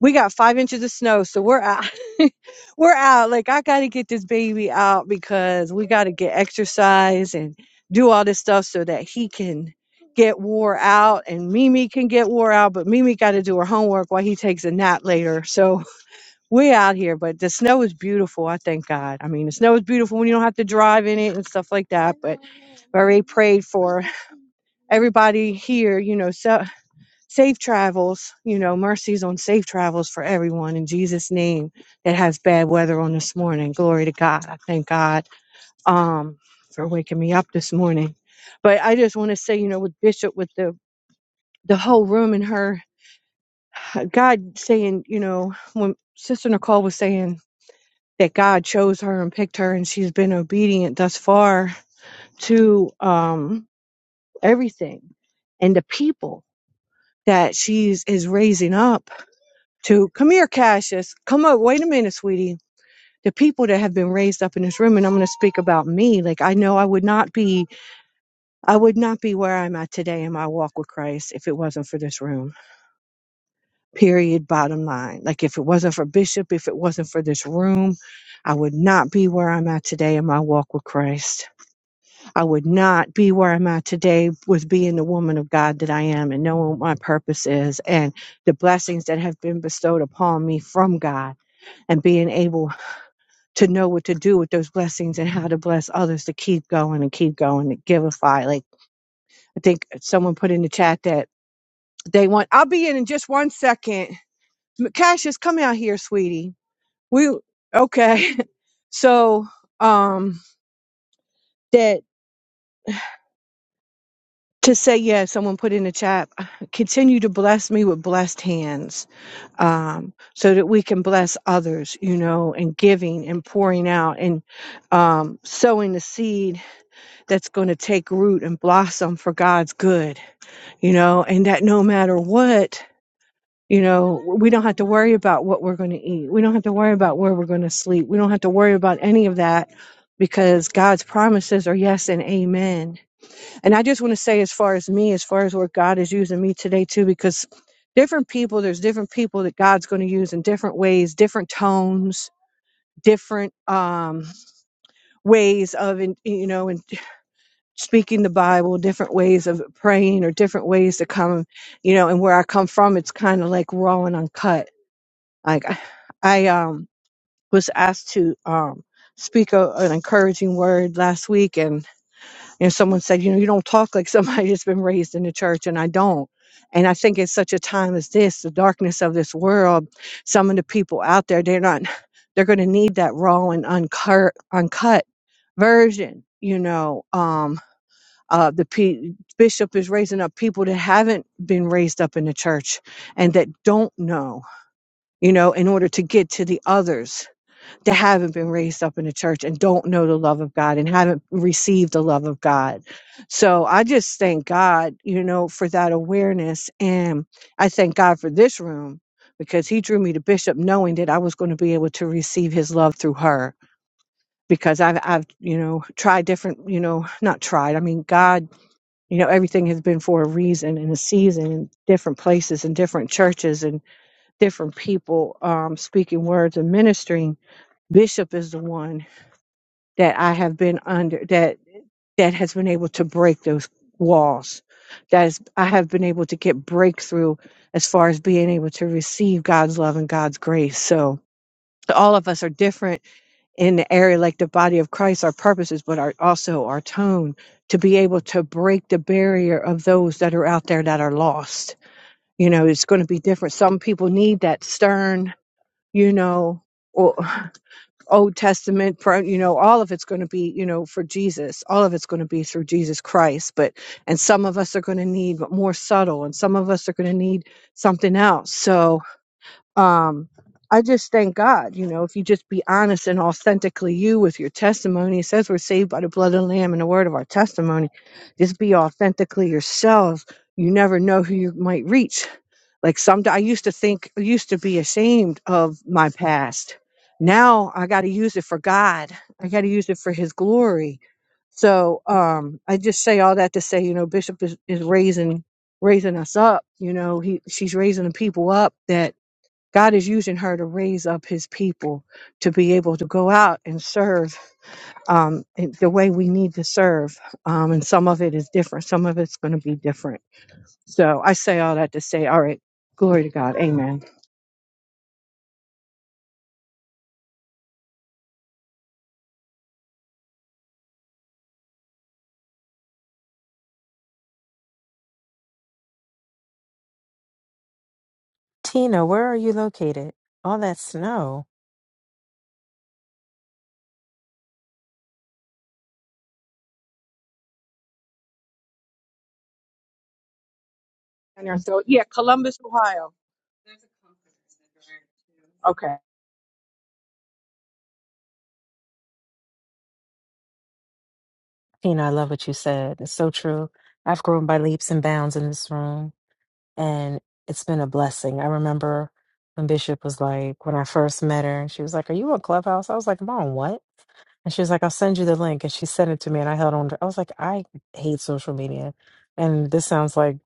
Speaker 13: we got five inches of snow, so we're out. we're out. Like I gotta get this baby out because we gotta get exercise and do all this stuff so that he can get wore out and Mimi can get wore out, but Mimi gotta do her homework while he takes a nap later. So we out here, but the snow is beautiful. I thank God. I mean the snow is beautiful when you don't have to drive in it and stuff like that. But I already prayed for everybody here, you know, so safe travels, you know, mercies on safe travels for everyone in Jesus' name that has bad weather on this morning. Glory to God. I thank God um, for waking me up this morning. But I just want to say, you know, with Bishop, with the, the whole room and her, God saying, you know, when Sister Nicole was saying that God chose her and picked her and she's been obedient thus far to um, everything and the people that she's is raising up to come here, Cassius. Come up. Wait a minute, sweetie. The people that have been raised up in this room, and I'm going to speak about me. Like I know I would not be, I would not be where I'm at today in my walk with Christ if it wasn't for this room. Period. Bottom line. Like if it wasn't for Bishop, if it wasn't for this room, I would not be where I'm at today in my walk with Christ. I would not be where I'm at today with being the woman of God that I am and knowing what my purpose is and the blessings that have been bestowed upon me from God and being able to know what to do with those blessings and how to bless others to keep going and keep going and giveify. Like I think someone put in the chat that they want. I'll be in in just one second. M- Cassius, come out here, sweetie. We okay? so um, that to say yeah. Someone put in the chat. Continue to bless me with blessed hands, um, so that we can bless others. You know, and giving and pouring out and um, sowing the seed that's going to take root and blossom for God's good, you know, and that no matter what, you know, we don't have to worry about what we're going to eat. We don't have to worry about where we're going to sleep. We don't have to worry about any of that because God's promises are yes and amen. And I just want to say, as far as me, as far as where God is using me today, too, because different people, there's different people that God's going to use in different ways, different tones, different um, ways of, in, you know, speaking the Bible, different ways of praying, or different ways to come, you know, and where I come from, it's kind of like raw and uncut. Like I, I um, was asked to um, speak a, an encouraging word last week, and you know, someone said, you know, you don't talk like somebody that's been raised in the church, and I don't. And I think it's such a time as this, the darkness of this world, some of the people out there, they're not, they're going to need that raw and uncut, uncut version, you know. Um. Uh, the P- bishop is raising up people that haven't been raised up in the church and that don't know, you know, in order to get to the others that haven't been raised up in the church and don't know the love of God and haven't received the love of God. So I just thank God, you know, for that awareness. And I thank God for this room because he drew me to Bishop knowing that I was going to be able to receive his love through her because I've, I've, you know, tried different, you know, not tried. I mean, God you know everything has been for a reason and a season in different places and different churches and different people um, speaking words and ministering bishop is the one that i have been under that that has been able to break those walls that is i have been able to get breakthrough as far as being able to receive god's love and god's grace so so all of us are different in the area like the body of Christ, our purposes, but our, also our tone to be able to break the barrier of those that are out there that are lost. You know, it's going to be different. Some people need that stern, you know, or Old Testament, pro- you know, all of it's going to be, you know, for Jesus. All of it's going to be through Jesus Christ. But, and some of us are going to need more subtle, and some of us are going to need something else. So, um i just thank god you know if you just be honest and authentically you with your testimony it says we're saved by the blood of the lamb and the word of our testimony just be authentically yourselves you never know who you might reach like some i used to think I used to be ashamed of my past now i got to use it for god i got to use it for his glory so um i just say all that to say you know bishop is, is raising raising us up you know he she's raising the people up that God is using her to raise up his people to be able to go out and serve um, in the way we need to serve. Um, and some of it is different, some of it's going to be different. So I say all that to say, all right, glory to God. Amen.
Speaker 7: Tina, where are you located? All that snow.
Speaker 13: And so, yeah, Columbus, Ohio. Okay.
Speaker 7: Tina, I love what you said. It's so true. I've grown by leaps and bounds in this room, and it's been a blessing. I remember when Bishop was like, when I first met her, and she was like, Are you on Clubhouse? I was like, "Am I on, what? And she was like, I'll send you the link. And she sent it to me and I held on to I was like, I hate social media. And this sounds like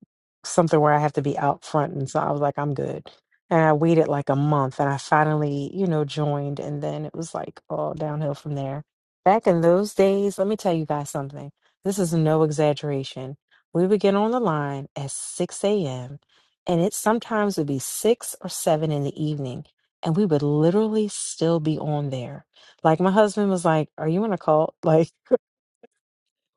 Speaker 7: something where I have to be out front. And so I was like, I'm good. And I waited like a month and I finally, you know, joined. And then it was like all downhill from there. Back in those days, let me tell you guys something. This is no exaggeration. We would get on the line at 6 a.m. and it sometimes would be six or seven in the evening. And we would literally still be on there like my husband was like, "Are you in a cult?" Like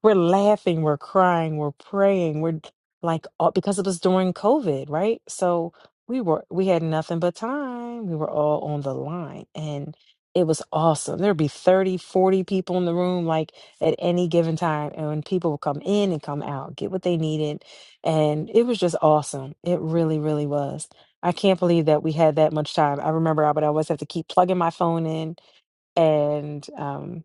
Speaker 7: we're laughing, we're crying, we're praying, we're like all, because it was during COVID, right? So we were we had nothing but time. We were all on the line and it was awesome. There'd be 30, 40 people in the room like at any given time and when people would come in and come out, get what they needed, and it was just awesome. It really really was. I can't believe that we had that much time. I remember I would always have to keep plugging my phone in and um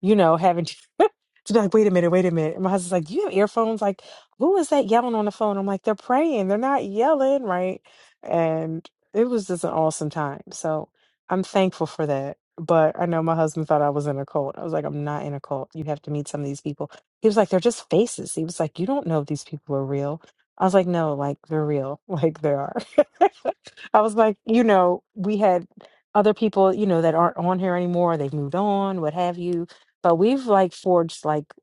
Speaker 7: you know, having to, to be like, wait a minute, wait a minute. And my husband's like, you have earphones? Like, who is that yelling on the phone? I'm like, they're praying. They're not yelling, right? And it was just an awesome time. So I'm thankful for that. But I know my husband thought I was in a cult. I was like, I'm not in a cult. You have to meet some of these people. He was like, they're just faces. He was like, you don't know if these people are real. I was like, no, like they're real. Like they are. I was like, you know, we had other people, you know, that aren't on here anymore. They've moved on, what have you but we've like forged like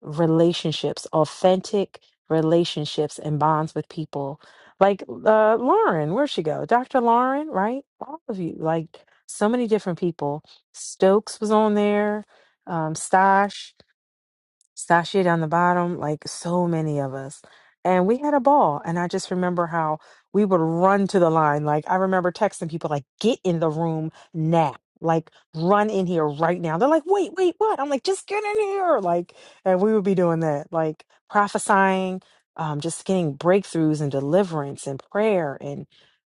Speaker 7: relationships, authentic relationships and bonds with people. Like uh Lauren, where'd she go? Dr. Lauren, right? All of you, like so many different people. Stokes was on there, um, Stash. Sasha down the bottom, like so many of us. And we had a ball. And I just remember how we would run to the line. Like I remember texting people like, get in the room now. Like run in here right now. They're like, wait, wait, what? I'm like, just get in here. Like, and we would be doing that, like prophesying, um, just getting breakthroughs and deliverance and prayer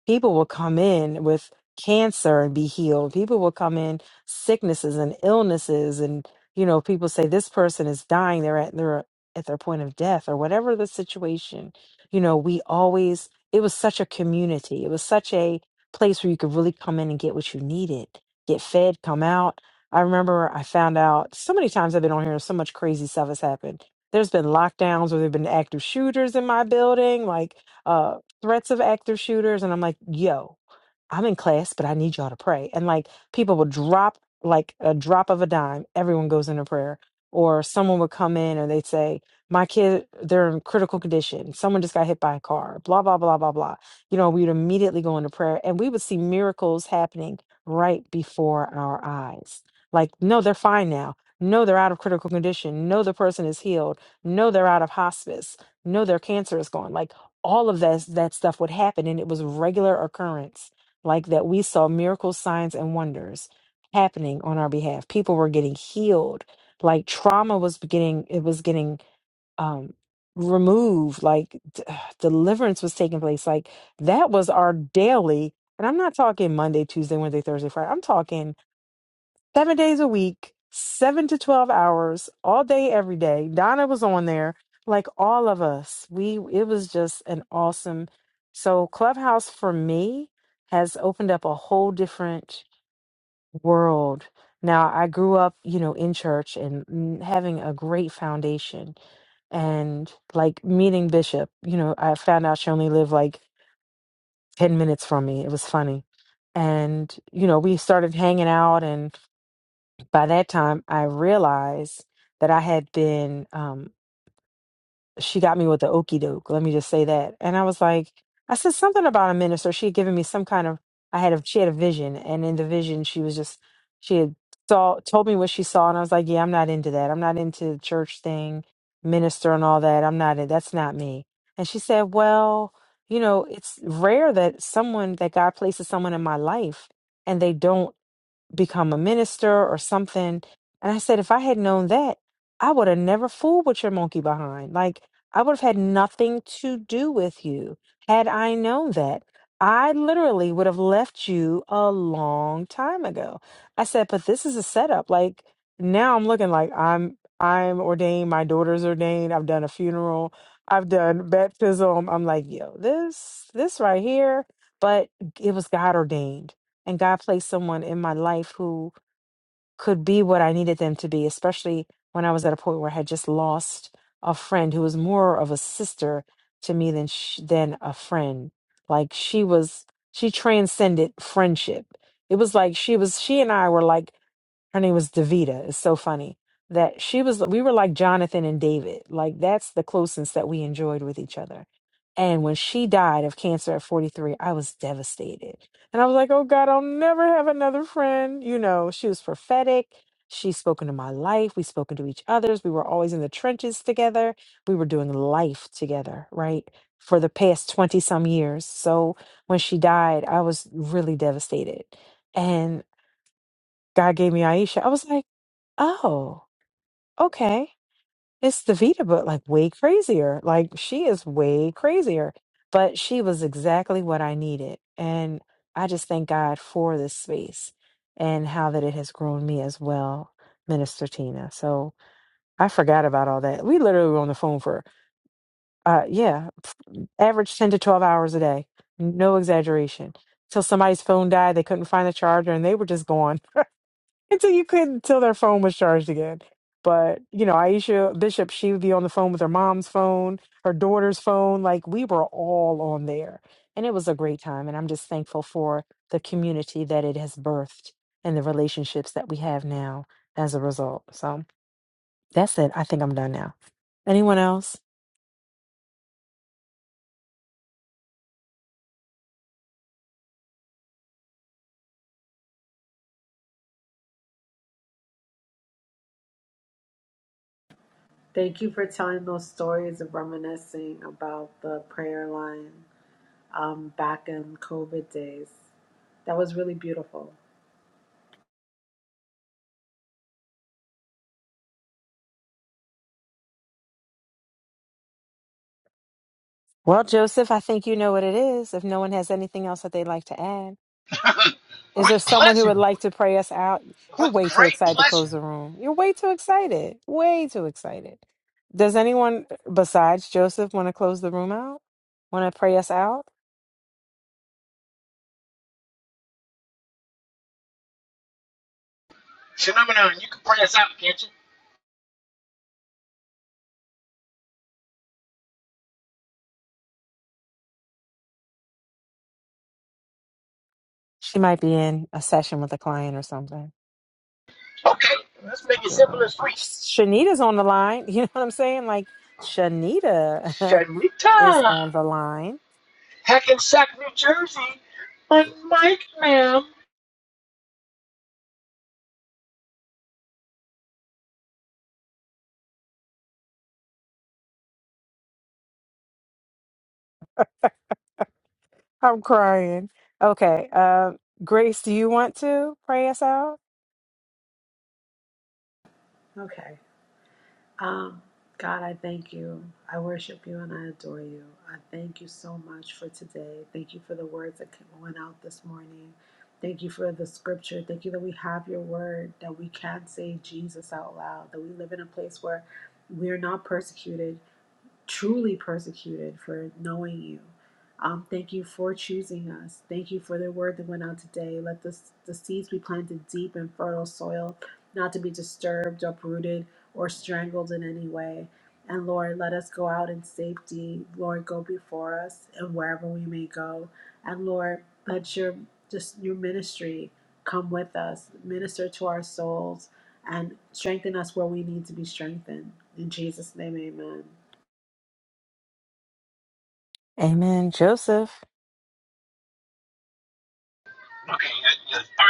Speaker 7: people will come in with cancer and be healed people will come in sicknesses and illnesses and you know people say this person is dying they're at they're at their point of death or whatever the situation you know we always it was such a community it was such a place where you could really come in and get what you needed get fed come out i remember i found out so many times i've been on here so much crazy stuff has happened there's been lockdowns or there have been active shooters in my building like uh threats of active shooters, and I'm like, yo, I'm in class, but I need y'all to pray. And like people will drop like a drop of a dime, everyone goes into prayer. Or someone would come in and they'd say, My kid, they're in critical condition. Someone just got hit by a car, blah, blah, blah, blah, blah. You know, we'd immediately go into prayer and we would see miracles happening right before our eyes. Like, no, they're fine now. No, they're out of critical condition. No, the person is healed. No, they're out of hospice. No, their cancer is gone. Like all of that, that stuff would happen and it was a regular occurrence like that we saw miracles, signs, and wonders happening on our behalf. People were getting healed. Like trauma was getting it was getting um removed. Like d- deliverance was taking place. Like that was our daily. And I'm not talking Monday, Tuesday, Wednesday, Thursday, Friday. I'm talking seven days a week, seven to 12 hours, all day, every day. Donna was on there, like all of us. We, it was just an awesome. So, Clubhouse for me has opened up a whole different world. Now, I grew up, you know, in church and mm, having a great foundation and like meeting Bishop, you know, I found out she only lived like 10 minutes from me. It was funny. And, you know, we started hanging out and by that time, I realized that I had been, um, she got me with the okey doke. Let me just say that. And I was like, I said something about a minister. She had given me some kind of, I had a, she had a vision. And in the vision, she was just, she had saw, told me what she saw. And I was like, yeah, I'm not into that. I'm not into the church thing, minister and all that. I'm not, in- that's not me. And she said, well, you know, it's rare that someone, that God places someone in my life and they don't become a minister or something. And I said, if I had known that, I would have never fooled with your monkey behind. Like, I would have had nothing to do with you had I known that. I literally would have left you a long time ago. I said, but this is a setup. Like, now I'm looking like I'm I'm ordained, my daughter's ordained, I've done a funeral, I've done baptism. I'm like, yo, this this right here, but it was God ordained and God placed someone in my life who could be what I needed them to be, especially when I was at a point where I had just lost a friend who was more of a sister to me than sh- than a friend. Like she was, she transcended friendship. It was like she was, she and I were like her name was Davita. It's so funny that she was, we were like Jonathan and David. Like that's the closeness that we enjoyed with each other. And when she died of cancer at 43, I was devastated. And I was like, oh God, I'll never have another friend. You know, she was prophetic. She's spoken to my life. We've spoken to each other's. We were always in the trenches together. We were doing life together, right? For the past 20 some years. So when she died, I was really devastated. And God gave me Aisha. I was like, Oh, okay. It's the Vita but like way crazier. Like she is way crazier, but she was exactly what I needed. And I just thank God for this space and how that it has grown me as well, Minister Tina. So I forgot about all that. We literally were on the phone for, uh, yeah, average 10 to 12 hours a day. No exaggeration. Till somebody's phone died, they couldn't find the charger and they were just gone. until you couldn't until their phone was charged again. But you know, Aisha Bishop, she would be on the phone with her mom's phone, her daughter's phone. Like we were all on there, and it was a great time. And I'm just thankful for the community that it has birthed and the relationships that we have now as a result. So that's it. I think I'm done now. Anyone else?
Speaker 11: Thank you for telling those stories of reminiscing about the prayer line um, back in COVID days. That was really beautiful.
Speaker 7: Well, Joseph, I think you know what it is. If no one has anything else that they'd like to add. Is
Speaker 1: with
Speaker 7: there someone who
Speaker 1: pleasure,
Speaker 7: would like
Speaker 1: with,
Speaker 7: to pray us out? You're
Speaker 1: with
Speaker 7: way too
Speaker 1: great
Speaker 7: excited to
Speaker 1: pleasure.
Speaker 7: close the room. You're way too excited. Way too excited. Does anyone besides Joseph want to close the room out? Want to pray us out?
Speaker 1: Phenomenon, you can pray us out, can't you?
Speaker 7: She might be in a session with a client or something.
Speaker 1: Okay, let's make it simple and
Speaker 7: Ugh.
Speaker 1: sweet.
Speaker 7: Shanita's on the line. You know what I'm saying? Like, Shanita. is
Speaker 1: Shanita,
Speaker 7: on the line.
Speaker 1: Hackensack, New Jersey, on Mike, ma'am.
Speaker 7: I'm crying. Okay. Uh, Grace, do you want to pray us out?
Speaker 11: Okay. Um, God, I thank you. I worship you and I adore you. I thank you so much for today. Thank you for the words that came- went out this morning. Thank you for the scripture. Thank you that we have your word, that we can say Jesus out loud, that we live in a place where we're not persecuted truly persecuted for knowing you. Um, thank you for choosing us. Thank you for the word that went out today. Let the, the seeds be planted deep in fertile soil, not to be disturbed, uprooted, or strangled in any way. And Lord, let us go out in safety. Lord, go before us and wherever we may go. And Lord, let your just your ministry come with us, minister to our souls, and strengthen us where we need to be strengthened. In Jesus' name, amen.
Speaker 7: Amen. Joseph.
Speaker 1: All right,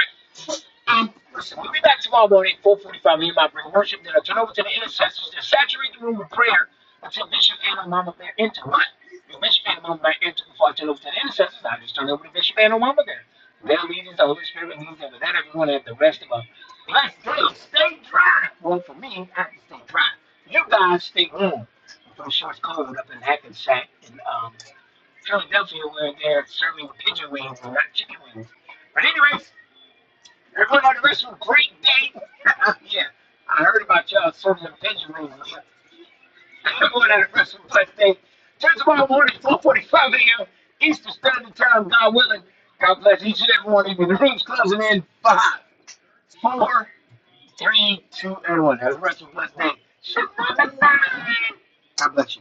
Speaker 1: Um, listen, we'll be back tomorrow morning, 445. Me and my bring worship Then I Turn over to the intercessors Then saturate the room with prayer until Bishop and mama bear enter. But if Bishop and mama bear enter before I turn over to the intercessors, I just turn over to Bishop and mama there. Their leaders, the Holy Spirit leads them. And then everyone have the rest of us. Let's stay, stay dry. Well, for me, I can stay dry. You guys stay warm. I'm sure it's cold up in Hackensack and um, Philadelphia where they're serving pigeon wings and not chicken wings. But anyway, Everyone on the rest of a great day. yeah, I heard about y'all serving the pigeon rules. Everyone on the rest of a blessed day. Till tomorrow morning, 4.45 a.m. Eastern Standard Time, God willing. God bless each and every one of you. The room's closing in five, four, three, two, and 1. Have a rest of a blessed day. God bless you.